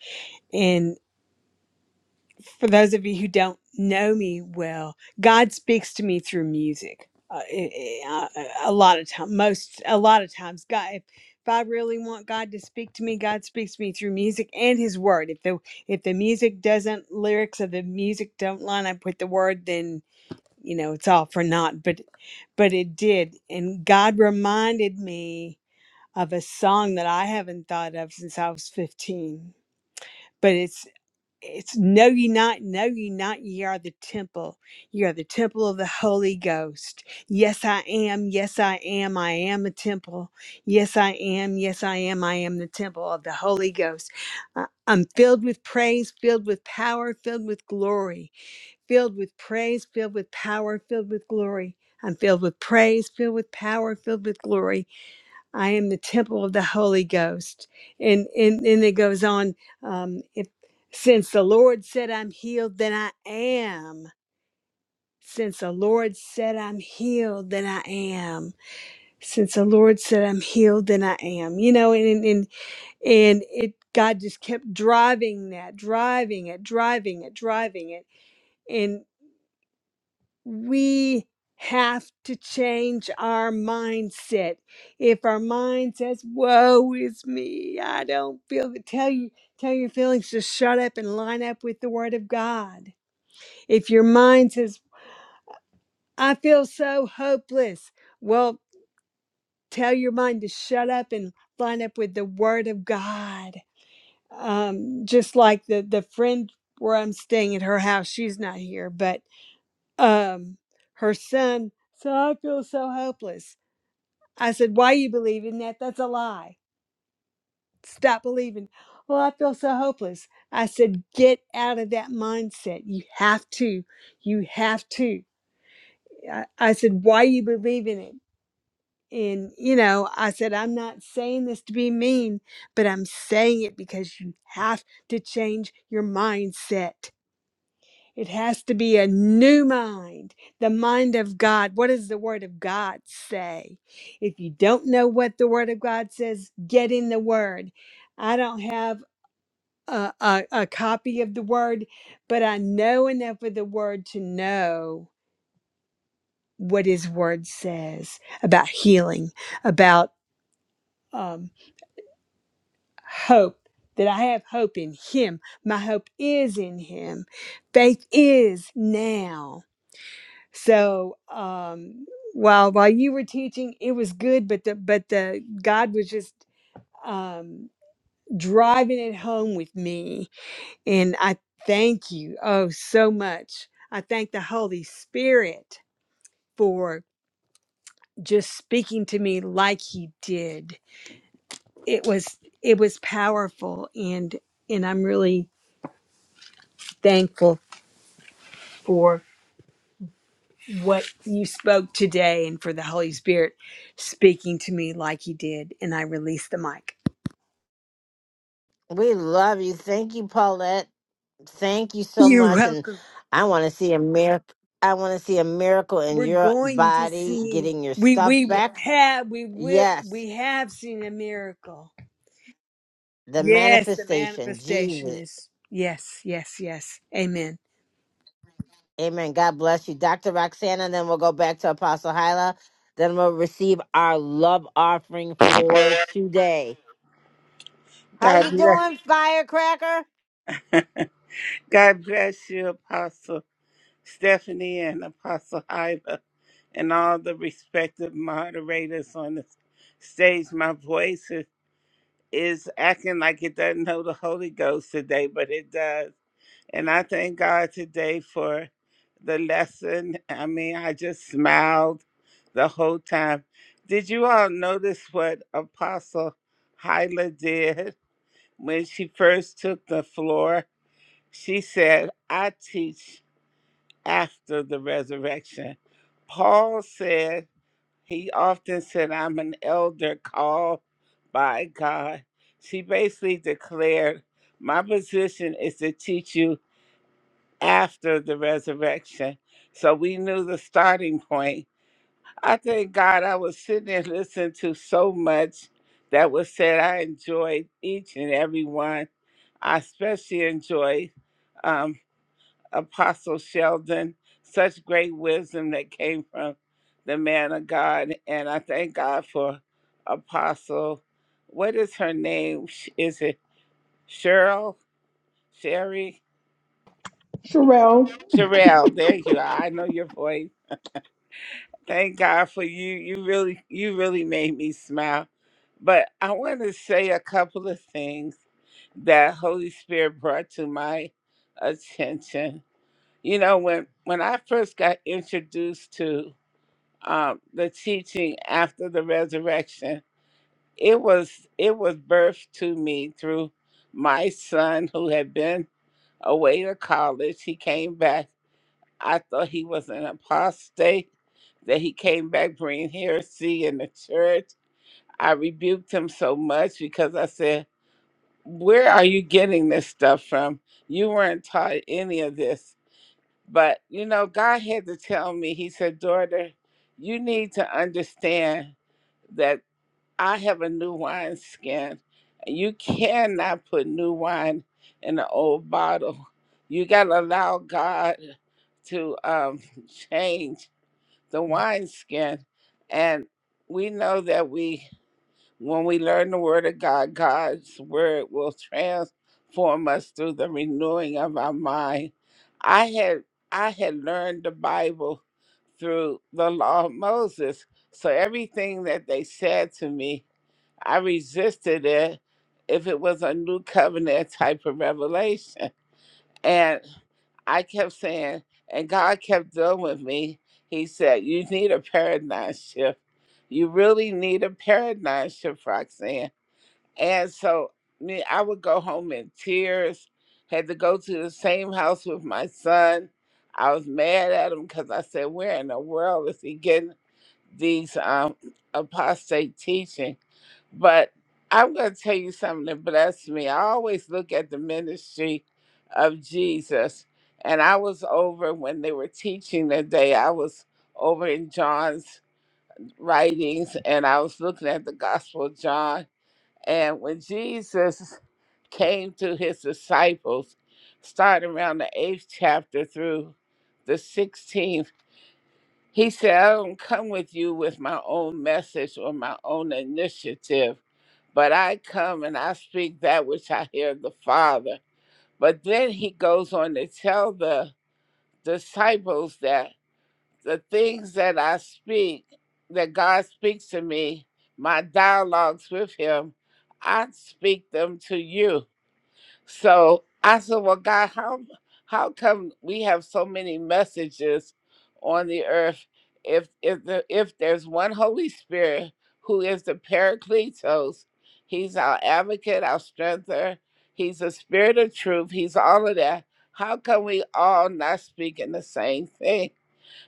[SPEAKER 9] for those of you who don't know me well, God speaks to me through music. Uh, i- i- uh, a lot of time, most a lot of times, God. If, if I really want God to speak to me, God speaks to me through music and His Word. If the if the music doesn't, lyrics of the music don't line up with the Word, then you know it's all for naught. But but it did, and God reminded me of a song that I haven't thought of since I was fifteen. But it's it's know ye not, know ye not, ye are the temple. Ye are the temple of the Holy Ghost. Yes, I am. Yes, I am. I am a temple. Yes, I am. Yes, I am. I am the temple of the Holy Ghost. Uh, I'm filled with praise, filled with power, filled with glory, filled with praise, filled with power, filled with glory. I'm filled with praise, filled with power, filled with glory. I am the temple of the Holy Ghost. And and then it goes on, um, if since the Lord said I'm healed, then I am. Since the Lord said I'm healed, then I am. Since the Lord said I'm healed, then I am. You know, and and and it God just kept driving that, driving it, driving it, driving it. we have to change our mindset. If our mind says, "Woe is me," I don't feel. it," Tell you, tell your feelings to shut up and line up with the Word of God. If your mind says, "I feel so hopeless," well, tell your mind to shut up and line up with the Word of God. Um, just like the the friend where I'm staying at her house, she's not here, but um, her son. So I feel so hopeless I said, Why you believe in that? That's a lie. Stop believing. Well, I feel so hopeless. I said, Get out of that mindset. You have to. You have to. I, I said, Why you believe in it? And, you know, I said, I'm not saying this to be mean, but I'm saying it because you have to change your mindset. It has to be a new mind, the mind of God. What does the Word of God say? If you don't know what the Word of God says, get in the Word. I don't have a, a, a copy of the Word, but I know enough of the Word to know what His Word says about healing, about um, hope, that I have hope in Him. My hope is in Him. Faith is now So um, while while you were teaching, it was good, but the but the God was just um, driving it home with me, and I thank you oh so much. I thank the Holy Spirit for just speaking to me like He did. It was it was powerful, and and I'm really thankful for what you spoke today and for the Holy Spirit speaking to me like He did. And I released the mic.
[SPEAKER 1] We love you. Thank you, Paulette. Thank you so
[SPEAKER 9] You're
[SPEAKER 1] much. And
[SPEAKER 9] welcome.
[SPEAKER 1] I want to see a miracle. I want to see a miracle in
[SPEAKER 9] We're
[SPEAKER 1] your
[SPEAKER 9] going to
[SPEAKER 1] body
[SPEAKER 9] see.
[SPEAKER 1] getting your
[SPEAKER 9] We
[SPEAKER 1] stuff
[SPEAKER 9] we
[SPEAKER 1] back.
[SPEAKER 9] have we will
[SPEAKER 1] Yes,
[SPEAKER 9] we have seen a miracle.
[SPEAKER 1] the
[SPEAKER 9] Yes, the
[SPEAKER 1] manifestation.
[SPEAKER 9] manifestation
[SPEAKER 1] Jesus.
[SPEAKER 9] is yes, yes, yes. Amen.
[SPEAKER 1] Amen. God bless you, Dr. Roxana. Then we'll go back to Apostle Hyla. Then we'll receive our love offering for today. How
[SPEAKER 10] God
[SPEAKER 1] you
[SPEAKER 10] bless,
[SPEAKER 1] doing, firecracker?
[SPEAKER 10] God bless you, Apostle Stephanie and Apostle Iva, and all the respective moderators on the stage. My voice is, is acting like it doesn't know the Holy Ghost today, but it does. And I thank God today for the lesson. I mean, I just smiled the whole time. Did you all notice what Apostle Hyla did when she first took the floor? She said, I teach after the resurrection. Paul said, he often said, I'm an elder called by God. She basically declared, My position is to teach you after the resurrection. So we knew the starting point. I thank God I was sitting there listening to so much that was said. I enjoyed each and every one. I especially enjoyed. um, Apostle Sheldon, such great wisdom that came from the man of God. And I thank God for Apostle. What is her name? Sh- Is it Cheryl? Sherry?
[SPEAKER 3] Sherelle,
[SPEAKER 10] Sherelle, there you are. I know your voice. Thank God for you. You really, you really made me smile. But I want to say a couple of things that Holy Spirit brought to my attention. You know, when when I first got introduced to uh, the teaching after the resurrection. It was it was birthed to me through my son who had been away to college. He came back. I thought he was an apostate. That he came back bringing heresy in the church. I rebuked him so much because I said, "Where are you getting this stuff from? You weren't taught any of this." But you know, God had to tell me. He said, "Daughter, you need to understand." that." I have a new wine skin. You cannot put new wine in an old bottle. You got to allow God to um, change the wine skin. And we know that we, when we learn the word of God, God's word will transform us through the renewing of our mind. I had I had learned the Bible through the law of Moses. So everything that they said to me I resisted it if it was a new covenant type of revelation. And I kept saying, and God kept dealing with me. He said, You need a paradigm shift. You really need a paradigm shift, Roxanne. And so me, I would go home in tears, had to go to the same house with my son. I was mad at him because I said, Where in the world is he getting? these um, apostate teaching. But I'm going to tell you something that blessed me. I always look at the ministry of Jesus. And I was over when they were teaching that day. I was over in John's writings and I was looking at the Gospel of John. And when Jesus came to his disciples, starting around the eighth chapter through the 16th, he said, I don't come with you with my own message or my own initiative, but I come and I speak that which I hear the Father. But then he goes on to tell the disciples that the things that I speak, that God speaks to me, my dialogues with him, I speak them to you. So I said, Well, God, how how come we have so many messages on the earth if if the, if there's one Holy Spirit who is the Paracletos, he's our advocate, our strengther, he's the spirit of truth, he's all of that. How come we all not speaking the same thing?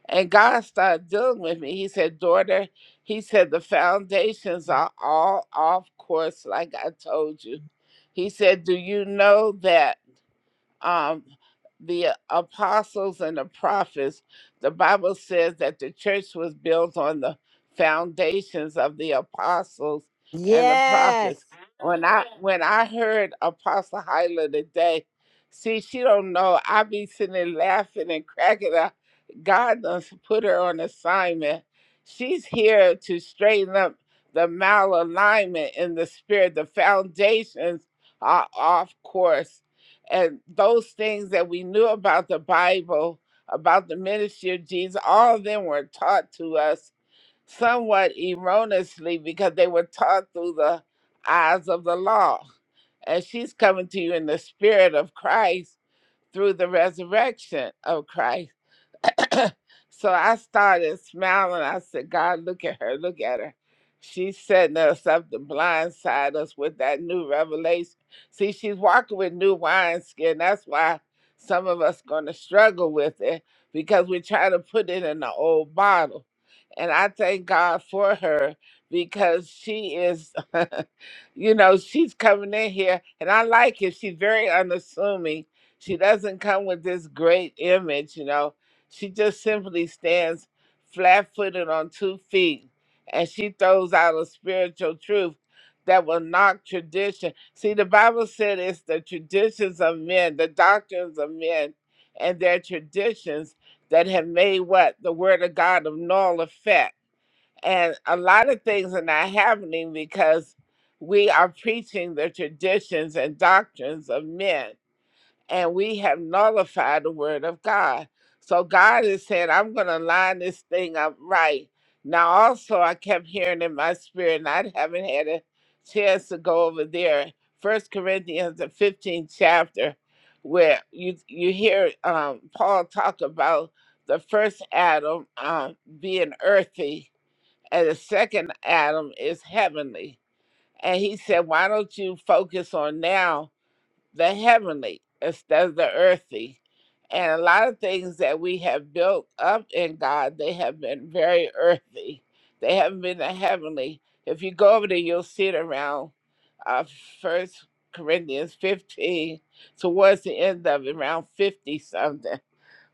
[SPEAKER 10] And God started dealing with me. He said, Daughter, he said, the foundations are all off course, like I told you. He said, Do you know that? um, the apostles and the prophets, the Bible says that the church was built on the foundations of the apostles and the
[SPEAKER 1] Yes.
[SPEAKER 10] prophets. When I when I heard Apostle Hyla today, see, she don't know. I be sitting there laughing and cracking up. God does put her on assignment. She's here to straighten up the malalignment in the spirit. The foundations are off course and those things that we knew about the Bible, about the ministry of Jesus, all of them were taught to us somewhat erroneously because they were taught through the eyes of the law. And she's coming to you in the spirit of Christ through the resurrection of Christ. so I started smiling. I said, God, look at her, look at her. She's setting us up to blindside us with that new revelation. See, she's walking with new wineskin. That's why some of us gonna struggle with it because we try to put it in the old bottle. And I thank God for her because she is, you know, she's coming in here and I like it. She's very unassuming. She doesn't come with this great image, you know she just simply stands flat footed on two feet and she throws out a spiritual truth that will knock tradition. See, the Bible said it's the traditions of men, the doctrines of men, and their traditions that have made what? The Word of God of null effect. And a lot of things are not happening because we are preaching the traditions and doctrines of men and we have nullified the word of God. So God is saying, I'm going to line this thing up right. Now, also, I kept hearing in my spirit, and I haven't had a chance to go over there. First Corinthians, the 15th chapter, where you you hear um, Paul talk about the first Adam um, being earthy, and the second Adam is heavenly. And he said, Why don't you focus on now? the heavenly instead of the earthy. And a lot of things that we have built up in God, they have been very earthy. They haven't been the heavenly. If you go over there, you'll see it around uh, 1 Corinthians 15, towards the end of it, around 50 something.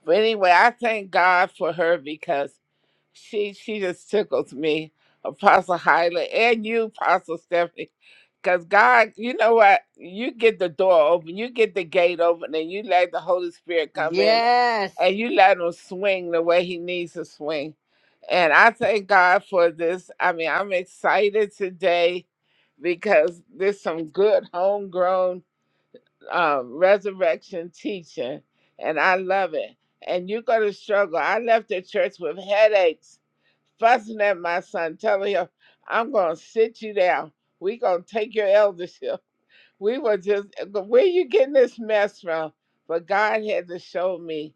[SPEAKER 10] But anyway, I thank God for her because she she just tickles me, Apostle Hyla, and you, Apostle Stephanie, because God, you know what? You get the door open, you get the gate open, and you let the Holy Spirit come in, and
[SPEAKER 1] Yes,
[SPEAKER 10] you let him swing the way he needs to swing. And I thank God for this. I mean, I'm excited today because there's some good homegrown um, resurrection teaching, and I love it. And you're going to struggle. I left the church with headaches fussing at my son, telling him, I'm going to sit you down. we going to take your eldership we were just where you getting this mess from but god had to show me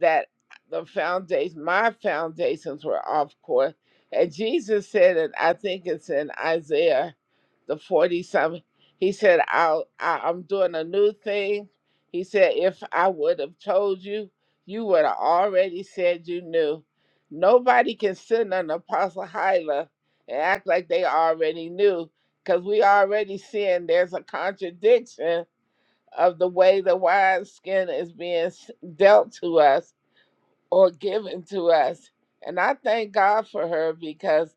[SPEAKER 10] that the foundation my foundations were off course and jesus said and i think it's in isaiah the 40 something he said I'll, I, i'm doing a new thing he said if i would have told you you would have already said you knew nobody can send an apostle hyla and act like they already knew because we already seeing there's a contradiction of the way the wine skin is being s- dealt to us or given to us. And I thank God for her because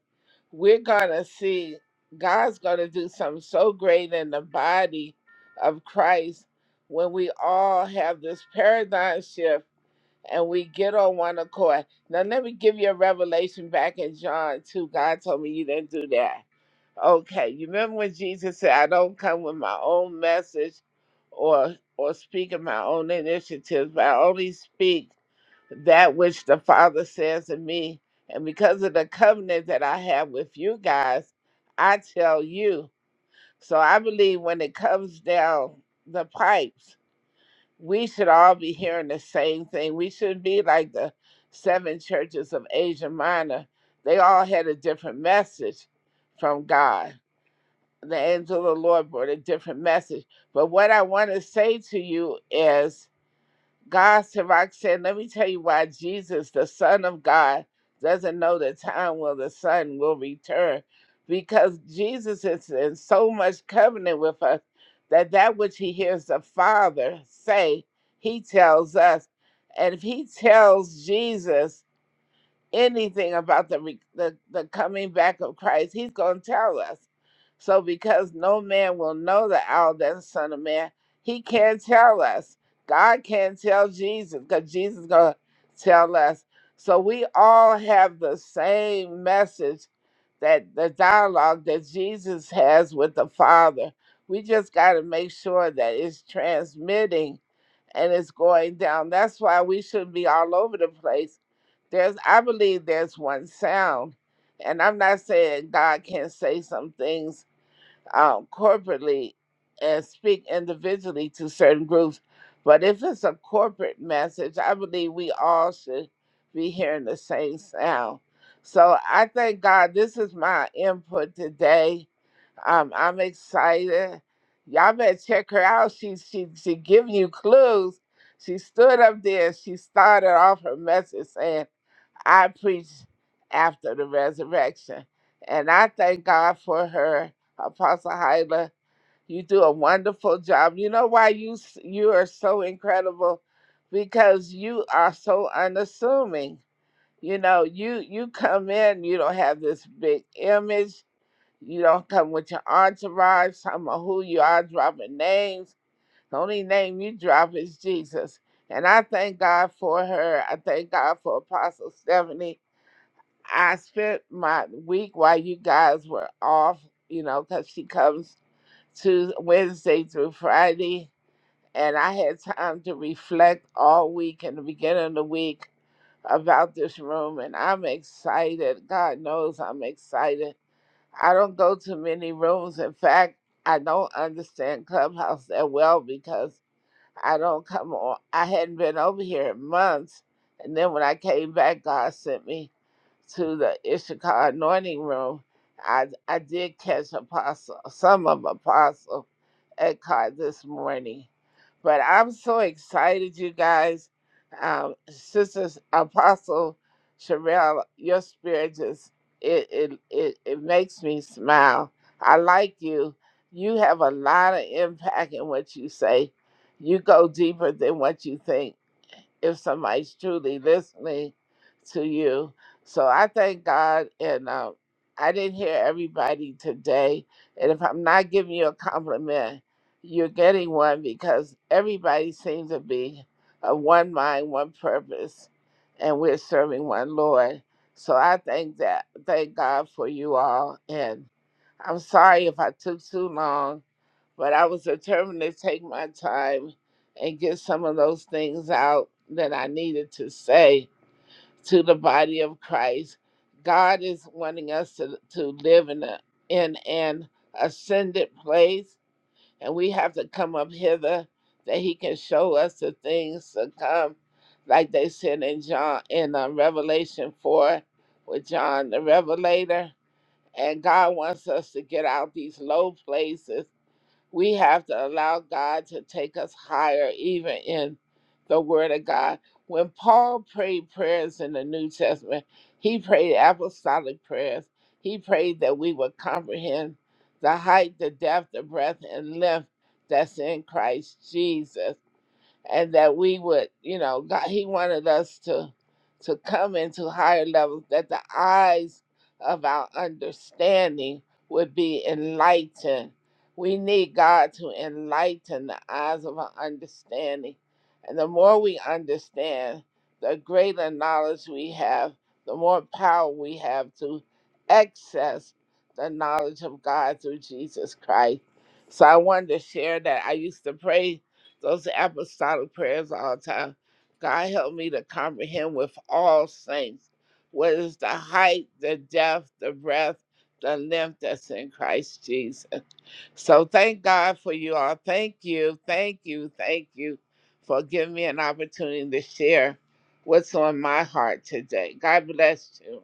[SPEAKER 10] we're going to see God's going to do something so great in the body of Christ when we all have this paradigm shift and we get on one accord. Now, let me give you a revelation back in John 2. God told me you didn't do that Okay, you remember when Jesus said, "I don't come with my own message, or or speak of my own initiatives, but I only speak that which the Father says to me." And because of the covenant that I have with you guys, I tell you. So I believe when it comes down the pipes, we should all be hearing the same thing. We should be like the seven churches of Asia Minor. They all had a different message from God the angel of the Lord brought a different message. But what I want to say to you is, God, Sirach said, let me tell you why Jesus, the Son of God, doesn't know the time when the Son will return. Because Jesus is in so much covenant with us that that which he hears the Father say, he tells us. And if he tells Jesus, anything about the, re- the the coming back of Christ, he's going to tell us. So because no man will know the hour that the Son of Man, he can't tell us. God can't tell Jesus because Jesus is going to tell us. So we all have the same message that the dialogue that Jesus has with the Father. We just got to make sure that it's transmitting and it's going down. That's why we shouldn't be all over the place there's, I believe there's one sound. And I'm not saying God can't say some things um, corporately and speak individually to certain groups. But if it's a corporate message, I believe we all should be hearing the same sound. So I thank God this is my input today. Um, I'm excited. Y'all better check her out. She she she giving you clues. She stood up there. She started off her message saying, I preach after the resurrection. And I thank God for her, Apostle Hyla. You do a wonderful job. You know why you s- you are so incredible? Because you are so unassuming. You know, you you come in, you don't have this big image. You don't come with your entourage, some of who you are dropping names. The only name you drop is Jesus. And I thank God for her. I thank God for Apostle Stephanie. I spent my week while you guys were off, you know, because she comes to Wednesday through Friday, and I had time to reflect all week and the beginning of the week about this room, and I'm excited. God knows I'm excited. I don't go to many rooms. In fact, I don't understand Clubhouse that well because I don't come on. I hadn't been over here in months. And then when I came back, God sent me to the Ishakar anointing room. I, I did catch apostle, some of apostle at this morning. But I'm so excited, you guys. Um, sisters, Apostle Sherelle, your spirit just, it, it, it, it makes me smile. I like you. You have a lot of impact in what you say you go deeper than what you think if somebody's truly listening to you. So I thank God, and um, I didn't hear everybody today. And if I'm not giving you a compliment, you're getting one because everybody seems to be of one mind, one purpose, and we're serving one Lord. So I thank that, thank God for you all, and I'm sorry if I took too long but I was determined to take my time and get some of those things out that I needed to say to the body of Christ. God is wanting us to, to live in, a, in an ascended place, and we have to come up hither that He can show us the things to come, like they said in John in uh, Revelation four with John the Revelator. And God wants us to get out these low places we have to allow God to take us higher, even in the Word of God. When Paul prayed prayers in the New Testament, he prayed apostolic prayers. He prayed that we would comprehend the height, the depth, the breadth, and length that's in Christ Jesus and that we would, you know, God, He wanted us to to come into higher levels, that the eyes of our understanding would be enlightened. We need God to enlighten the eyes of our understanding. And the more we understand, the greater knowledge we have, the more power we have to access the knowledge of God through Jesus Christ. So I wanted to share that. I used to pray those apostolic prayers all the time. God help me to comprehend with all saints what is the height, the depth, the breadth, the length that's in Christ Jesus. So thank God for you all. Thank you, thank you, thank you for giving me an opportunity to share what's on my heart today. God bless you.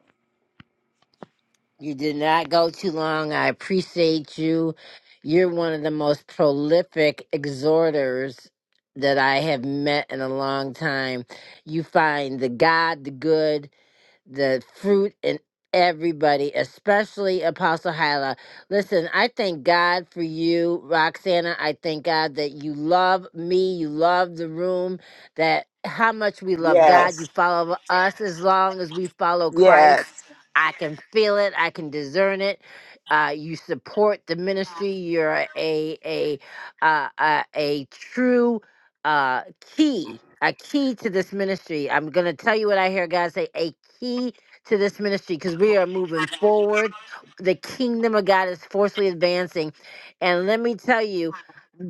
[SPEAKER 1] you did not go too long. I appreciate you. You're one of the most prolific exhorters that I have met in a long time. You find the God, the good, the fruit in everybody, especially Apostle Hyla. Listen, I thank God for you, Roxana. I thank God that you love me, you love the room, that how much we love God. You
[SPEAKER 10] Yes.
[SPEAKER 1] follow us as long as we follow Christ.
[SPEAKER 10] Yes.
[SPEAKER 1] I can feel it. I can discern it. Uh, you support the ministry. You're a a uh, a a true uh key a key to this ministry i'm gonna tell you what i hear god say a key to this ministry because we are moving forward the kingdom of god is forcefully advancing and let me tell you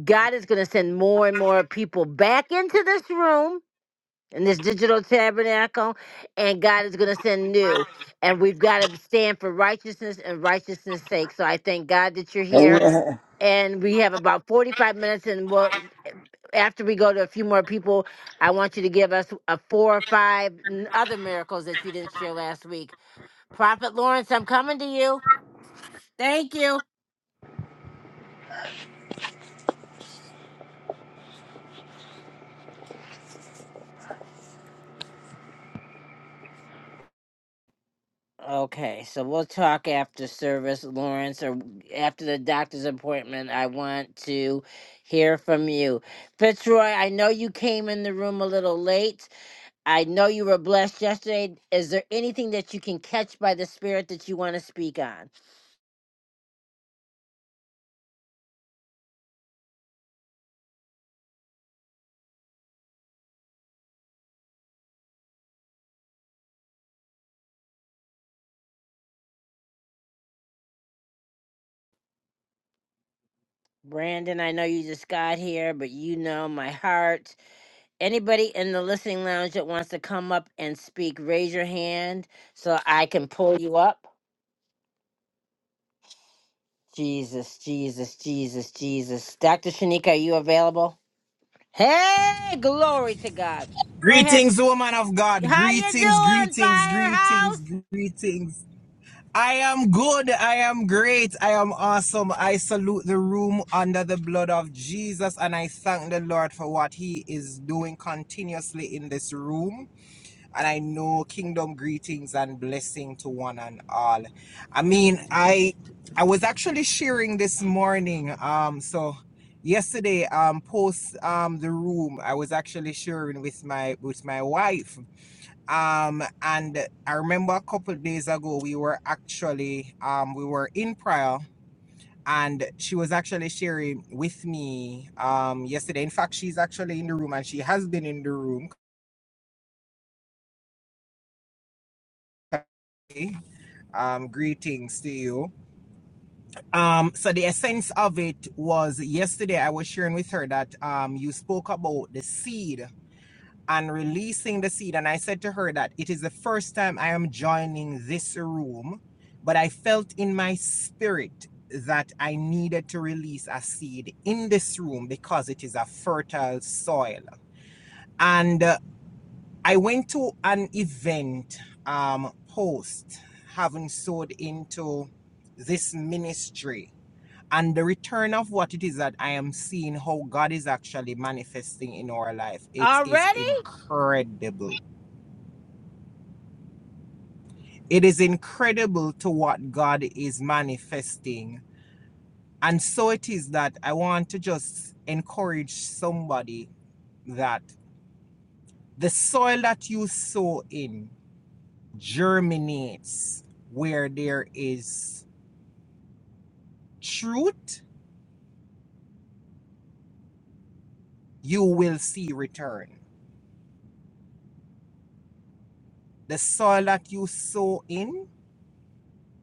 [SPEAKER 1] god is gonna send more and more people back into this room in this digital tabernacle, and God is going to send new. And we've got to stand for righteousness and righteousness' sake. So I thank God that you're here.
[SPEAKER 10] Amen.
[SPEAKER 1] And we have about 45 minutes, and we'll, after we go to a few more people, I want you to give us a four or five n- other miracles that you didn't share last week. Prophet Lawrence, I'm coming to you. Thank you. Okay, so we'll talk after service, Lawrence, or after the doctor's appointment. I want to hear from you. Fitzroy, I know you came in the room a little late. I know you were blessed yesterday. Is there anything that you can catch by the Spirit that you want to speak on? Brandon, I know you just got here, but you know my heart. Anybody in the listening lounge that wants to come up and speak, raise your hand so I can pull you up. Jesus, Jesus, Jesus, Jesus. Dr. Shanika, are you available? Hey, glory to God. Go ahead.
[SPEAKER 11] Greetings, woman of God.
[SPEAKER 1] How you
[SPEAKER 11] Greetings,
[SPEAKER 1] doing,
[SPEAKER 11] greetings,
[SPEAKER 1] Firehouse?
[SPEAKER 11] greetings, greetings. I am good. I am great. I am awesome. I salute the room under the blood of Jesus and I thank the Lord for what He is doing continuously in this room and I know kingdom greetings and blessing to one and all. I mean, I I was actually sharing this morning. Um, so yesterday, um, post um the room, I was actually sharing with my with my wife. Um, and I remember a couple of days ago we were actually um we were in prayer. And she was actually sharing with me um, yesterday. In fact, she's actually in the room and she has been in the room. Okay? Um, greetings to you Um, so the essence of it was yesterday I was sharing with her that um you spoke about the seed and releasing the seed, and I said to her that it is the first time I am joining this room, but I felt in my spirit that I needed to release a seed in this room because it is a fertile soil. And uh, I went to an event um post having sowed into this ministry and the return of what it is that I am seeing, how God is actually manifesting in our life, it is
[SPEAKER 1] Already?
[SPEAKER 11] incredible. It is incredible to what God is manifesting. And so it is that I want to just encourage somebody that the soil that you sow in germinates where there is truth, you will see return. The soil that you sow in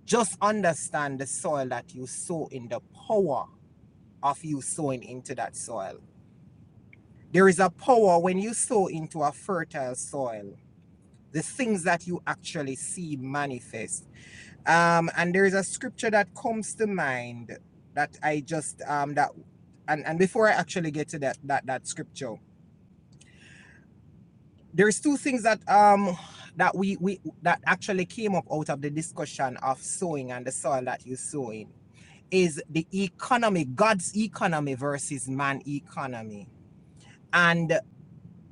[SPEAKER 11] Just understand the soil that you sow in, the power of you sowing into that soil. There is a power when you sow into a fertile soil, the things that you actually see manifest. Um, and there is a scripture that comes to mind that I just um that and, and before I actually get to that that that scripture, there's two things that um that we we that actually came up out of the discussion of sowing and the soil that you sow in. is the economy, God's economy versus man economy. And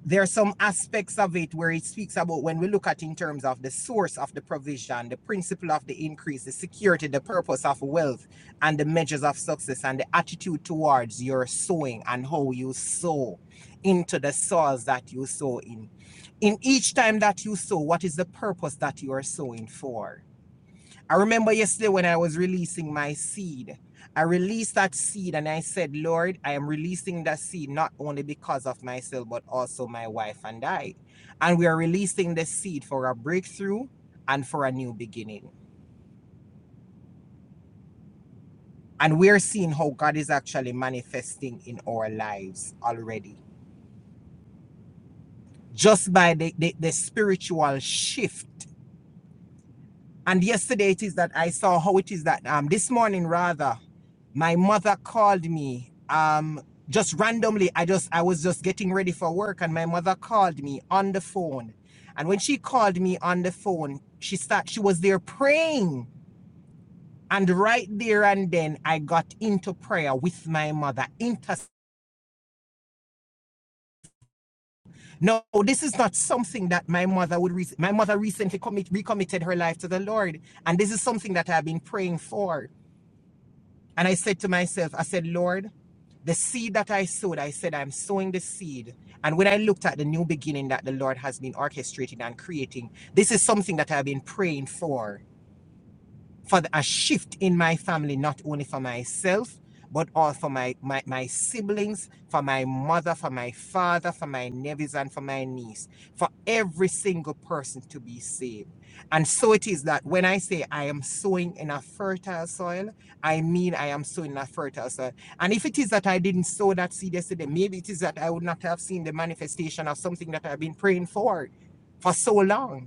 [SPEAKER 11] there are some aspects of it where it speaks about when we look at in terms of the source of the provision, the principle of the increase, the security, the purpose of wealth, and the measures of success, and the attitude towards your sowing and how you sow into the soils that you sow in. In each time that you sow, what is the purpose that you are sowing for? I remember yesterday when I was releasing my seed, I released that seed and I said, Lord, I am releasing that seed not only because of myself, but also my wife and I. And we are releasing the seed for a breakthrough and for a new beginning. And we're seeing how God is actually manifesting in our lives already, just by the, the, the spiritual shift. And yesterday it is that I saw how it is that um, this morning, rather, my mother called me um just randomly i just i was just getting ready for work and my mother called me on the phone and when she called me on the phone she start she was there praying and right there and then i got into prayer with my mother Inter- no this is not something that my mother would re- my mother recently commit recommitted her life to the lord and this is something that i've been praying for And I said to myself, I said, Lord, the seed that I sowed, I said, I'm sowing the seed. And when I looked at the new beginning that the Lord has been orchestrating and creating, this is something that I've been praying for for the- a shift in my family, not only for myself, but all for my, my, my siblings, for my mother, for my father, for my nephews, and for my niece, for every single person to be saved. And so it is that when I say I am sowing in a fertile soil, I mean I am sowing in a fertile soil. And if it is that I didn't sow that seed yesterday, maybe it is that I would not have seen the manifestation of something that I've been praying for for so long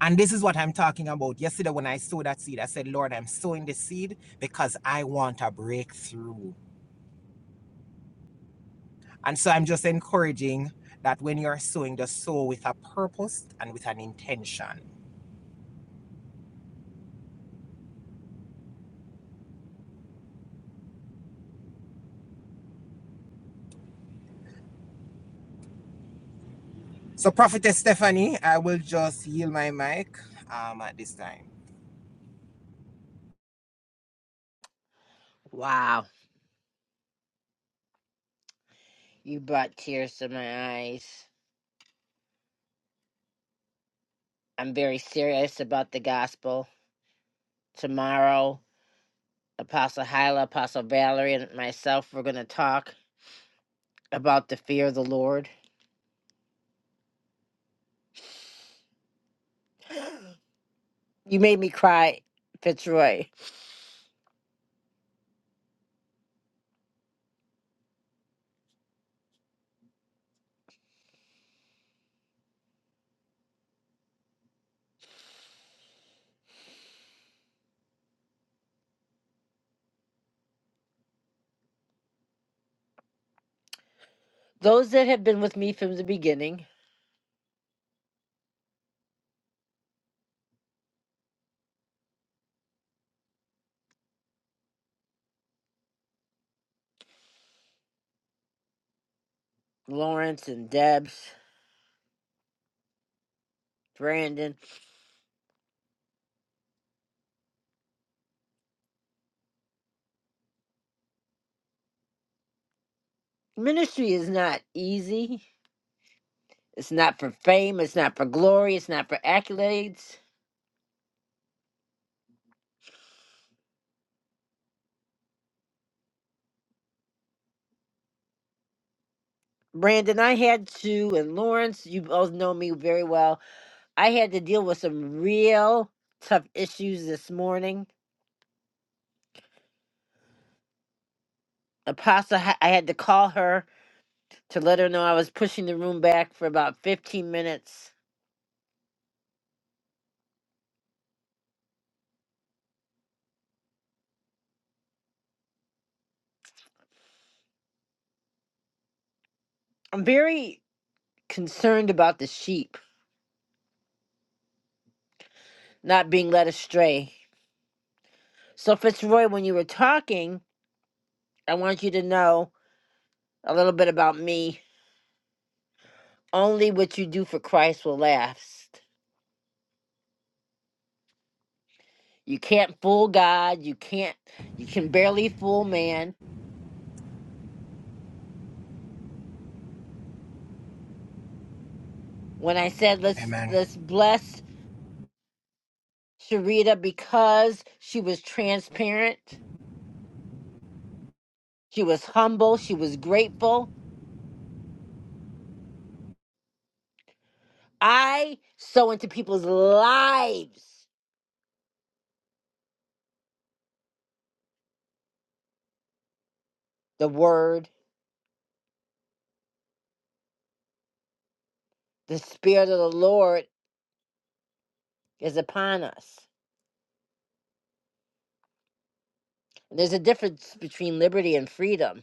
[SPEAKER 11] And this is what I'm talking about. Yesterday, when I sowed that seed, I said, Lord, I'm sowing this seed because I want a breakthrough. And so I'm just encouraging that when you're sowing, just sow with a purpose and with an intention. So, Prophetess Stephanie, I will just yield my mic um, at this time.
[SPEAKER 1] Wow. You brought tears to my eyes. I'm very serious about the gospel. Tomorrow, Apostle Hyla, Apostle Valerie, and myself, we're going to talk about the fear of the Lord. You made me cry, Fitzroy. Those that have been with me from the beginning, Lawrence and Debs. Brandon. Ministry is not easy. It's not for fame. It's not for glory. It's not for accolades. Brandon, I had to, and Lawrence, you both know me very well. I had to deal with some real tough issues this morning. Apostle, ha- I had to call her to let her know I was pushing the room back for about 15 minutes. I'm very concerned about the sheep not being led astray. So, Fitzroy, when you were talking, I want you to know a little bit about me only what you do for Christ will last. You can't fool God. You can't. You can barely fool man. When I said let's
[SPEAKER 11] Amen.
[SPEAKER 1] let's bless Sharita because she was transparent, she was humble, she was grateful. I sow into people's lives the word. The spirit of the Lord is upon us. there's a difference between liberty and freedom.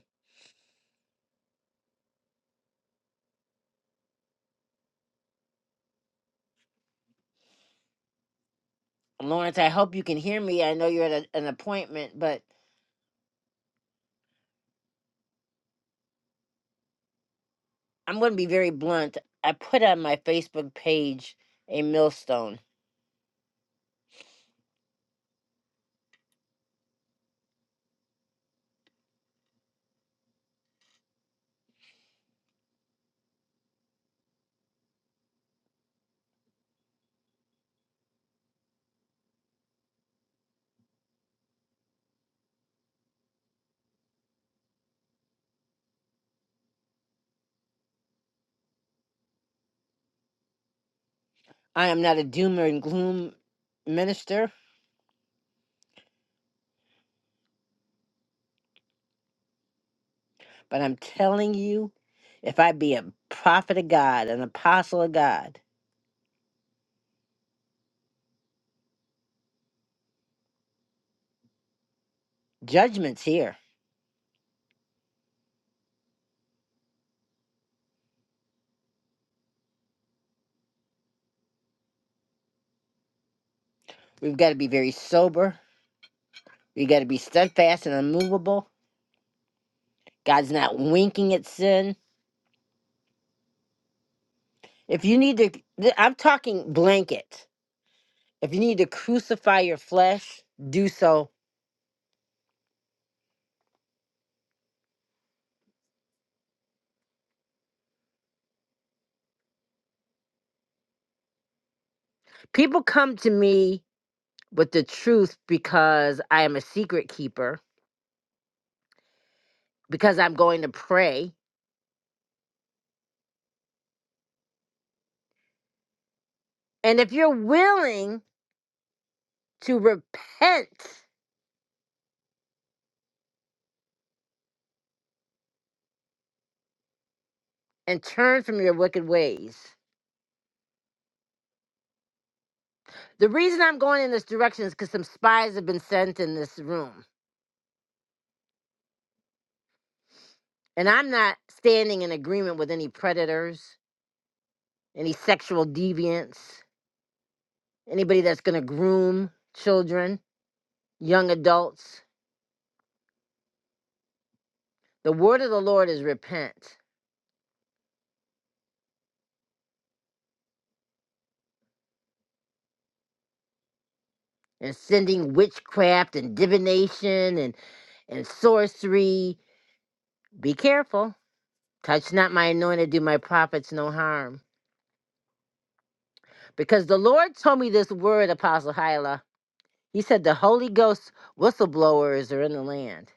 [SPEAKER 1] Lawrence, I hope you can hear me. I know you're at a, an appointment, but I'm going to be very blunt. I put on my Facebook page a millstone. I am not a doomer and gloom minister, but I'm telling you, if I be a prophet of God, an apostle of God, judgment's here. We've got to be very sober. we got to be steadfast and unmovable. God's not winking at sin. If you need to, th- I'm talking blanket. If you need to crucify your flesh, do so. People come to me with the truth because I am a secret keeper, because I'm going to pray. And if you're willing to repent and turn from your wicked ways, the reason I'm going in this direction is because some spies have been sent in this room. And I'm not standing in agreement with any predators, any sexual deviants, anybody that's going to groom children, young adults. The word of the Lord is repent and sending witchcraft and divination and and sorcery. Be careful. Touch not my anointed, do my prophets no harm. Because the Lord told me this word, Apostle Hyla. He said the Holy Ghost whistleblowers are in the land.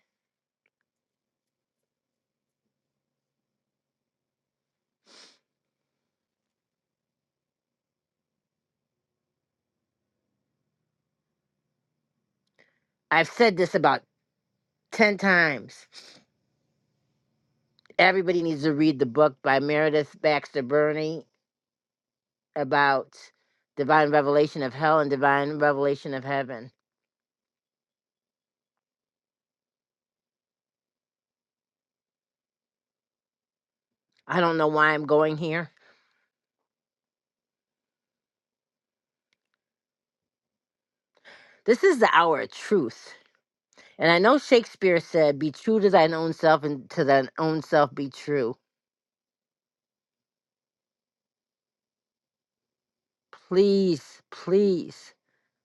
[SPEAKER 1] I've said this about 10 times. Everybody needs to read the book by Meredith Baxter Burney about divine revelation of hell and divine revelation of heaven. I don't know why I'm going here. This is the hour of truth. And I know Shakespeare said, Be true to thine own self, and to thine own self be true. Please, please,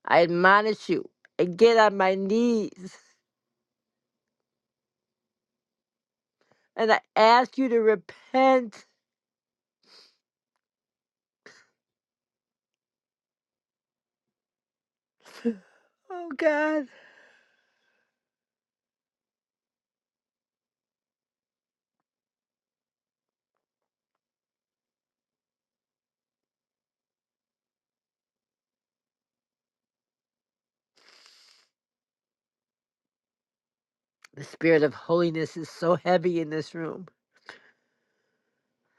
[SPEAKER 1] I admonish you, I get on my knees, and I ask you to repent. Oh God. The spirit of holiness is so heavy in this room.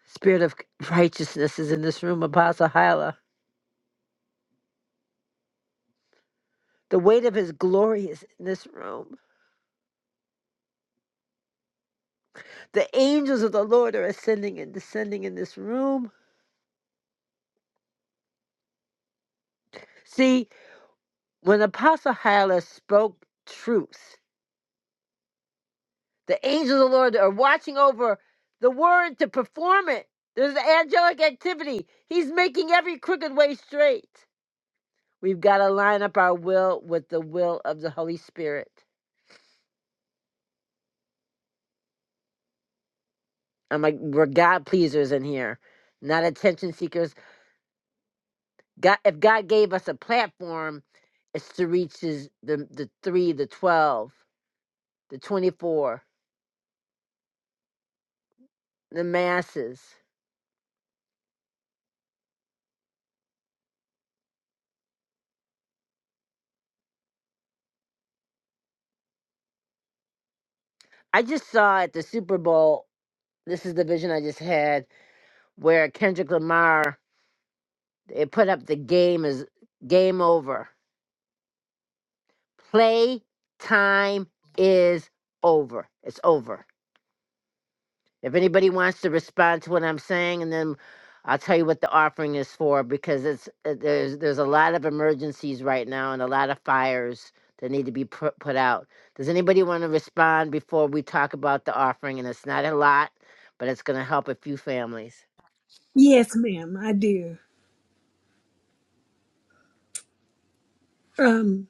[SPEAKER 1] Spirit of righteousness is in this room, Apostle Hyla. The weight of his glory is in this room. The angels of the Lord are ascending and descending in this room. See, when Apostle Hyla spoke truth. The angels of the Lord are watching over the word to perform it. There's angelic activity. He's making every crooked way straight. We've got to line up our will with the will of the Holy Spirit. I'm like, we're God pleasers in here, not attention seekers. God, if God gave us a platform, it's to reach his, the, the three, the 12, the 24, the masses. I just saw at the Super Bowl, this is the vision I just had, where Kendrick Lamar It put up the game is game over. Play time is over. It's over. If anybody wants to respond to what I'm saying, and then I'll tell you what the offering is for because it's uh, there's there's a lot of emergencies right now and a lot of fires that need to be put put out. Does anybody want to respond before we talk about the offering? And it's not a lot, but it's going to help a few families.
[SPEAKER 9] Yes, ma'am, I do. Um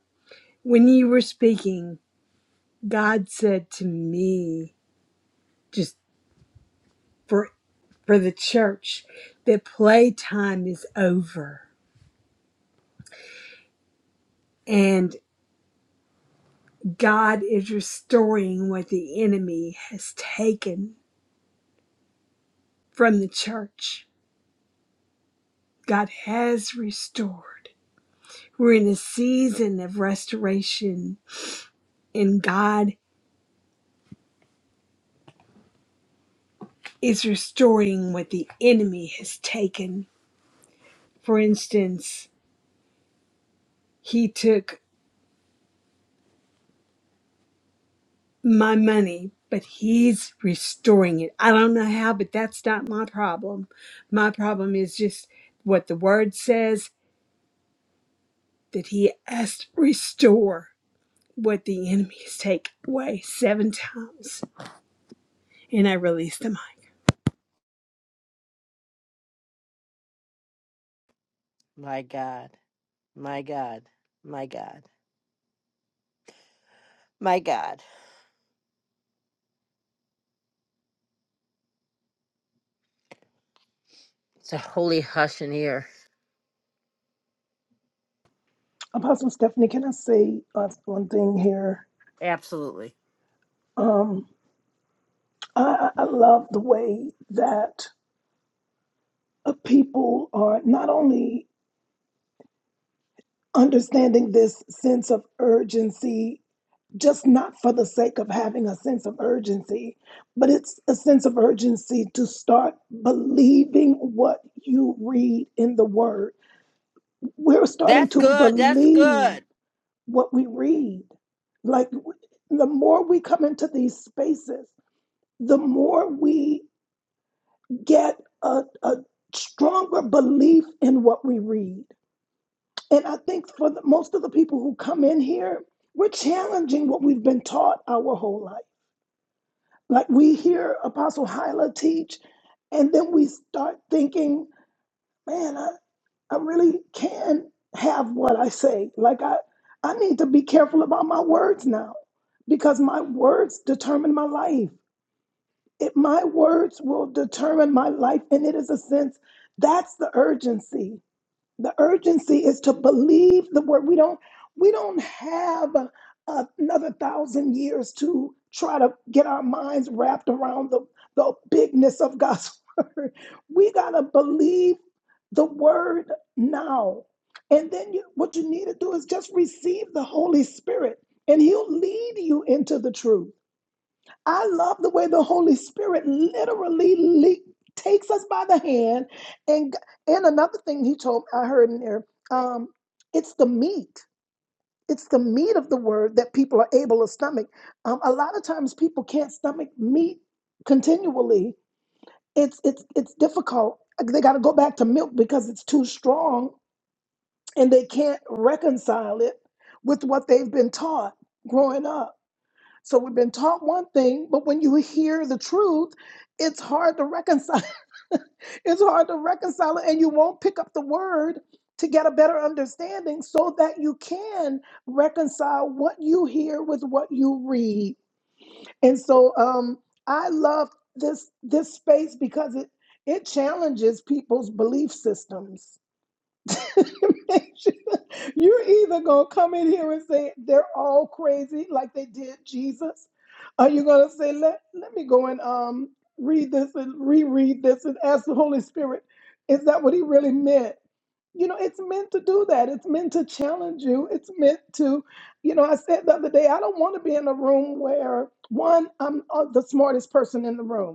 [SPEAKER 9] when you were speaking, God said to me just for for the church that playtime is over and God is restoring what the enemy has taken from the church God has restored. We're in a season of restoration, and God is restoring what the enemy has taken. For instance, he took my money, but he's restoring it. I don't know how, but that's not my problem. My problem is just what the word says that he has to restore what the enemy has taken away seven times. And I release the mic.
[SPEAKER 1] My God. My God. My God. My God. It's a holy hush in here.
[SPEAKER 3] Apostle Stephanie, can I say uh, one thing here?
[SPEAKER 1] Absolutely.
[SPEAKER 3] Um, I, I I love the way that uh, people are not only understanding this sense of urgency just not for the sake of having a sense of urgency, but it's a sense of urgency to start believing what you read in the Word. We're starting
[SPEAKER 1] That's
[SPEAKER 3] to
[SPEAKER 1] good. That's
[SPEAKER 3] believe
[SPEAKER 1] good.
[SPEAKER 3] what we read. Like the more we come into these spaces, the more we get a, a stronger belief in what we read. And I think for the, most of the people who come in here, we're challenging what we've been taught our whole life Like we hear Apostle Hyla teach, and then we start thinking, man, I, I really can have what I say. Like I, I need to be careful about my words now because my words determine my life. It, my words will determine my life. And it is a sense that's the urgency the urgency is to believe the word we don't we don't have uh, another thousand years to try to get our minds wrapped around the, the bigness of god's word we got to believe the word now and then you, what you need to do is just receive the holy spirit and he'll lead you into the truth I love the way the Holy Spirit literally le- takes us by the hand. And and another thing he told I heard in there, um, it's the meat. It's the meat of the word that people are able to stomach. Um, a lot of times people can't stomach meat continually. It's it's it's difficult. They got to go back to milk because it's too strong, and they can't reconcile it with what they've been taught growing up. So we've been taught one thing, but when you hear the truth, it's hard to reconcile. it's hard to reconcile it, and you won't pick up the word to get a better understanding so that you can reconcile what you hear with what you read. And so um I love this this space because it it challenges people's belief systems You're either going to come in here and say they're all crazy like they did Jesus, or you're going to say, let, let me go and um, read this and reread this and ask the Holy Spirit, is that what he really meant? You know, it's meant to do that. It's meant to challenge you. It's meant to, you know, I said the other day, I don't want to be in a room where one, I'm uh, the smartest person in the room.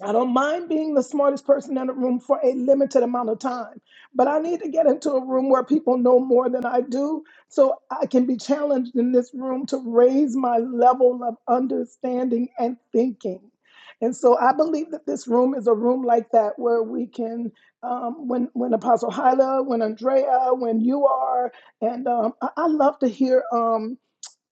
[SPEAKER 3] I don't mind being the smartest person in a room for a limited amount of time, but I need to get into a room where people know more than I do so I can be challenged in this room to raise my level of understanding and thinking. And so I believe that this room is a room like that where we can, um, when when Apostle Hyla, when Andrea, when you are, and um, I, I love to hear. Um,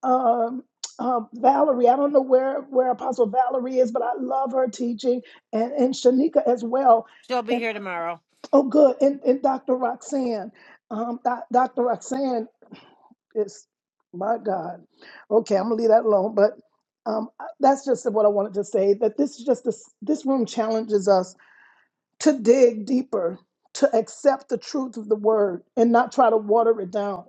[SPEAKER 3] um, um, Valerie. I don't know where where Apostle Valerie is, but I love her teaching and and Shanika as well.
[SPEAKER 1] She'll be
[SPEAKER 3] And
[SPEAKER 1] here tomorrow.
[SPEAKER 3] oh, good. And and Dr. Roxanne, um, doc- Dr. Roxanne is my God. Okay, I'm gonna leave that alone. But um, I- that's just what I wanted to say. That this is just this this room challenges us to dig deeper, to accept the truth of the word, and not try to water it down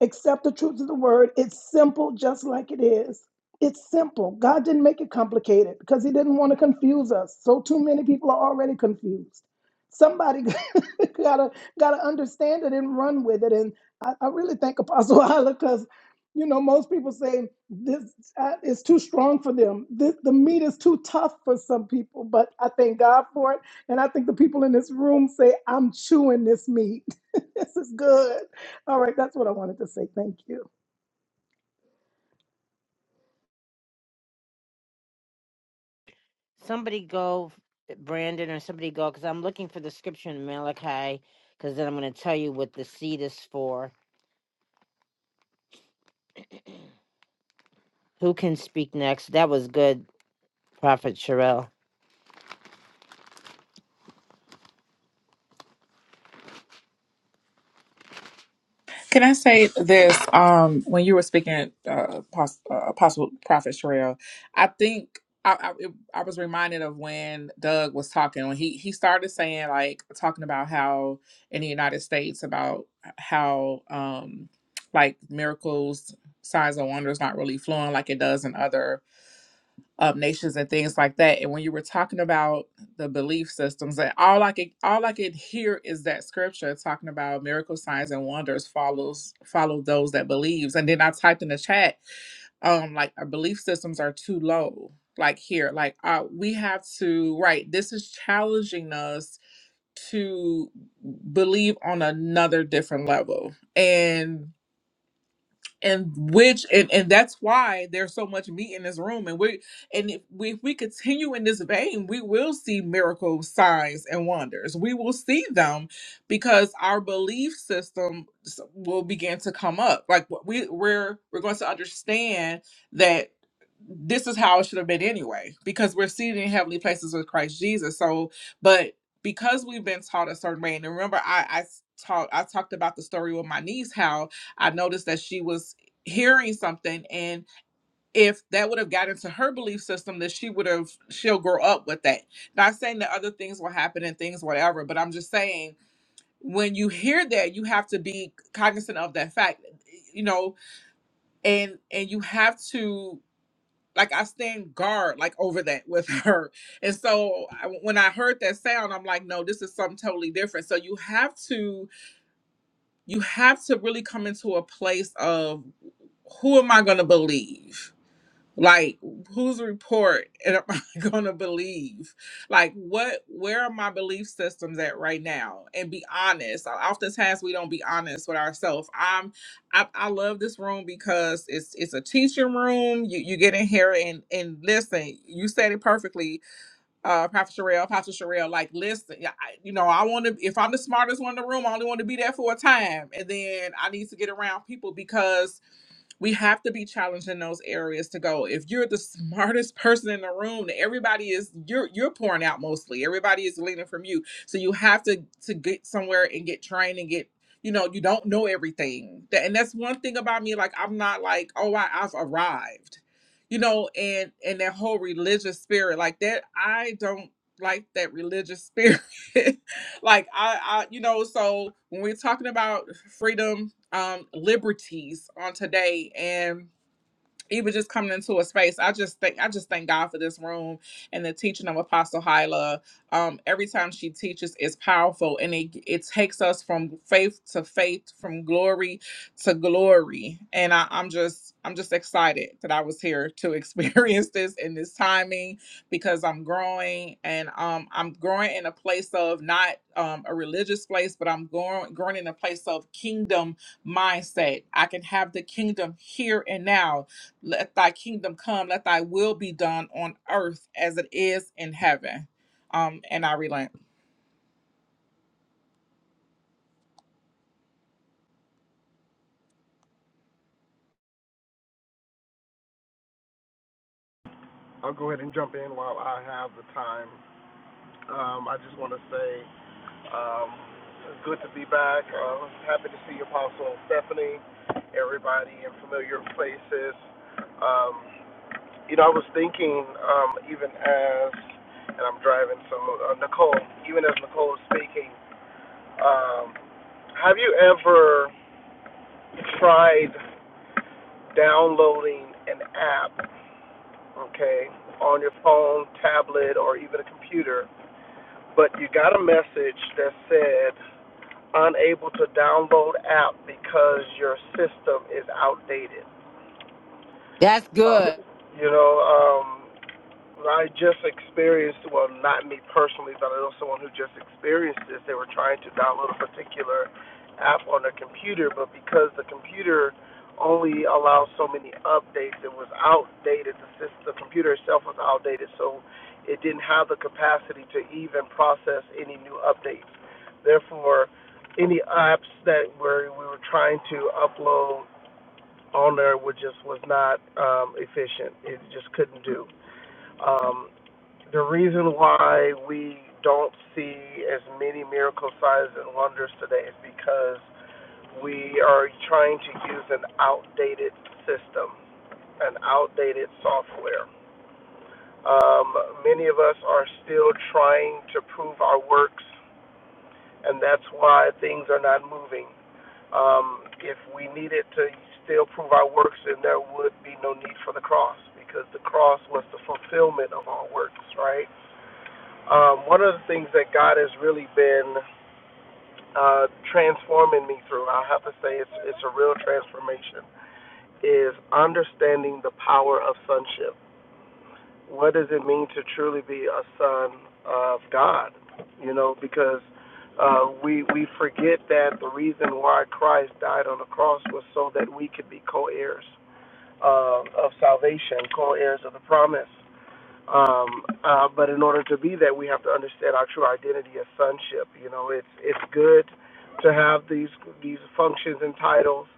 [SPEAKER 3] Accept the truth of the word. It's simple, just like it is. It's simple. God didn't make it complicated because He didn't want to confuse us. So too many people are already confused. Somebody gotta gotta understand it and run with it. And I, I really thank Apostle Isla because you know most people say this uh, is too strong for them. This, the meat is too tough for some people. But I thank God for it, and I think the people in this room say I'm chewing this meat. this is good all right, that's what I wanted to say. Thank you.
[SPEAKER 1] Somebody go, Brandon, or somebody go, because I'm looking for the scripture in Malachi, because then I'm going to tell you what the seed is for. Who can speak next? That was good, Prophet Sherelle.
[SPEAKER 4] Can I say this? Um, when you were speaking, uh, Pos- uh, Apostle Prophet Sherelle, I think I, I it- I was reminded of when Doug was talking when he he started saying like talking about how in the United States about how um like miracles, signs and wonders not really flowing like it does in other um, nations and things like that. And when you were talking about the belief systems, that all I could all I could hear is that scripture talking about miracle signs and wonders follows follow those that believes. And then I typed in the chat, um, like our belief systems are too low. Like here, like uh, we have to right. This is challenging us to believe on another different level and and which and, and that's why there's so much meat in this room and we and if we, if we continue in this vein we will see miracles signs and wonders we will see them because our belief system s- will begin to come up like what we we're we're going to understand that this is how it should have been anyway because we're seated in heavenly places with christ jesus so but because we've been taught a certain way and remember i i s- taught i talked about the story with my niece how I noticed that she was hearing something and if that would have got into her belief system that she would have she'll grow up with that not saying that other things will happen and things whatever but i'm just saying when you hear that you have to be cognizant of that fact you know and and you have to like i stand guard like over that with her and so I, when i heard that sound i'm like no this is something totally different so you have to you have to really come into a place of who am i going to believe like whose report am i going to believe like what where are my belief systems at right now and be honest Uh, oftentimes we don't be honest with ourselves i'm i, I love this room because it's it's a teaching room you, you get in here and and listen you said it perfectly uh prophet Sherelle, prophet Sherelle, like listen yeah, I, you know i want to if i'm the smartest one in the room i only want to be there for a time and then i need to get around people because we have to be challenged in those areas to go if you're the smartest person in the room everybody is you're you're pouring out mostly everybody is leaning from you so you have to to get somewhere and get trained and get you know you don't know everything That- and that's one thing about me like i'm not like oh I, i've arrived you know and and that whole religious spirit like that i don't like that religious spirit like I, I you know so when we're talking about freedom um liberties on today and even just coming into a space i just think i just thank god for this room and the teaching of apostle hyla um every time she teaches is powerful and it it takes us from faith to faith from glory to glory and I, i'm just i'm just excited that i was here to experience this in this timing because i'm growing and um i'm growing in a place of not um a religious place but i'm growing growing in a place of kingdom mindset i can have the kingdom here and now let thy kingdom come, let thy will be done on earth as it is in heaven. Um, and I relent.
[SPEAKER 12] I'll go ahead and jump in while I have the time. Um, I just want to say um, it's good to be back. Uh, happy to see Apostle Stephanie, everybody in familiar places. Um, you know, I was thinking, um, even as, and I'm driving, so uh, Nicole, even as Nicole is speaking, um, have you ever tried downloading an app, okay, on your phone, tablet, or even a computer? but you got a message that said unable to download app because your system is outdated.
[SPEAKER 1] That's
[SPEAKER 12] Uh,
[SPEAKER 1] good.
[SPEAKER 12] you know, um, I just experienced, well, not me personally, but I know someone who just experienced this. They were trying to download a particular app on their computer, but because the computer only allows so many updates, it was outdated. The, system, the computer itself was outdated, so it didn't have the capacity to even process any new updates. Therefore, any apps that were we were trying to upload on there was just was not um, efficient. It just couldn't do. Um, the reason why we don't see as many miracle signs and wonders today is because we are trying to use an outdated system, an outdated software. Um, many of us are still trying to prove our works, and that's why things are not moving. Um, if we needed to still prove our works, then there would be no need for the cross, because the cross was the fulfillment of our works, right? Um, one of the things that God has really been uh, transforming me through, I have to say it's, it's a real transformation, is understanding the power of sonship. What does it mean to truly be a son of God? You know, because uh, we we forget that the reason why Christ died on the cross was so that we could be co-heirs uh, of salvation, co-heirs of the promise. Um, uh, but in order to be that, we have to understand our true identity as sonship. You know, it's it's good to have these these functions and titles,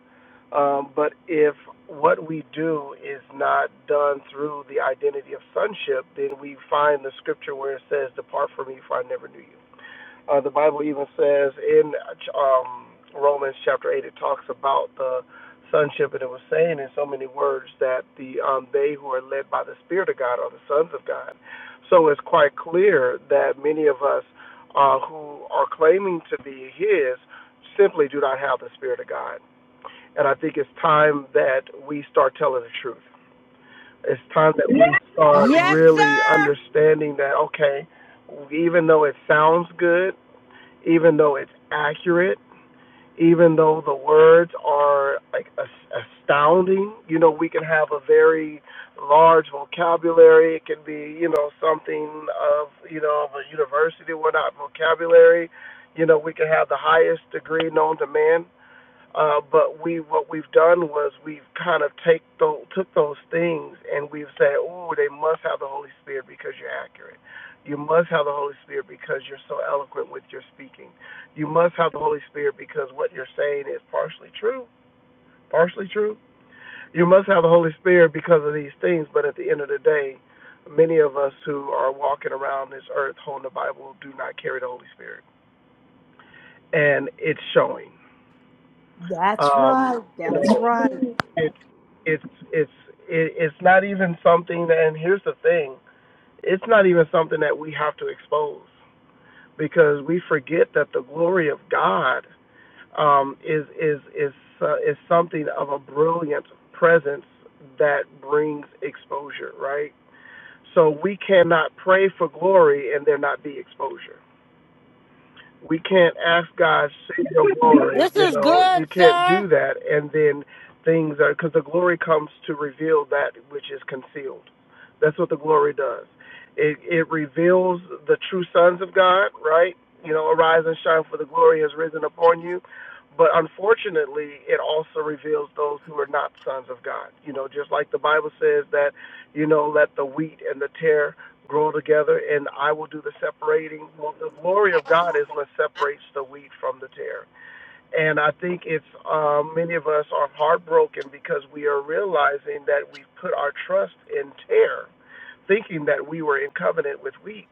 [SPEAKER 12] um, but if what we do is not done through the identity of sonship, then we find the scripture where it says, "Depart from me, for I never knew you." Uh, the Bible even says in um, Romans chapter 8, it talks about the sonship, and it was saying in so many words that the um, they who are led by the Spirit of God are the sons of God. So it's quite clear that many of us uh, who are claiming to be His simply do not have the Spirit of God. And I think it's time that we start telling the truth. It's time that we start
[SPEAKER 1] Yes, sir.
[SPEAKER 12] really understanding that, okay, even though it sounds good, even though it's accurate, even though the words are like astounding. You know, we can have a very large vocabulary. It can be, you know, something of, you know, of a university, we're not vocabulary. You know, we can have the highest degree known to man, uh, but we what we've done was we've kind of take those, took those things and we've said, oh, they must have the Holy Spirit because you're accurate. You must have the Holy Spirit because you're so eloquent with your speaking. You must have the Holy Spirit because what you're saying is partially true, partially true. You must have the Holy Spirit because of these things. But at the end of the day, many of us who are walking around this earth holding the Bible do not carry the Holy Spirit, and it's showing.
[SPEAKER 9] That's
[SPEAKER 12] Um,
[SPEAKER 9] right.
[SPEAKER 12] you
[SPEAKER 9] That's
[SPEAKER 12] know,
[SPEAKER 9] right.
[SPEAKER 12] it's it's it's it, it's not even something that and here's the thing it's not even something that we have to expose because we forget that the glory of god um is is is uh, is something of a brilliant presence that brings exposure right so we cannot pray for glory and there not be exposure we can't ask God save your glory.
[SPEAKER 1] This
[SPEAKER 12] You
[SPEAKER 1] is
[SPEAKER 12] know,
[SPEAKER 1] good,
[SPEAKER 12] you can't
[SPEAKER 1] sir.
[SPEAKER 12] do that, and then things are because the glory comes to reveal that which is concealed. That's what the glory does. It it reveals the true sons of God, right? You know, arise and shine, for the glory has risen upon you. But unfortunately, it also reveals those who are not sons of God. You know, just like the Bible says that, you know, let the wheat and the tare grow together, and I will do the separating. Well, the glory of God is what separates the wheat from the tare. And I think it's um, many of us are heartbroken because we are realizing that we've put our trust in tare, thinking that we were in covenant with wheat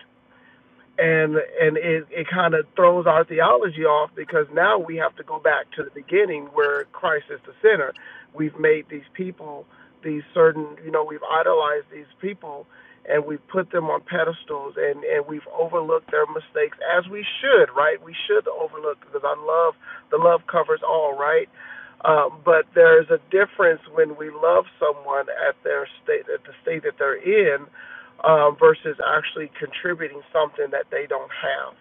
[SPEAKER 12] and and it it kind of throws our theology off because now we have to go back to the beginning where Christ is the center. We've made these people these certain you know we've idolized these people and we've put them on pedestals and and we've overlooked their mistakes as we should right we should overlook because I love the love covers all right um, but there's a difference when we love someone at their state at the state that they're in um, versus actually contributing something that they don't have.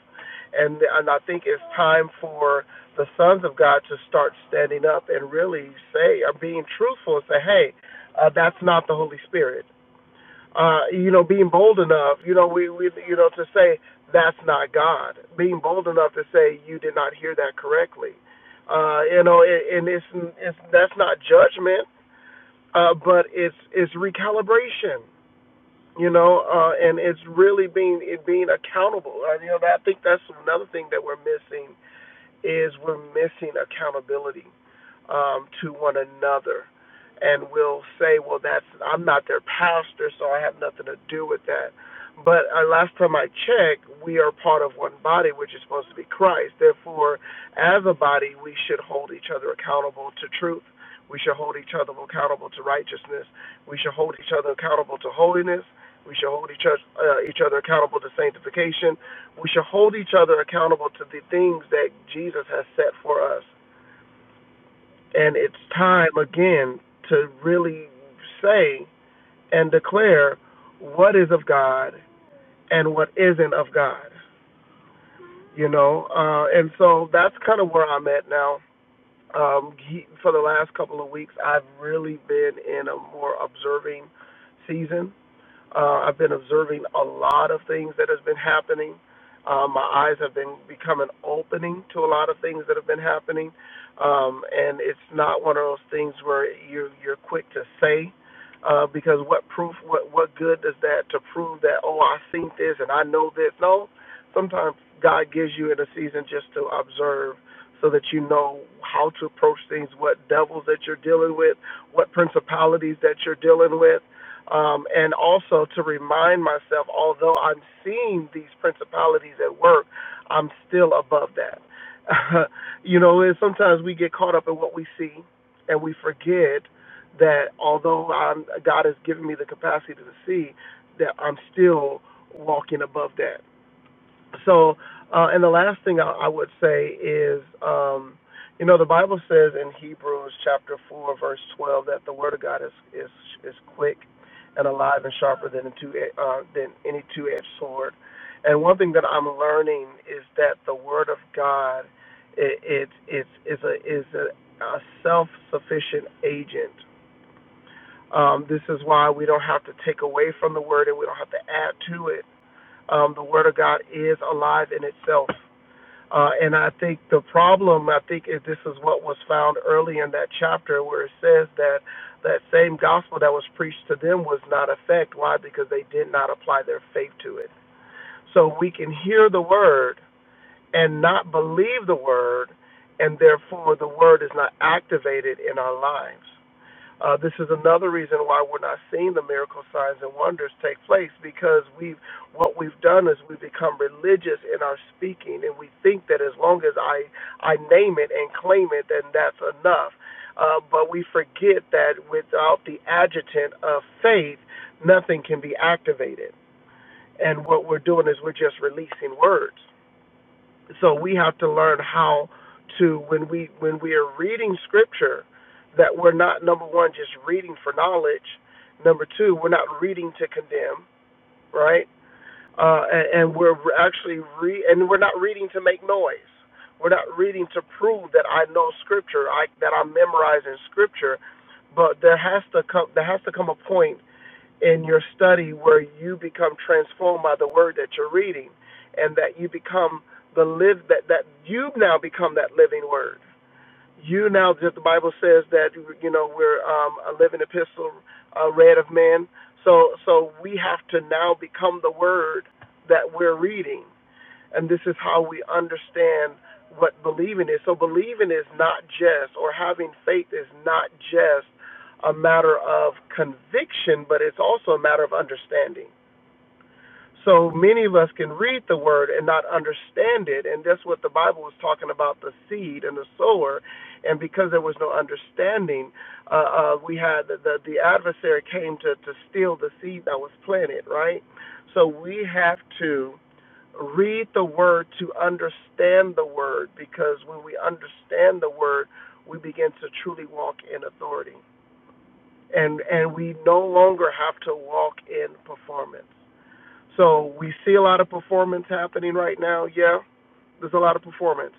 [SPEAKER 12] And, and I think it's time for the sons of God to start standing up and really say, or being truthful and say, hey, uh, that's not the Holy Spirit. Uh, you know, being bold enough, you know, we, we, you know, to say that's not God. Being bold enough to say you did not hear that correctly. Uh, you know, and, and it's, it's that's not judgment, uh, but it's it's recalibration you know, uh, and it's really being it being accountable. Uh, you know, I think that's another thing that we're missing is we're missing accountability um, to one another. And we'll say, well, that's I'm not their pastor, so I have nothing to do with that. But uh, last time I checked, we are part of one body, which is supposed to be Christ. Therefore, as a body, we should hold each other accountable to truth. We should hold each other accountable to righteousness. We should hold each other accountable to holiness. We should hold each other, uh, each other accountable to sanctification we should hold each other accountable to the things that Jesus has set for us. And it's time again to really say and declare what is of God and what isn't of God. You know, uh, and so that's kind of where I'm at now. Um, he, for the last couple of weeks, I've really been in a more observing season Uh, I've been observing a lot of things that has been happening. Uh, my eyes have been becoming opening to a lot of things that have been happening, um, and it's not one of those things where you're you're quick to say, uh, because what proof, what what good does that to prove that oh I seen this and I know this? No, sometimes God gives you in a season just to observe, so that you know how to approach things, what devils that you're dealing with, what principalities that you're dealing with um, and also to remind myself, although I'm seeing these principalities at work, I'm still above that. you know, and sometimes we get caught up in what we see, and we forget that although I'm, God has given me the capacity to see, that I'm still walking above that. So, uh, and the last thing I, I would say is, um, you know, the Bible says in Hebrews chapter four, verse twelve, that the word of God is is is quick and alive and sharper than a two uh, than any two-edged sword. And one thing that I'm learning is that the word of God, it, it it's is a is a, a self-sufficient agent. Um, this is why we don't have to take away from the word and we don't have to add to it. Um, the word of God is alive in itself uh, and I think the problem, I think is this is what was found early in that chapter where it says that that same gospel that was preached to them was not effect. Why? Because they did not apply their faith to it. So we can hear the word and not believe the word, and therefore the word is not activated in our lives. Uh, this is another reason why we're not seeing the miracle signs and wonders take place because we've what we've done is we've become religious in our speaking and we think that as long as I I name it and claim it then that's enough. Uh, but we forget that without the adjutant of faith, nothing can be activated. And what we're doing is we're just releasing words. So we have to learn how to when we when we are reading scripture that we're not number one just reading for knowledge, number two we're not reading to condemn, right? Uh, and, and we're actually re and we're not reading to make noise. We're not reading to prove that I know scripture, I, that I'm memorizing scripture, but there has to come there has to come a point in your study where you become transformed by the word that you're reading and that you become the live that that you now become that living word you now just the bible says that you know we're um, a living epistle uh, read of men so so we have to now become the word that we're reading and this is how we understand what believing is. So, believing is not just, or having faith is not just a matter of conviction, but it's also a matter of understanding. So, many of us can read the word and not understand it. And that's what the Bible was talking about the seed and the sower. And because there was no understanding, uh, uh, we had the, the, the adversary came to, to steal the seed that was planted, right? So, we have to read the word to understand the word because when we understand the word we begin to truly walk in authority and and we no longer have to walk in performance so we see a lot of performance happening right now yeah there's a lot of performance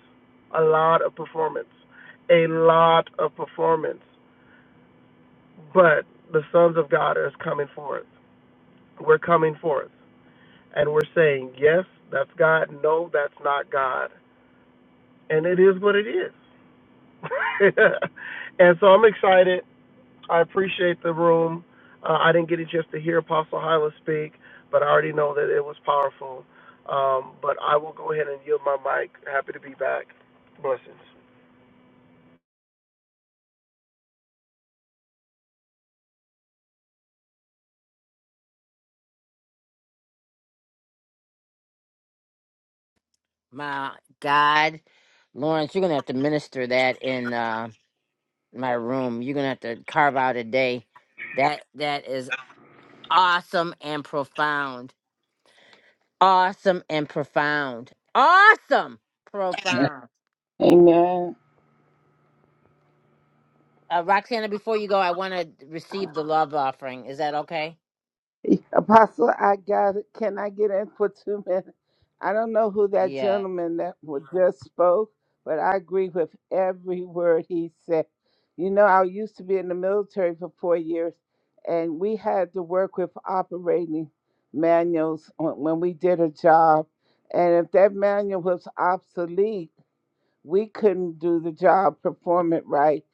[SPEAKER 12] a lot of performance a lot of performance but the sons of god is coming forth we're coming forth and we're saying yes that's god no that's not god and it is what it is. and so I'm excited. I appreciate the room. Uh, I didn't get a chance to hear Apostle Hyla speak, but I already know that it was powerful. Um, but I will go ahead and yield my mic. Happy to be back. Blessings.
[SPEAKER 1] My God. Lawrence, you're going to have to minister that in. uh, my room. You're gonna have to carve out a day. That that is awesome and profound. Awesome and profound. Awesome, profound.
[SPEAKER 10] Amen.
[SPEAKER 1] Uh, Roxana, before you go, I want to receive the love offering. Is that okay?
[SPEAKER 10] Apostle, I got it. Can I get in for two minutes? I don't know who that
[SPEAKER 1] Yeah.
[SPEAKER 10] gentleman that wa- just spoke, but I agree with every word he said. You know, I used to be in the military for four years, and we had to work with operating manuals on- when we did a job. And if that manual was obsolete, we couldn't do the job, perform it right,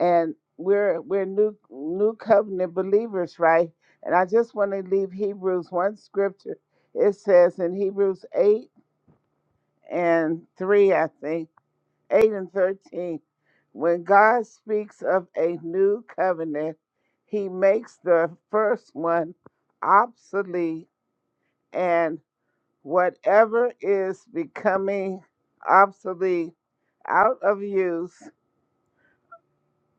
[SPEAKER 10] and we're we're new new covenant believers, right? And I just want to leave Hebrews one scripture. It says in Hebrews eight and three, I think eight and thirteen, when God speaks of a new covenant, He makes the first one obsolete, and whatever is becoming obsolete out of use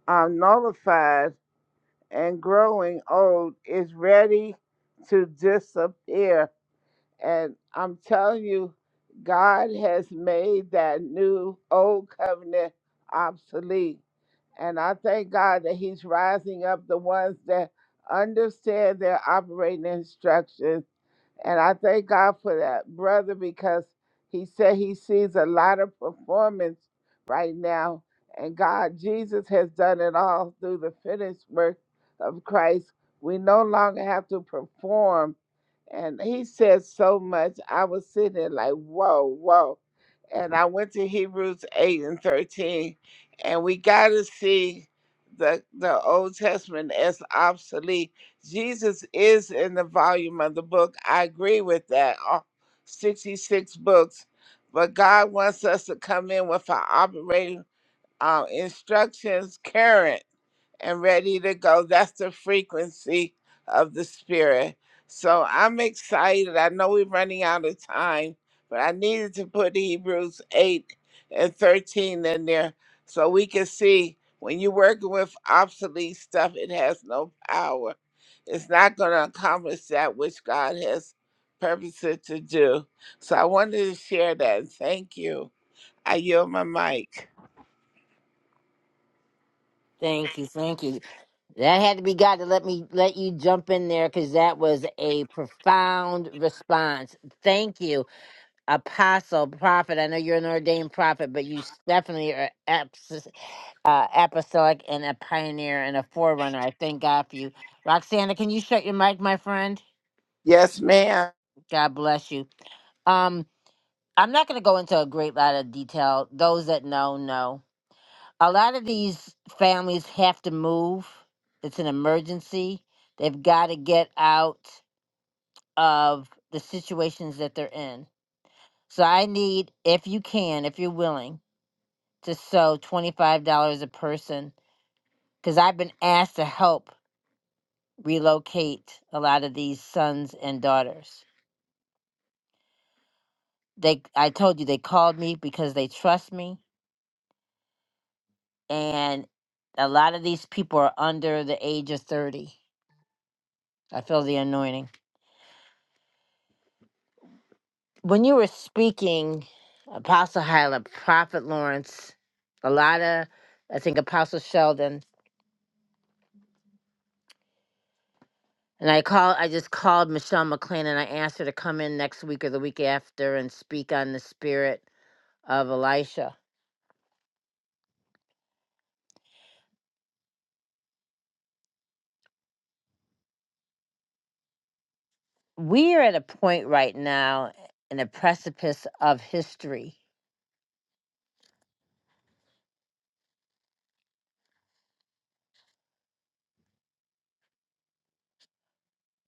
[SPEAKER 10] are nullified and growing old is ready to disappear and I'm telling you, God has made that new old covenant obsolete. And I thank God that He's rising up the ones that understand their operating instructions. And I thank God for that, brother, because He said He sees a lot of performance right now. And God, Jesus has done it all through the finished work of Christ. We no longer have to perform and he said so much. I was sitting there like, whoa, whoa. And I went to Hebrews 8 and 13, and we got to see the, the Old Testament as obsolete. Jesus is in the volume of the book. I agree with that. all 66 books. But God wants us to come in with our operating uh, instructions current and ready to go. That's the frequency of the spirit. So I'm excited. I know we're running out of time, but I needed to put Hebrews 8 and 13 in there so we can see when you're working with obsolete stuff, it has no power. It's not going to accomplish that which God has purposed it to do. So I wanted to share that. Thank you. I yield my mic.
[SPEAKER 1] Thank you. Thank you. That had to be God to let me let you jump in there because that was a profound response. Thank you, Apostle Prophet. I know you're an ordained prophet, but you definitely are uh, apostolic and a pioneer and a forerunner. I thank God for you. Roxana, can you shut your mic, my friend?
[SPEAKER 10] Yes, ma'am.
[SPEAKER 1] God bless you. Um, I'm not going to go into a great lot of detail. Those that know, know. A lot of these families have to move. It's an emergency. They've got to get out of the situations that they're in. So I need, if you can, if you're willing, to sew $25 a person because I've been asked to help relocate a lot of these sons and daughters. They I told you they called me because they trust me and a lot of these people are under the age of 30. I feel the anointing. When you were speaking Apostle Hyla, Prophet Lawrence, a lot of I think Apostle Sheldon and I call I just called Michelle McLean and I asked her to come in next week or the week after and speak on the spirit of Elisha we are at a point right now eh, in a precipice of history.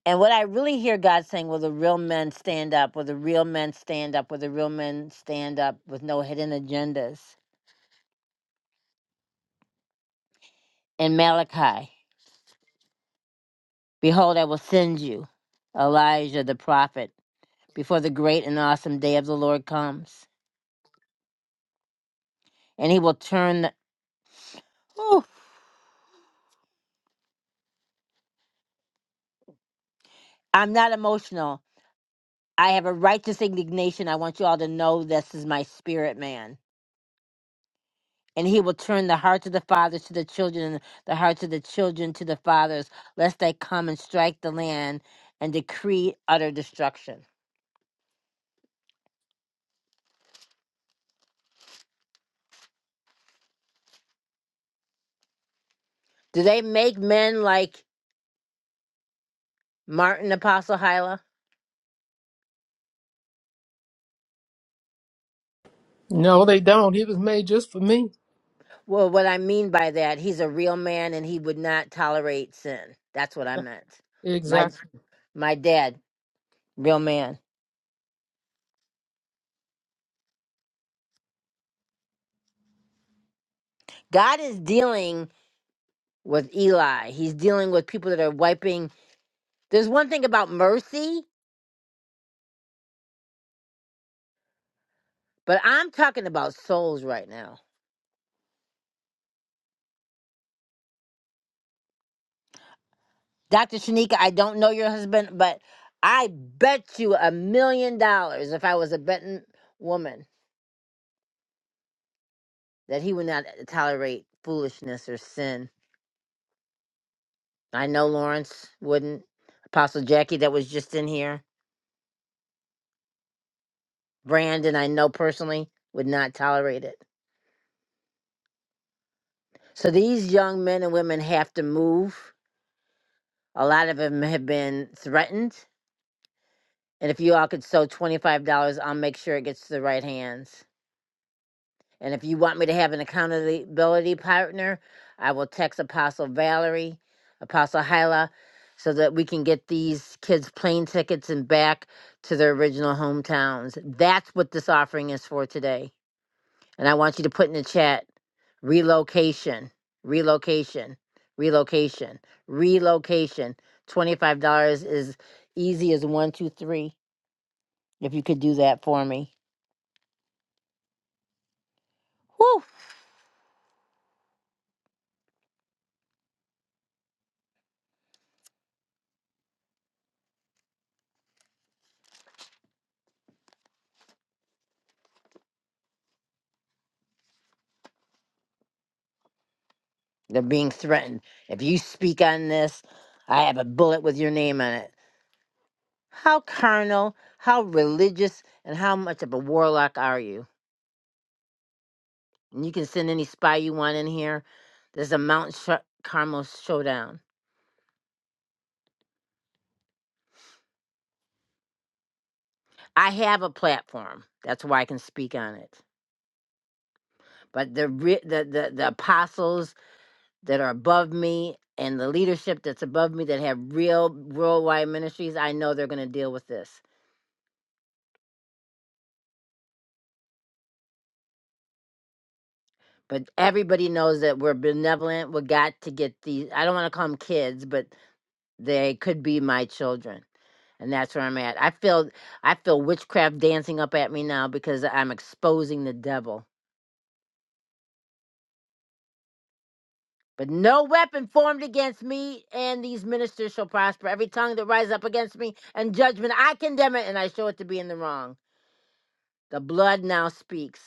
[SPEAKER 1] And what I really hear God saying, will the real men stand up? Will the real men stand up? Will the real men stand up with no hidden agendas? In Malachi, behold, I will send you, Elijah the prophet, before the great and awesome day of the Lord comes. And he will turn the. Whew, I'm not emotional. I have a righteous indignation. I want you all to know this is my spirit, man And he will turn the hearts of the fathers to the children, and the hearts of the children to the fathers, lest they come and strike the land and decree utter destruction. Do they make men like Martin Apostle Hyla?
[SPEAKER 2] No, they don't. He was made just for me.
[SPEAKER 1] Well, what I mean by that, he's a real man and he would not tolerate sin. That's what I meant. My Yes.
[SPEAKER 2] Exactly.
[SPEAKER 1] my dad, real man. God is dealing with Eli. He's dealing with people that are wiping. There's one thing about mercy, but I'm talking about souls right now. Dr. Shanika, I don't know your husband, but I bet you a million dollars if I was a betting woman that he would not tolerate foolishness or sin. I know Lawrence wouldn't. Apostle Jackie, that was just in here. Brandon, I know personally, would not tolerate it. So these young men and women have to move. A lot of them have been threatened. And if you all could sew $25, I'll make sure it gets to the right hands. And if you want me to have an accountability partner, I will text Apostle Valerie, Apostle Hyla, so that we can get these kids plane tickets and back to their original hometowns. That's what this offering is for today. And I want you to put in the chat relocation, relocation, relocation, relocation. $25 is easy as one, two, three, if you could do that for me. Whew. They're being threatened. If you speak on this, I have a bullet with your name on it. How carnal, how religious, and how much of a warlock are you? And you can send any spy you want in here. There's a Mount Sh- Carmel showdown. I have a platform. That's why I can speak on it. But the, re- the the the apostles that are above me and the leadership that's above me that have real worldwide ministries, I know they're going to deal with this. but everybody knows that we're benevolent. We got to get these. I don't want to call them kids, but they could be my children, and that's where I'm at. I feel I feel witchcraft dancing up at me now because I'm exposing the devil. But no weapon formed against me and these ministers shall prosper. Every tongue that rise up against me and judgment, I condemn it, and I show it to be in the wrong. The blood now speaks.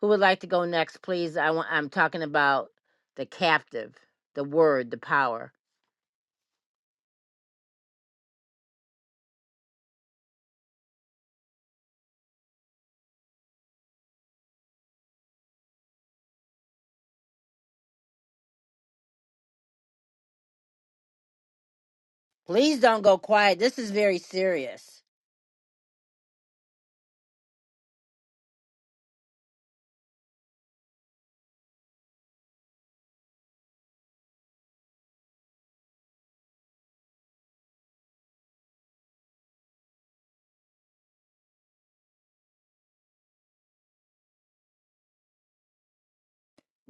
[SPEAKER 1] Who would like to go next, please? I want, I'm talking about the captive, the word, the power. Please don't go quiet. This is very serious.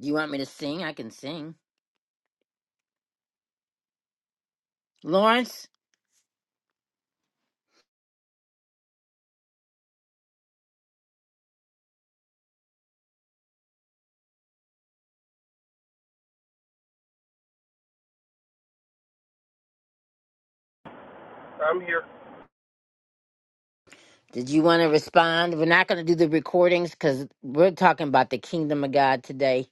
[SPEAKER 1] Do you want me to sing? I can sing. Lawrence,
[SPEAKER 12] I'm here.
[SPEAKER 1] did you want to respond? We're not going to do the recordings because we're talking about the kingdom of God today.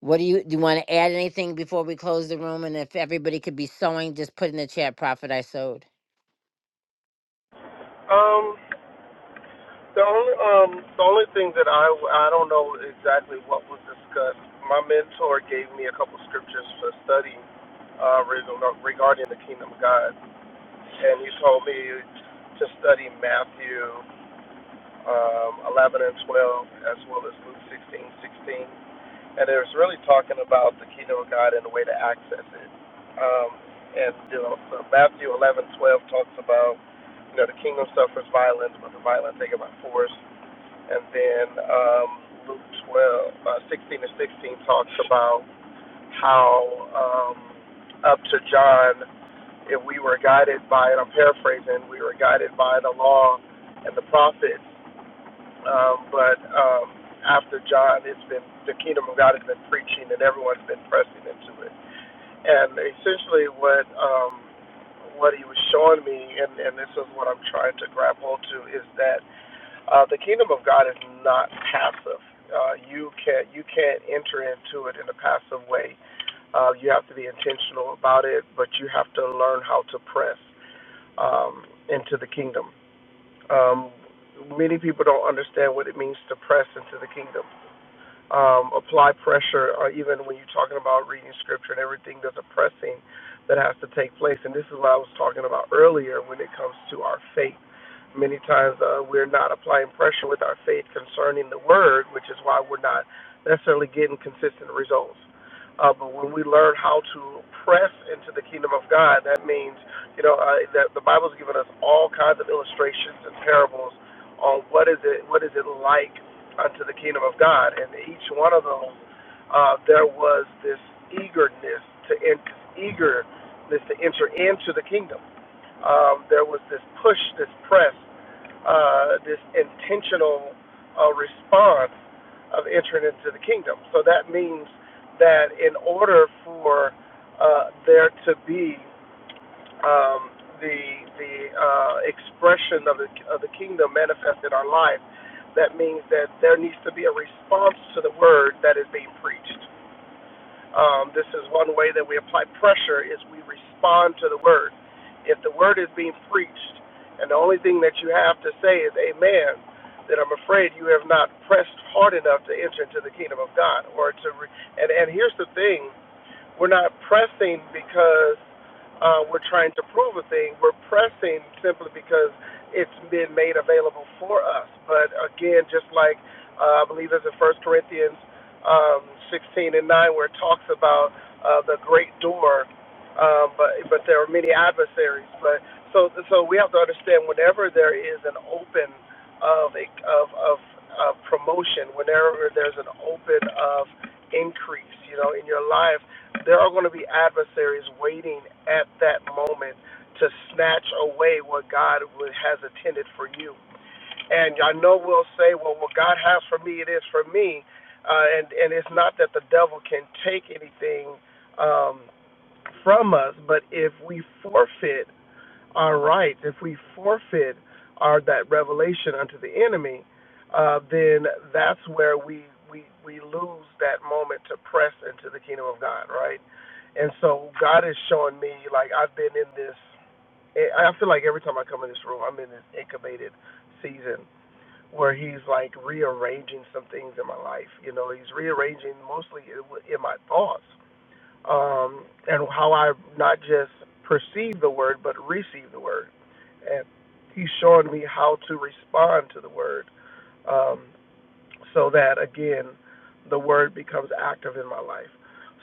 [SPEAKER 1] What do you do? You want to add anything before we close the room? And if everybody could be sewing, just put in the chat. Prophet, I sewed.
[SPEAKER 12] Um, the only um, the only thing that I I don't know exactly what was discussed. My mentor gave me a couple scriptures to study uh, reg- regarding the kingdom of God. and you told me to study Matthew um, 11 and 12, as well as Luke 16:16. And it was really talking about the kingdom of God and the way to access it. Um, and you know, so Matthew 11:12 talks about, you know, the kingdom suffers violence, but the violence take it by force. And then um, Luke 12, uh, 16 and 16 talks about how um, up to John if we were guided by, and I'm paraphrasing, we were guided by the law and the prophets. Um, but um, after John, it's been the kingdom of God has been preaching, and everyone's been pressing into it. And essentially, what um, what he was showing me, and, and this is what I'm trying to grab hold to, is that uh, the kingdom of God is not passive. Uh, you can't you can't enter into it in a passive way. Uh, you have to be intentional about it, but you have to learn how to press um, into the kingdom. Um, many people don't understand what it means to press into the kingdom um, apply pressure, or even when you're talking about reading scripture and everything, there's a pressing that has to take place. And this is what I was talking about earlier when it comes to our faith. Many times uh, we're not applying pressure with our faith concerning the word, which is why we're not necessarily getting consistent results. Uh, but when we learn how to press into the kingdom of God, that means, you know, uh, that the Bible's given us all kinds of illustrations and parables on what is it, what is it like unto the kingdom of God. And each one of those, uh, there was this eagerness to enter, eagerness to enter into the kingdom. Um, there was this push, this press, uh, this intentional uh, response of entering into the kingdom. So that means that in order for uh, there to be um, the the uh, expression of the of the kingdom manifest in our life. That means that there needs to be a response to the word that is being preached. Um, this is one way that we apply pressure is we respond to the word. If the word is being preached, and the only thing that you have to say is Amen, then I'm afraid you have not pressed hard enough to enter into the kingdom of God. Or to re- and and here's the thing we're not pressing because uh, we're trying to prove a thing. We're pressing simply because it's been made available for us. But again, just like uh, I believe it's in First Corinthians um, 16 and 9, where it talks about uh, the great door, um, but but there are many adversaries. But so so we have to understand whenever there is an open of a, of of of promotion, whenever there's an open of increase, you know, in your life, there are going to be adversaries waiting at that moment to snatch away what God would- has intended for you. And I know we'll say, well, what God has for me, it is for me. Uh, and, and it's not that the devil can take anything um, from us, but if we forfeit our rights, if we forfeit our that revelation unto the enemy, uh, then that's where we, we we lose that moment to press into the kingdom of God, right? And so God is showing me like I've been in this. I I feel like every time I come in this room, I'm in this incubated season where He's like rearranging some things in my life. You know, He's rearranging mostly in in my thoughts um, and how I not just perceive the word, but receive the word. And he's showing me how to respond to the word um, so that, again, the word becomes active in my life.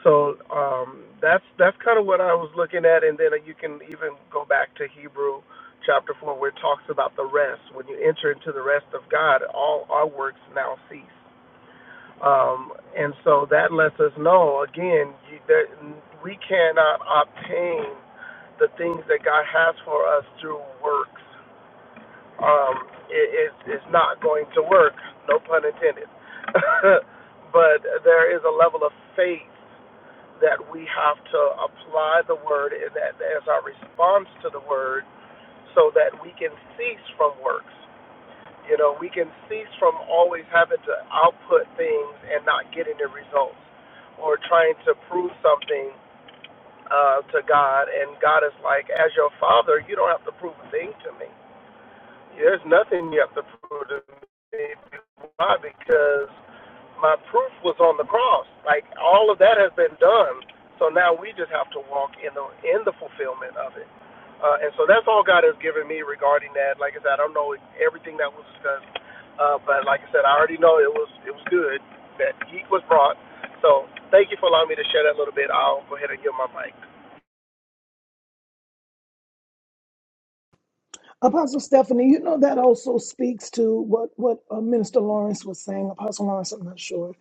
[SPEAKER 12] So um, that's that's kind of what I was looking at, and then you can even go back to Hebrew chapter four, where it talks about the rest. When you enter into the rest of God, all our works now cease. Um, and so that lets us know, again, you, that we cannot obtain the things that God has for us through works. Um, it, it's, it's not going to work, no pun intended. but there is a level of faith that we have to apply the word and that as our response to the word so that we can cease from works. You know, we can cease from always having to output things and not getting the results or trying to prove something uh, to God. And God is like, as your father, you don't have to prove a thing to me. There's nothing you have to prove to me. Why? Because my proof was on the cross. Like all of that has been done. So now we just have to walk in the in the fulfillment of it. Uh, and so that's all God has given me regarding that. Like I said, I don't know everything that was discussed, uh, but like I said, I already know it was it was good that He was brought. So thank you for allowing me to share that a little bit. I'll go ahead and give my mic.
[SPEAKER 3] Apostle Stephanie, you know that also speaks to what, what uh, Minister Lawrence was saying. Apostle Lawrence, I'm not sure.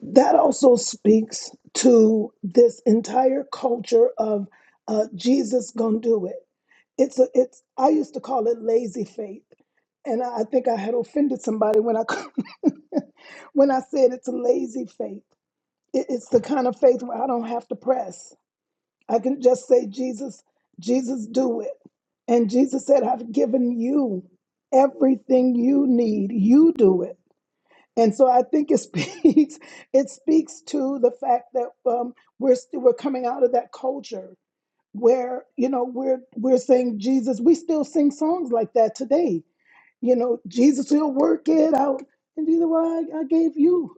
[SPEAKER 3] That also speaks to this entire culture of uh, Jesus gonna do it. It's a, it's I used to call it lazy faith. And I I think I had offended somebody when I when I said it's a lazy faith. It- It's the kind of faith where I don't have to press. I can just say, Jesus, Jesus, do it. And Jesus said, I've given you everything you need. You do it. And so I think it speaks, it speaks to the fact that um, we're still we're coming out of that culture where, you know, we're we're saying Jesus, we still sing songs like that today. You know, Jesus, will work it out. And Jesus, well, I, I gave you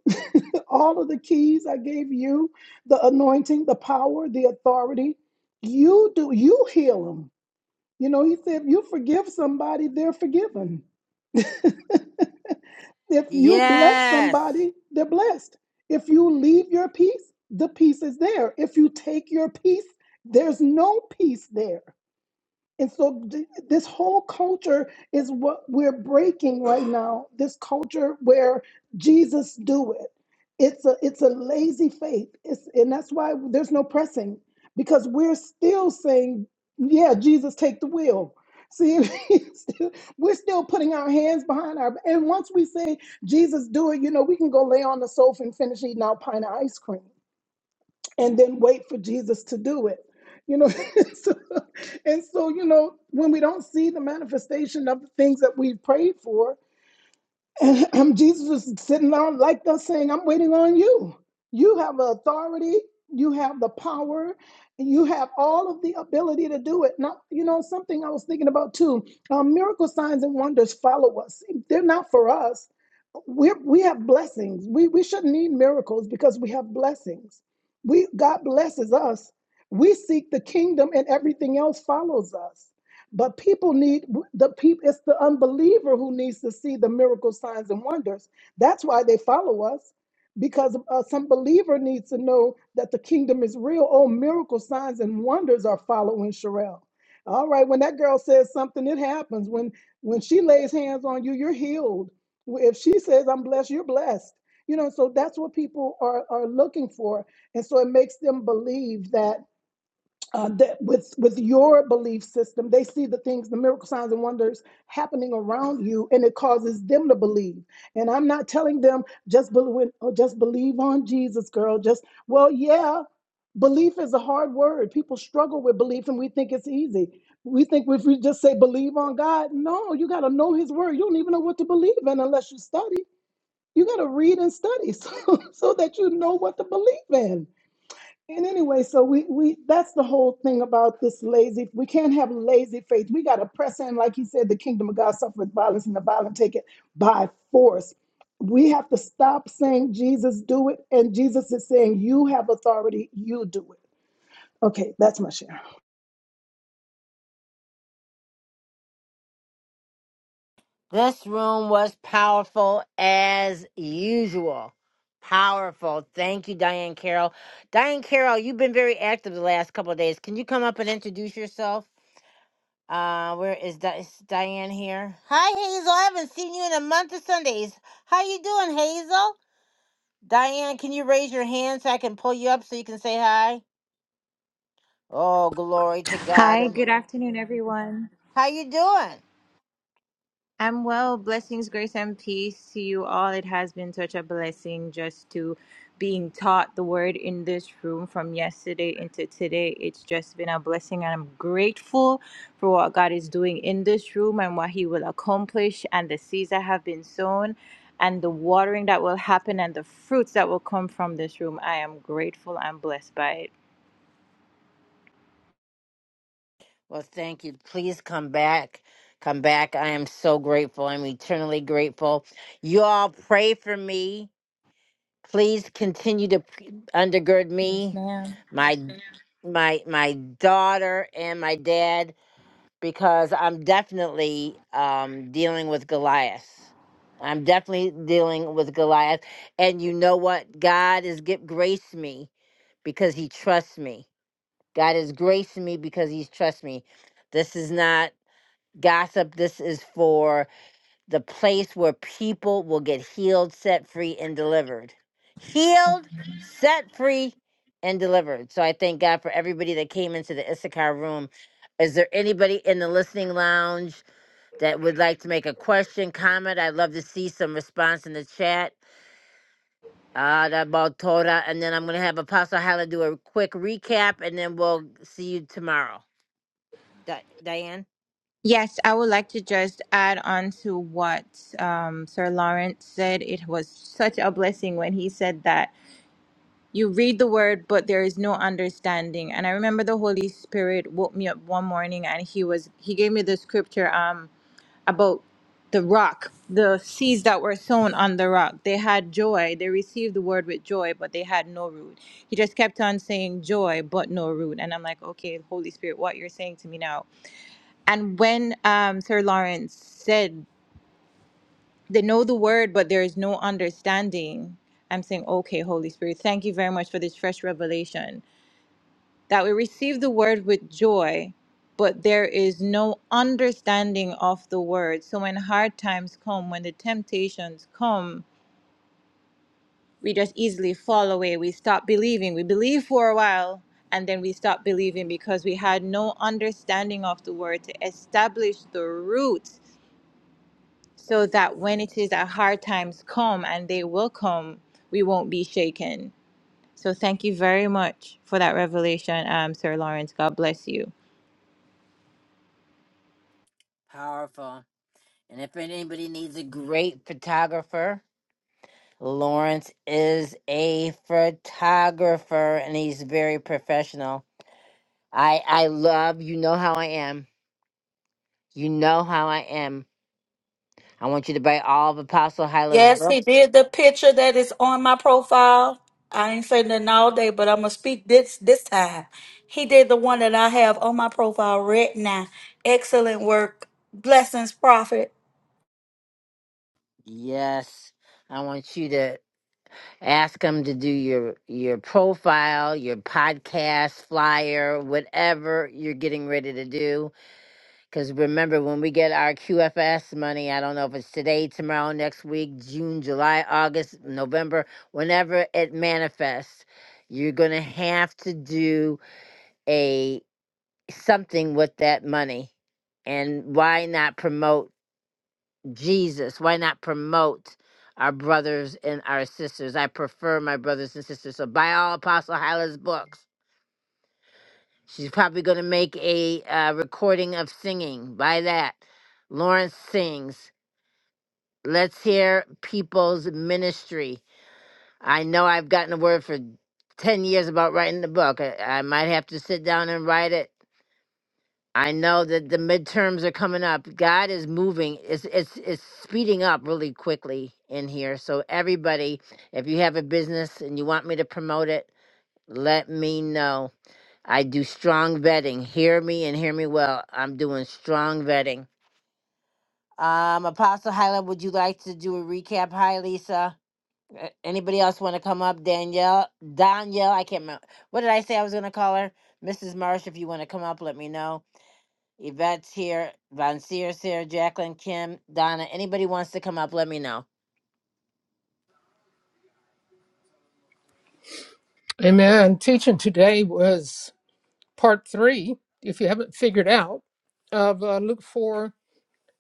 [SPEAKER 3] all of the keys I gave you, the anointing, the power, the authority. You do you heal them. You know, he said if you forgive somebody, they're forgiven. If you bless
[SPEAKER 1] Yes.
[SPEAKER 3] somebody, they're blessed. If you leave your peace, the peace is there. If you take your peace, there's no peace there. And so, th- this whole culture is what we're breaking right now. This culture where Jesus do it. It's a it's a lazy faith. It's and that's why there's no pressing because we're still saying, yeah, Jesus take the wheel. See, it's still- we're still putting our hands behind our. And once we say Jesus do it, you know, we can go lay on the sofa and finish eating our pint of ice cream and then wait for Jesus to do it. You know, so, and so, you know, when we don't see the manifestation of the things that we prayed for, and, um, Jesus was sitting on like us saying, I'm waiting on you. You have authority, you have the power, you have all of the ability to do it. Now, you know, something I was thinking about too um, miracle signs and wonders follow us, they're not for us we're, we have blessings. We, we shouldn't need miracles because we have blessings. We God blesses us. We seek the kingdom, and everything else follows us. But people need the people. It's the unbeliever who needs to see the miracle signs and wonders. That's why they follow us, because uh, some believer needs to know that the kingdom is real. Oh, miracle signs and wonders are following Sherelle. All right, when that girl says something, it happens. When when she lays hands on you, you're healed if she says i'm blessed you're blessed you know so that's what people are are looking for and so it makes them believe that uh, that with with your belief system they see the things the miracle signs and wonders happening around you and it causes them to believe and i'm not telling them just believe oh, just believe on jesus girl just well yeah belief is a hard word people struggle with belief and we think it's easy we think if we just say believe on god no you got to know his word you don't even know what to believe in unless you study you got to read and study so, so that you know what to believe in and anyway, so we we that's the whole thing about this lazy. We can't have lazy faith. We got to press in, like he said, the kingdom of God suffereth violence, and the violent take it by force. We have to stop saying Jesus do it, and Jesus is saying you have authority, you do it. Okay, that's my share.
[SPEAKER 1] This room was powerful as usual. Powerful. Thank you, Diane Carroll. Diane Carroll, you've been very active the last couple of days. Can you come up and introduce yourself? Uh, where is, Di- is Diane here? Hi, Hazel. I haven't seen you in a month of Sundays. How you doing, Hazel? Diane, can you raise your hand so I can pull you up so you can say hi? Oh, glory to God.
[SPEAKER 13] Hi,
[SPEAKER 1] And
[SPEAKER 13] good afternoon, everyone.
[SPEAKER 1] How you doing?
[SPEAKER 13] I'm well. Blessings, grace, and peace to you all. It has been such a blessing just to being taught the word in this room from yesterday into today. It's just been a blessing, and I'm grateful for what God is doing in this room and what He will accomplish, and the seeds that have been sown, and the watering that will happen, and the fruits that will come from this room. I am grateful and blessed by it.
[SPEAKER 1] Well, thank you. Please come back. Come back. I am so grateful. I'm eternally grateful. You all pray for me. Please continue to p- undergird
[SPEAKER 13] Yes,
[SPEAKER 1] me,
[SPEAKER 13] ma'am.
[SPEAKER 1] my my my daughter and my dad because I'm definitely um dealing with Goliath. I'm definitely dealing with Goliath and you know what? God has gi- graced me because he trusts me. God has graced me because he's trusts me. This is not Gossip, this is for the place where people will get healed, set free, and delivered. Healed, set free, and delivered. So I thank God for everybody that came into the Issachar room. Is there anybody in the listening lounge that would like to make a question, comment? I'd love to see some response in the chat. Ah, that about Torah. And then I'm going to have Apostle Hala do a quick recap, and then we'll see you tomorrow. Di- Diane?
[SPEAKER 13] Yes, I would like to just add on to what um, Sir Lawrence said. It was such a blessing when he said that you read the word, but there is no understanding. And I remember the Holy Spirit woke me up one morning, and he was he gave me the scripture um, about the rock, the seeds that were sown on the rock. They had joy. They received the word with joy, but they had no root. He just kept on saying joy, but no root. And I'm like, okay, Holy Spirit, what you're saying to me now and when um, Sir Lawrence said, they know the word, but there is no understanding, I'm saying, okay, Holy Spirit, thank you very much for this fresh revelation that we receive the word with joy, but there is no understanding of the word. So when hard times come, when the temptations come, we just easily fall away. We stop believing. We believe for a while, and then we stop believing because we had no understanding of the word to establish the root so that when it is that hard times come, and they will come, we won't be shaken. So thank you very much for that revelation, um, Sir Lawrence. God bless you.
[SPEAKER 1] Powerful. And if anybody needs a great photographer, Lawrence is a photographer and he's very professional. I I love you know how I am. You know how I am. I want you to buy all of Apostle Hyla's
[SPEAKER 14] Yes, he
[SPEAKER 1] books.
[SPEAKER 14] did the picture that is on my profile. I ain't saying nothing all day, but I'm gonna speak this this time. He did the one that I have on my profile right now. Excellent work. Blessings, prophet.
[SPEAKER 1] Yes. I want you to ask him to do your your profile, your podcast flyer, whatever you're getting ready to do Because remember, when we get our QFS money, I don't know if it's today, tomorrow, next week, June, July, August, November, whenever it manifests, you're going to have to do a something with that money. And why not promote Jesus? Why not promote our brothers and our sisters? I prefer my brothers and sisters. So buy all Apostle Hyla's books. She's probably going to make a uh, recording of singing. Buy that. Lawrence sings Let's hear people's ministry. I know I've gotten a word for 10 years about writing the book. I, I might have to sit down and write it. I know that the midterms are coming up. God is moving. It's it's it's speeding up really quickly in here. So everybody, if you have a business and you want me to promote it, let me know. I do strong vetting. Hear me and hear me well. I'm doing strong vetting. Um, Apostle Hyla, would you like to do a recap? Hi, Lisa. Uh, Anybody else want to come up? Danielle, Danielle, I can't remember. What did I say I was going to call her? Mrs. Marsh, if you want to come up, let me know. Yvette's here. Von Sears here. Jacqueline, Kim, Donna. Anybody wants to come up, let me know.
[SPEAKER 2] Amen. Teaching today was part three, if you haven't figured out, of uh, Luke 4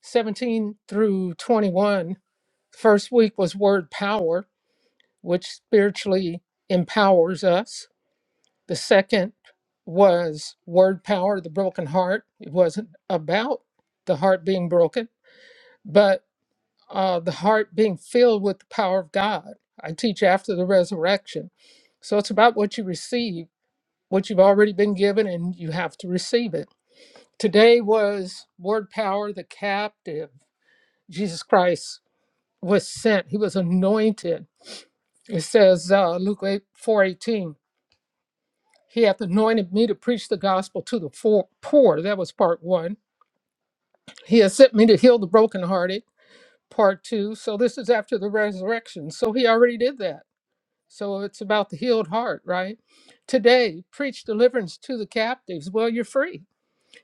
[SPEAKER 2] 17 through 21. First week was word power, which spiritually empowers us. The second was word power, the broken heart. It wasn't about the heart being broken, but uh, the heart being filled with the power of God. I teach after the resurrection. So it's about what you receive, what you've already been given, and you have to receive it. Today was Word Power the Captive. Jesus Christ was sent. He was anointed. It says uh, Luke 8, 418. He hath anointed me to preach the gospel to the fo- poor. That was part one. He has sent me to heal the brokenhearted. Part two. So this is after the resurrection. So he already did that. So it's about the healed heart, right? Today, preach deliverance to the captives. Well, you're free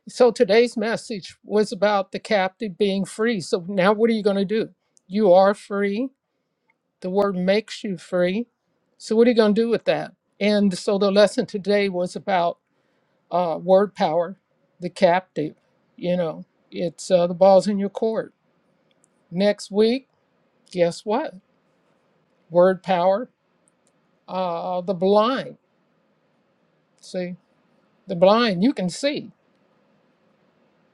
[SPEAKER 2] So today's message was about the captive being free. So now what are you going to do? You are free. The word makes you free. So what are you going to do with that? And so the lesson today was about uh, word power, the captive. You know, it's uh, the ball's in your court. Next week, guess what? Word power, uh, the blind. See, the blind, you can see.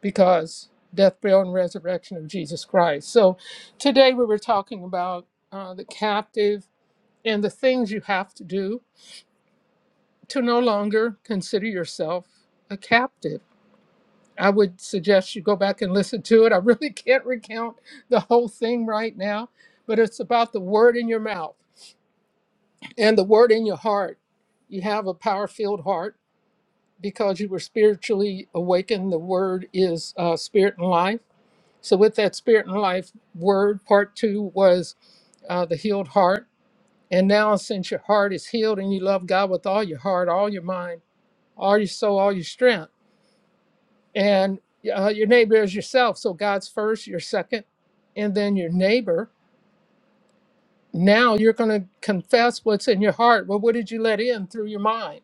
[SPEAKER 2] because death, burial, and resurrection of Jesus Christ. So today we were talking about uh, the captive and the things you have to do to no longer consider yourself a captive. I would suggest you go back and listen to it. I really can't recount the whole thing right now, but it's about the word in your mouth and the word in your heart. You have a power filled heart because you were spiritually awakened. The word is uh, spirit and life So, with that spirit and life word, part two was uh, the healed heart. And now, since your heart is healed and you love God with all your heart, all your mind, all your soul, all your strength, and uh, your neighbor is yourself. So, God's first, you're second, and then your neighbor. Now, you're going to confess what's in your heart. Well, what did you let in through your mind?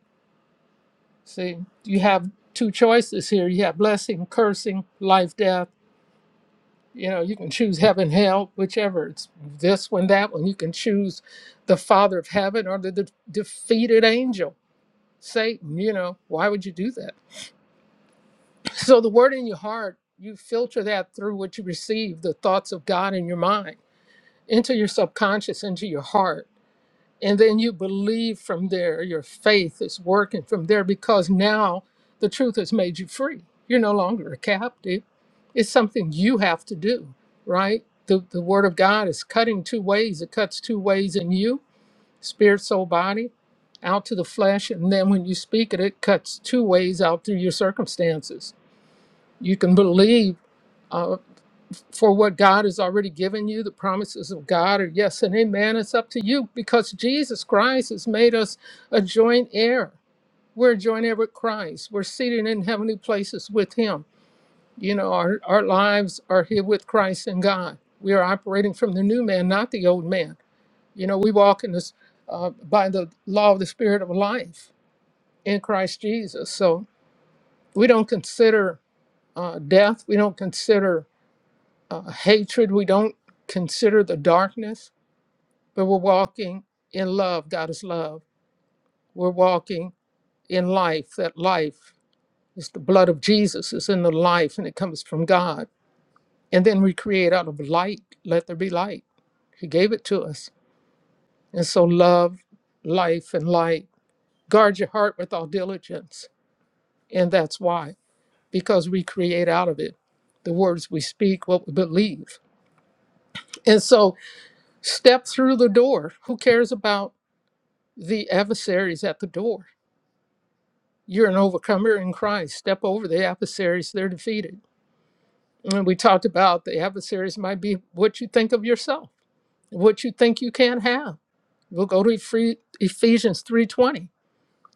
[SPEAKER 2] See, you have two choices here you have blessing, cursing, life, death you know you can choose heaven hell whichever it's this one that one you can choose the father of heaven or the, de- defeated angel satan you know why would you do that so the word in your heart you filter that through what you receive the thoughts of god in your mind into your subconscious into your heart and then you believe from there your faith is working from there because now the truth has made you free you're no longer a captive it's something you have to do right the, the word of god is cutting two ways it cuts two ways in you spirit soul body out to the flesh and then when you speak it it cuts two ways out through your circumstances you can believe uh, for what God has already given you. The promises of God are yes and amen. It's up to you because Jesus Christ has made us a joint heir. We're a joint heir with Christ. We're seated in heavenly places with Him. You know, our, our lives are here with Christ and God. We are operating from the new man, not the old man. You know, we walk in this uh, by the law of the Spirit of life in Christ Jesus. So we don't consider uh, death. We don't consider uh, hatred. We don't consider the darkness, but we're walking in love. God is love. We're walking in life. That life is the blood of Jesus, is in the life, and it comes from God. And then we create out of light. Let there be light. He gave it to us. And so, love, life, and light. Guard your heart with all diligence. And that's why, because we create out of it the words we speak, what we believe. And so, step through the door. Who cares about? the adversaries at the door. You're an overcomer in Christ. Step over the adversaries, they're defeated. And we talked about the adversaries might be what you think of yourself, what you think you can't have. We'll go to Ephe- Ephesians 3:20.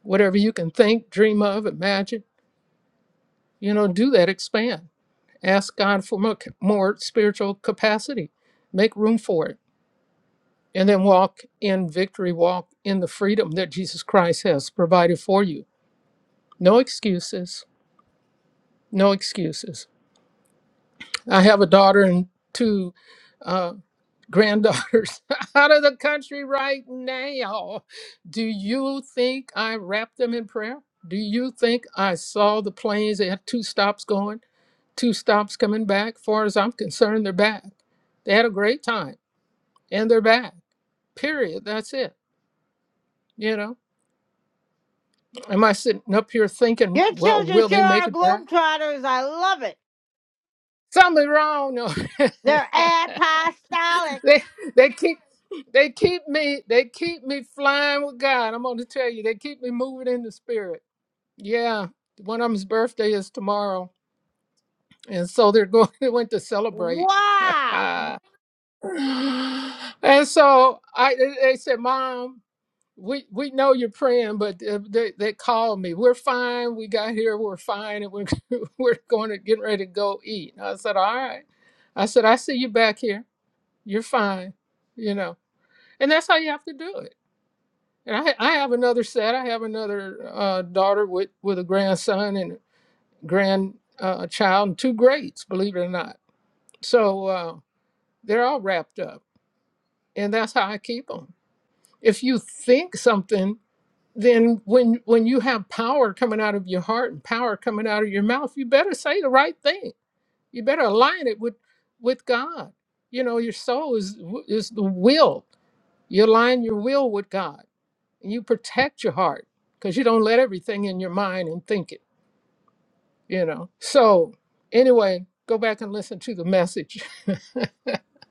[SPEAKER 2] Whatever you can think, dream of, imagine, you know, do that, expand. Ask God for more, more spiritual capacity. Make room for it. And then walk in victory, walk in the freedom that Jesus Christ has provided for you. No excuses, No excuses. I have a daughter and two uh, granddaughters out of the country right now. Do you think I wrapped them in prayer? Do you think I saw the planes? They had two stops going, two stops coming back. Far as I'm concerned, they're back. They had a great time and they're back. Period. That's it. You know, am I sitting up here thinking,
[SPEAKER 1] Your
[SPEAKER 2] well,
[SPEAKER 1] children
[SPEAKER 2] will
[SPEAKER 1] sure
[SPEAKER 2] they make
[SPEAKER 1] are
[SPEAKER 2] it back?
[SPEAKER 1] globetrotters. I love it.
[SPEAKER 2] Something wrong.
[SPEAKER 1] They're
[SPEAKER 2] No.
[SPEAKER 1] apostolic.
[SPEAKER 2] They they keep they keep me they keep me flying with God. I'm gonna tell you, they keep me moving in the spirit. Yeah. One of them's birthday is tomorrow. And so they're going they went to celebrate.
[SPEAKER 1] Wow.
[SPEAKER 2] and so I they they said, Mom, we we know you're praying, but uh, they, they called me. We're fine. We got here, we're fine, and we're we're going to get ready to go eat. And I said, All right. I said, I see you back here. You're fine, you know and that's how you have to do it. And I, I have another set. I have another uh, daughter with with a grandson and grandchild uh, child and two greats, believe it or not. So uh, they're all wrapped up, and that's how I keep them. If you think something, then when when you have power coming out of your heart and power coming out of your mouth, you better say the right thing. You better align it with with God. You know, your soul is is the will. You align your will with God you protect your heart because you don't let everything in your mind and think it, you know. So, anyway, go back and listen to the message.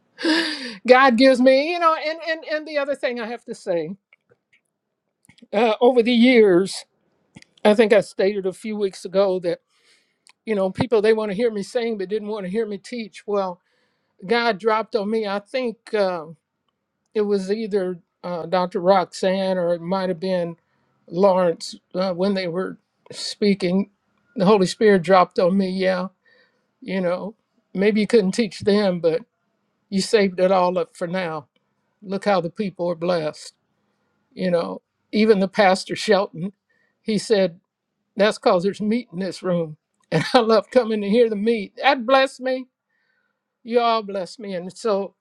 [SPEAKER 2] God gives me, you know, and, and, and the other thing I have to say uh, over the years, I think I stated a few weeks ago that, you know, people they want to hear me sing but didn't want to hear me teach. Well, God dropped on me, I think. uh, it was either uh, Dr. Roxanne or it might have been Lawrence uh, when they were speaking. The Holy Spirit dropped on me, yeah, you know, maybe you couldn't teach them, but you saved it all up for now. Look how the people are blessed. You know, even the pastor Shelton, he said, that's because there's meat in this room. And I love coming to hear the meat. That blessed me. You all blessed me. And so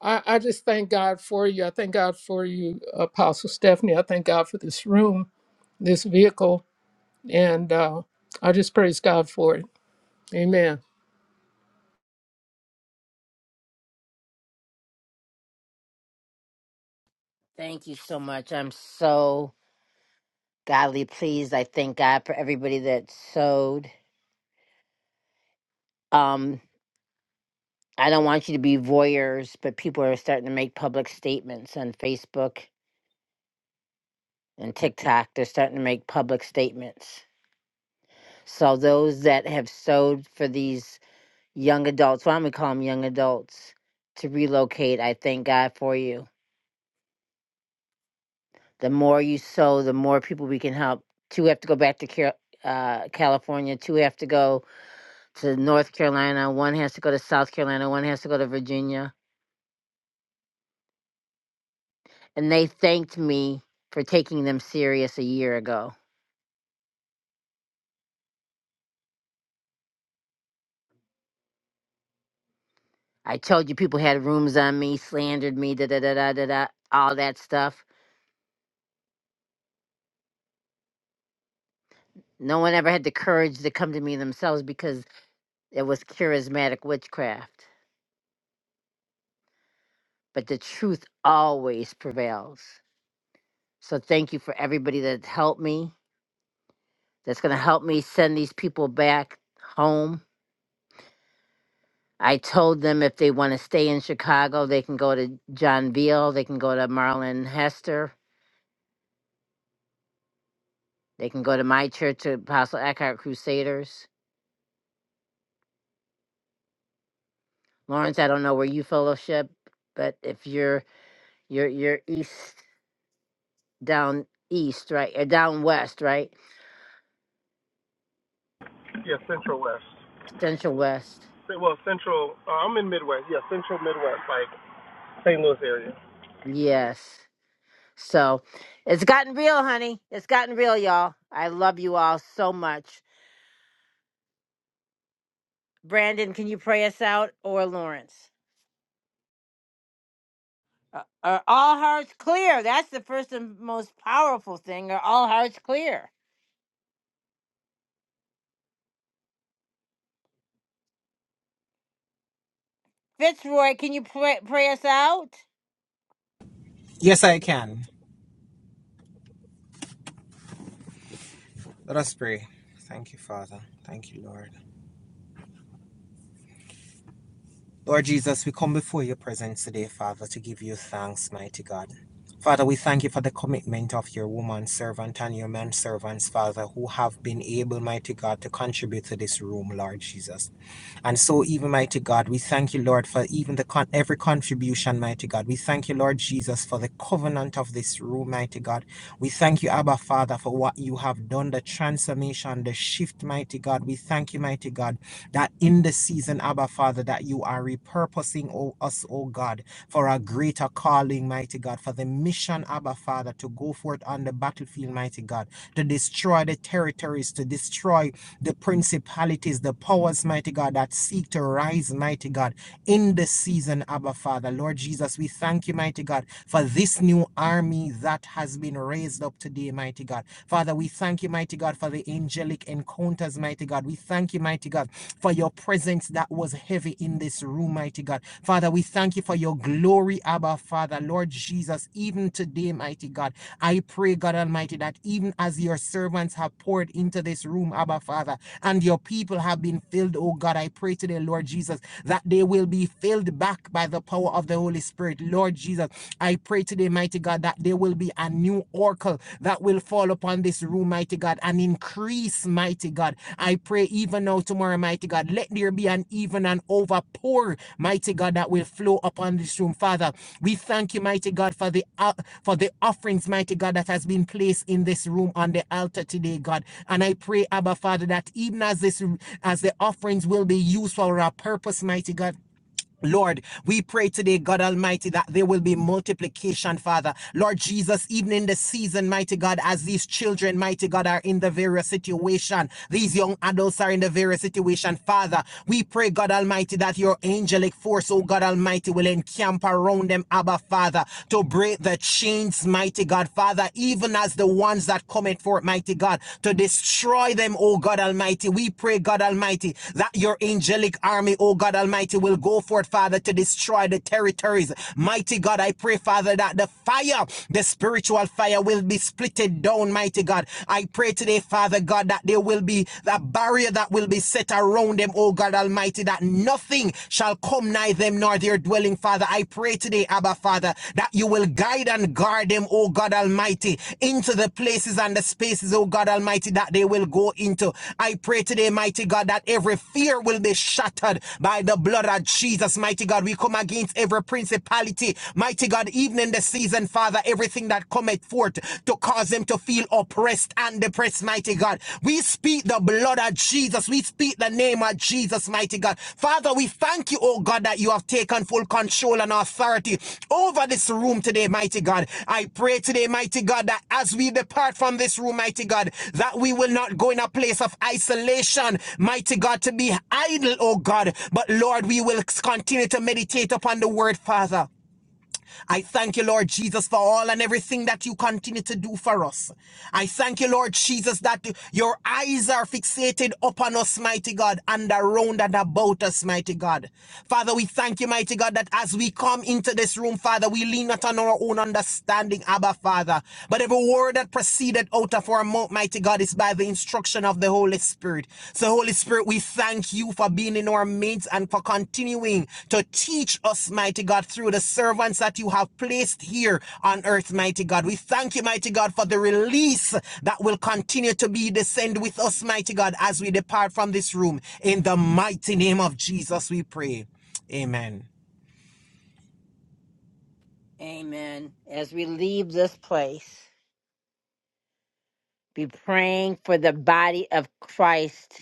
[SPEAKER 2] I, I just thank God for you. I thank God for you, Apostle Stephanie. I thank God for this room, this vehicle, and uh, I just praise God for it. Amen.
[SPEAKER 1] Thank you so much. I'm so godly pleased. I thank God for everybody that sewed. Um, I don't want you to be voyeurs, but people are starting to make public statements on Facebook and TikTok. They're starting to make public statements. So those that have sowed for these young adults, why don't we call them young adults, to relocate, I thank God for you. The more you sow, the more people we can help. Two have to go back to Car- uh, California. Two have to go to North Carolina. One has to go to South Carolina. One has to go to Virginia. And they thanked me for taking them serious a year ago I told you people had rooms on me, slandered me, da da da da da da, all that stuff. No one ever had the courage to come to me themselves because it was charismatic witchcraft. But the truth always prevails. So thank you for everybody that helped me, that's going to help me send these people back home. I told them if they want to stay in Chicago, they can go to John Veal, they can go to Marlon Hester, they can go to my church, Apostle Eckhart Crusaders Lawrence, I don't know where you fellowship, but if you're you're you're east down east, right? Or down west, right?
[SPEAKER 12] Yeah, Central West.
[SPEAKER 1] Central west.
[SPEAKER 12] Well, Central. Uh, I'm in Midwest. Yeah, Central Midwest, like St. Louis area.
[SPEAKER 1] Yes. So it's gotten real, honey. It's gotten real, y'all. I love you all so much. Brandon, can you pray us out or Lawrence? Uh, are all hearts clear? That's the first and most powerful thing. Are all hearts clear? Fitzroy, can you pray, pray us out?
[SPEAKER 11] Yes, I can. Let us pray. Thank you, Father. Thank you, Lord. Lord Jesus, we come before your presence today, Father, to give you thanks, mighty God. Father, we thank you for the commitment of your woman servant and your man servants, Father, who have been able, mighty God, to contribute to this room, Lord Jesus. And so, even mighty God, we thank you, Lord, for even the con- every contribution, mighty God. We thank you, Lord Jesus, for the covenant of this room, mighty God. We thank you, Abba Father, for what you have done, the transformation, the shift, mighty God. We thank you, mighty God, that in the season, Abba Father, that you are repurposing oh, us, oh God, for a greater calling, mighty God, for the mission, Abba Father, to go forth on the battlefield, mighty God, to destroy the territories, to destroy the principalities, the powers, mighty God, that seek to rise, mighty God, in the season, Abba Father. Lord Jesus, we thank you, mighty God, for this new army that has been raised up today, mighty God. Father, we thank you, mighty God, for the angelic encounters, mighty God. We thank you, mighty God, for your presence that was heavy in this room, mighty God. Father, we thank you for your glory, Abba, Father, Lord Jesus, even today, mighty God. I pray, God Almighty, that even as your servants have poured into this room, Abba, Father, and your people have been filled, oh God, I pray today, Lord Jesus, that they will be filled back by the power of the Holy Spirit. Lord Jesus, I pray today, mighty God, that there will be a new oracle that will fall upon this room, mighty God, and increase, mighty God. I pray even now, tomorrow, mighty God, let there be an even and overpour, mighty God, that will flow upon this room, Father. We thank you, mighty God, for the uh, for the offerings, mighty God, that has been placed in this room on the altar today, God. And I pray, Abba Father, that even as this as the offerings will be used for our purpose, mighty God. Lord, we pray today, God Almighty, that there will be multiplication, Father. Lord Jesus, even in the season, mighty God, as these children, mighty God, are in the various situation, these young adults are in the various situation, Father. We pray, God Almighty, that your angelic force, oh God Almighty, will encamp around them, Abba, Father, to break the chains, mighty God, Father, even as the ones that come forth, mighty Almighty God, to destroy them, oh God Almighty. We pray, God Almighty, that your angelic army, oh God Almighty, will go forth, Father, to destroy the territories. Mighty God, I pray, Father, that the fire, the spiritual fire, will be splitted down, mighty God. I pray today, Father God, that there will be a barrier that will be set around them, oh God Almighty, that nothing shall come nigh them nor their dwelling dwelling, Father. I pray today, Abba, Father, that you will guide and guard them, oh God Almighty, into the places and the spaces, oh God Almighty, that they will go into. I pray today, mighty God, that every fear will be shattered by the blood of Jesus, mighty God. We come against every principality, mighty God, even in the season, Father, everything that cometh forth to cause them to feel oppressed and depressed, mighty God. God. We speak the blood of Jesus. We speak the name of Jesus, mighty God. Father, we thank you, oh God, that you have taken full control and authority over this room today, mighty God. I pray today, mighty God, that as we depart from this room, mighty God, that we will not go in a place of isolation, mighty God, to be idle, oh God. But Lord, we will continue to meditate upon the word, Father. I thank you, Lord Jesus, for all and everything that you continue to do for us. I thank you, Lord Jesus, that your eyes are fixated upon us, mighty God, and around and about us, mighty God. Father, we thank you, mighty God, that as we come into this room, Father, we lean not on our own understanding, Abba, Father, but every word that proceeded out of our mouth, mighty God, is by the instruction instruction of the Holy Spirit. So, Holy Spirit, we thank you for being in our midst and for continuing to teach us, mighty God, through the servants that you have placed here on earth, mighty God. We thank you, mighty God, for the release that will continue to be descend with us, mighty God, as we depart from this room. In the mighty name of Jesus, we pray. Amen.
[SPEAKER 1] Amen. As we leave this place. be praying for the body of Christ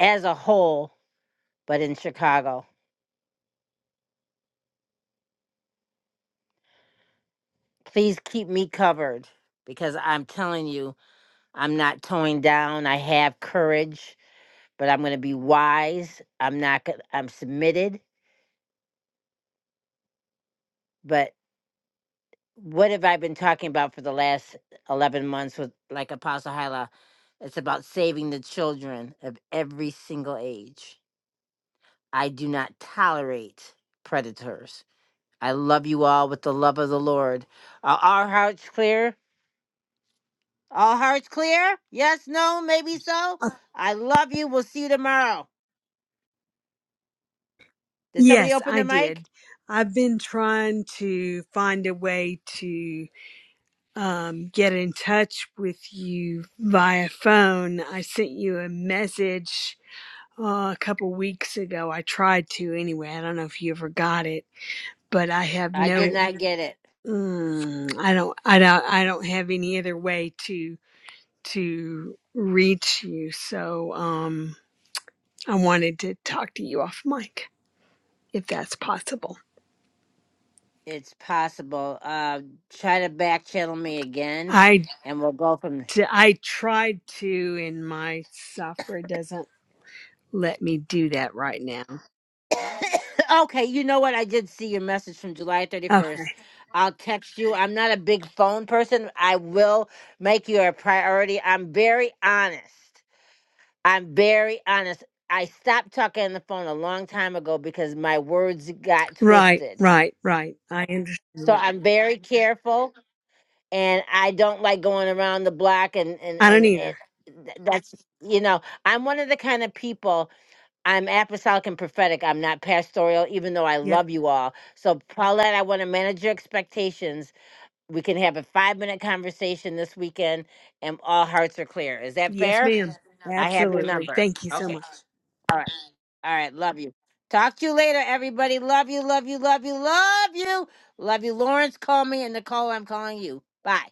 [SPEAKER 1] as a whole, but in Chicago. Please keep me covered because I'm telling you, I'm not towing down. I have courage, but I'm going to be wise. I'm not going I'm submitted, but what have I been talking about for the last 11 months with like Apostle Hyla? It's about saving the children of every single age. I do not tolerate predators. I love you all with the love of the Lord. Are our hearts clear? All hearts clear? Yes, no, maybe so.
[SPEAKER 9] Uh,
[SPEAKER 1] I love you. We'll see you tomorrow. Did somebody
[SPEAKER 9] Yes,
[SPEAKER 1] open
[SPEAKER 9] I
[SPEAKER 1] their mic?
[SPEAKER 9] did. I've been trying to find a way to um, get in touch with you via phone. I sent you a message uh, a couple weeks ago. I tried to anyway. I don't know if you ever got it, but I have
[SPEAKER 1] I did
[SPEAKER 9] no.
[SPEAKER 1] not get it.
[SPEAKER 9] Mm, I don't. I don't. I don't have any other way to to reach you. So um, I wanted to talk to you off mic, if that's possible.
[SPEAKER 1] It's possible. Uh, try to back channel me again,
[SPEAKER 9] I
[SPEAKER 1] and we'll go from.
[SPEAKER 9] to I tried to and my software doesn't let me do that right now.
[SPEAKER 1] okay, you know what? I did see your message from July thirty
[SPEAKER 9] Okay.
[SPEAKER 1] first. I'll text you. I'm not a big phone person. I will make you a priority. I'm very honest. I'm very honest. I stopped talking on the phone a long time ago because my words got
[SPEAKER 9] Right,
[SPEAKER 1] twisted.
[SPEAKER 9] right, right. I understand
[SPEAKER 1] So
[SPEAKER 9] that.
[SPEAKER 1] I'm very careful and I don't like going around the block and and
[SPEAKER 9] I don't
[SPEAKER 1] and, and
[SPEAKER 9] either.
[SPEAKER 1] th- that's you know, I'm one of the kind of people I'm apostolic and prophetic. I'm not pastoral, even though I
[SPEAKER 9] Yep.
[SPEAKER 1] love you all. So Paulette, I want to manage your expectations. We can have a five minute conversation this weekend and all hearts are clear. Is that
[SPEAKER 9] Yes,
[SPEAKER 1] fair?
[SPEAKER 9] ma'am.
[SPEAKER 1] I have your
[SPEAKER 9] Absolutely.
[SPEAKER 1] number.
[SPEAKER 9] Thank you so
[SPEAKER 1] Okay.
[SPEAKER 9] much.
[SPEAKER 1] All right. All right, love you. Talk to you later, everybody. Love you, love you, love you, love you. Love you, Lawrence. Call me and Nicole, I'm calling you. Bye.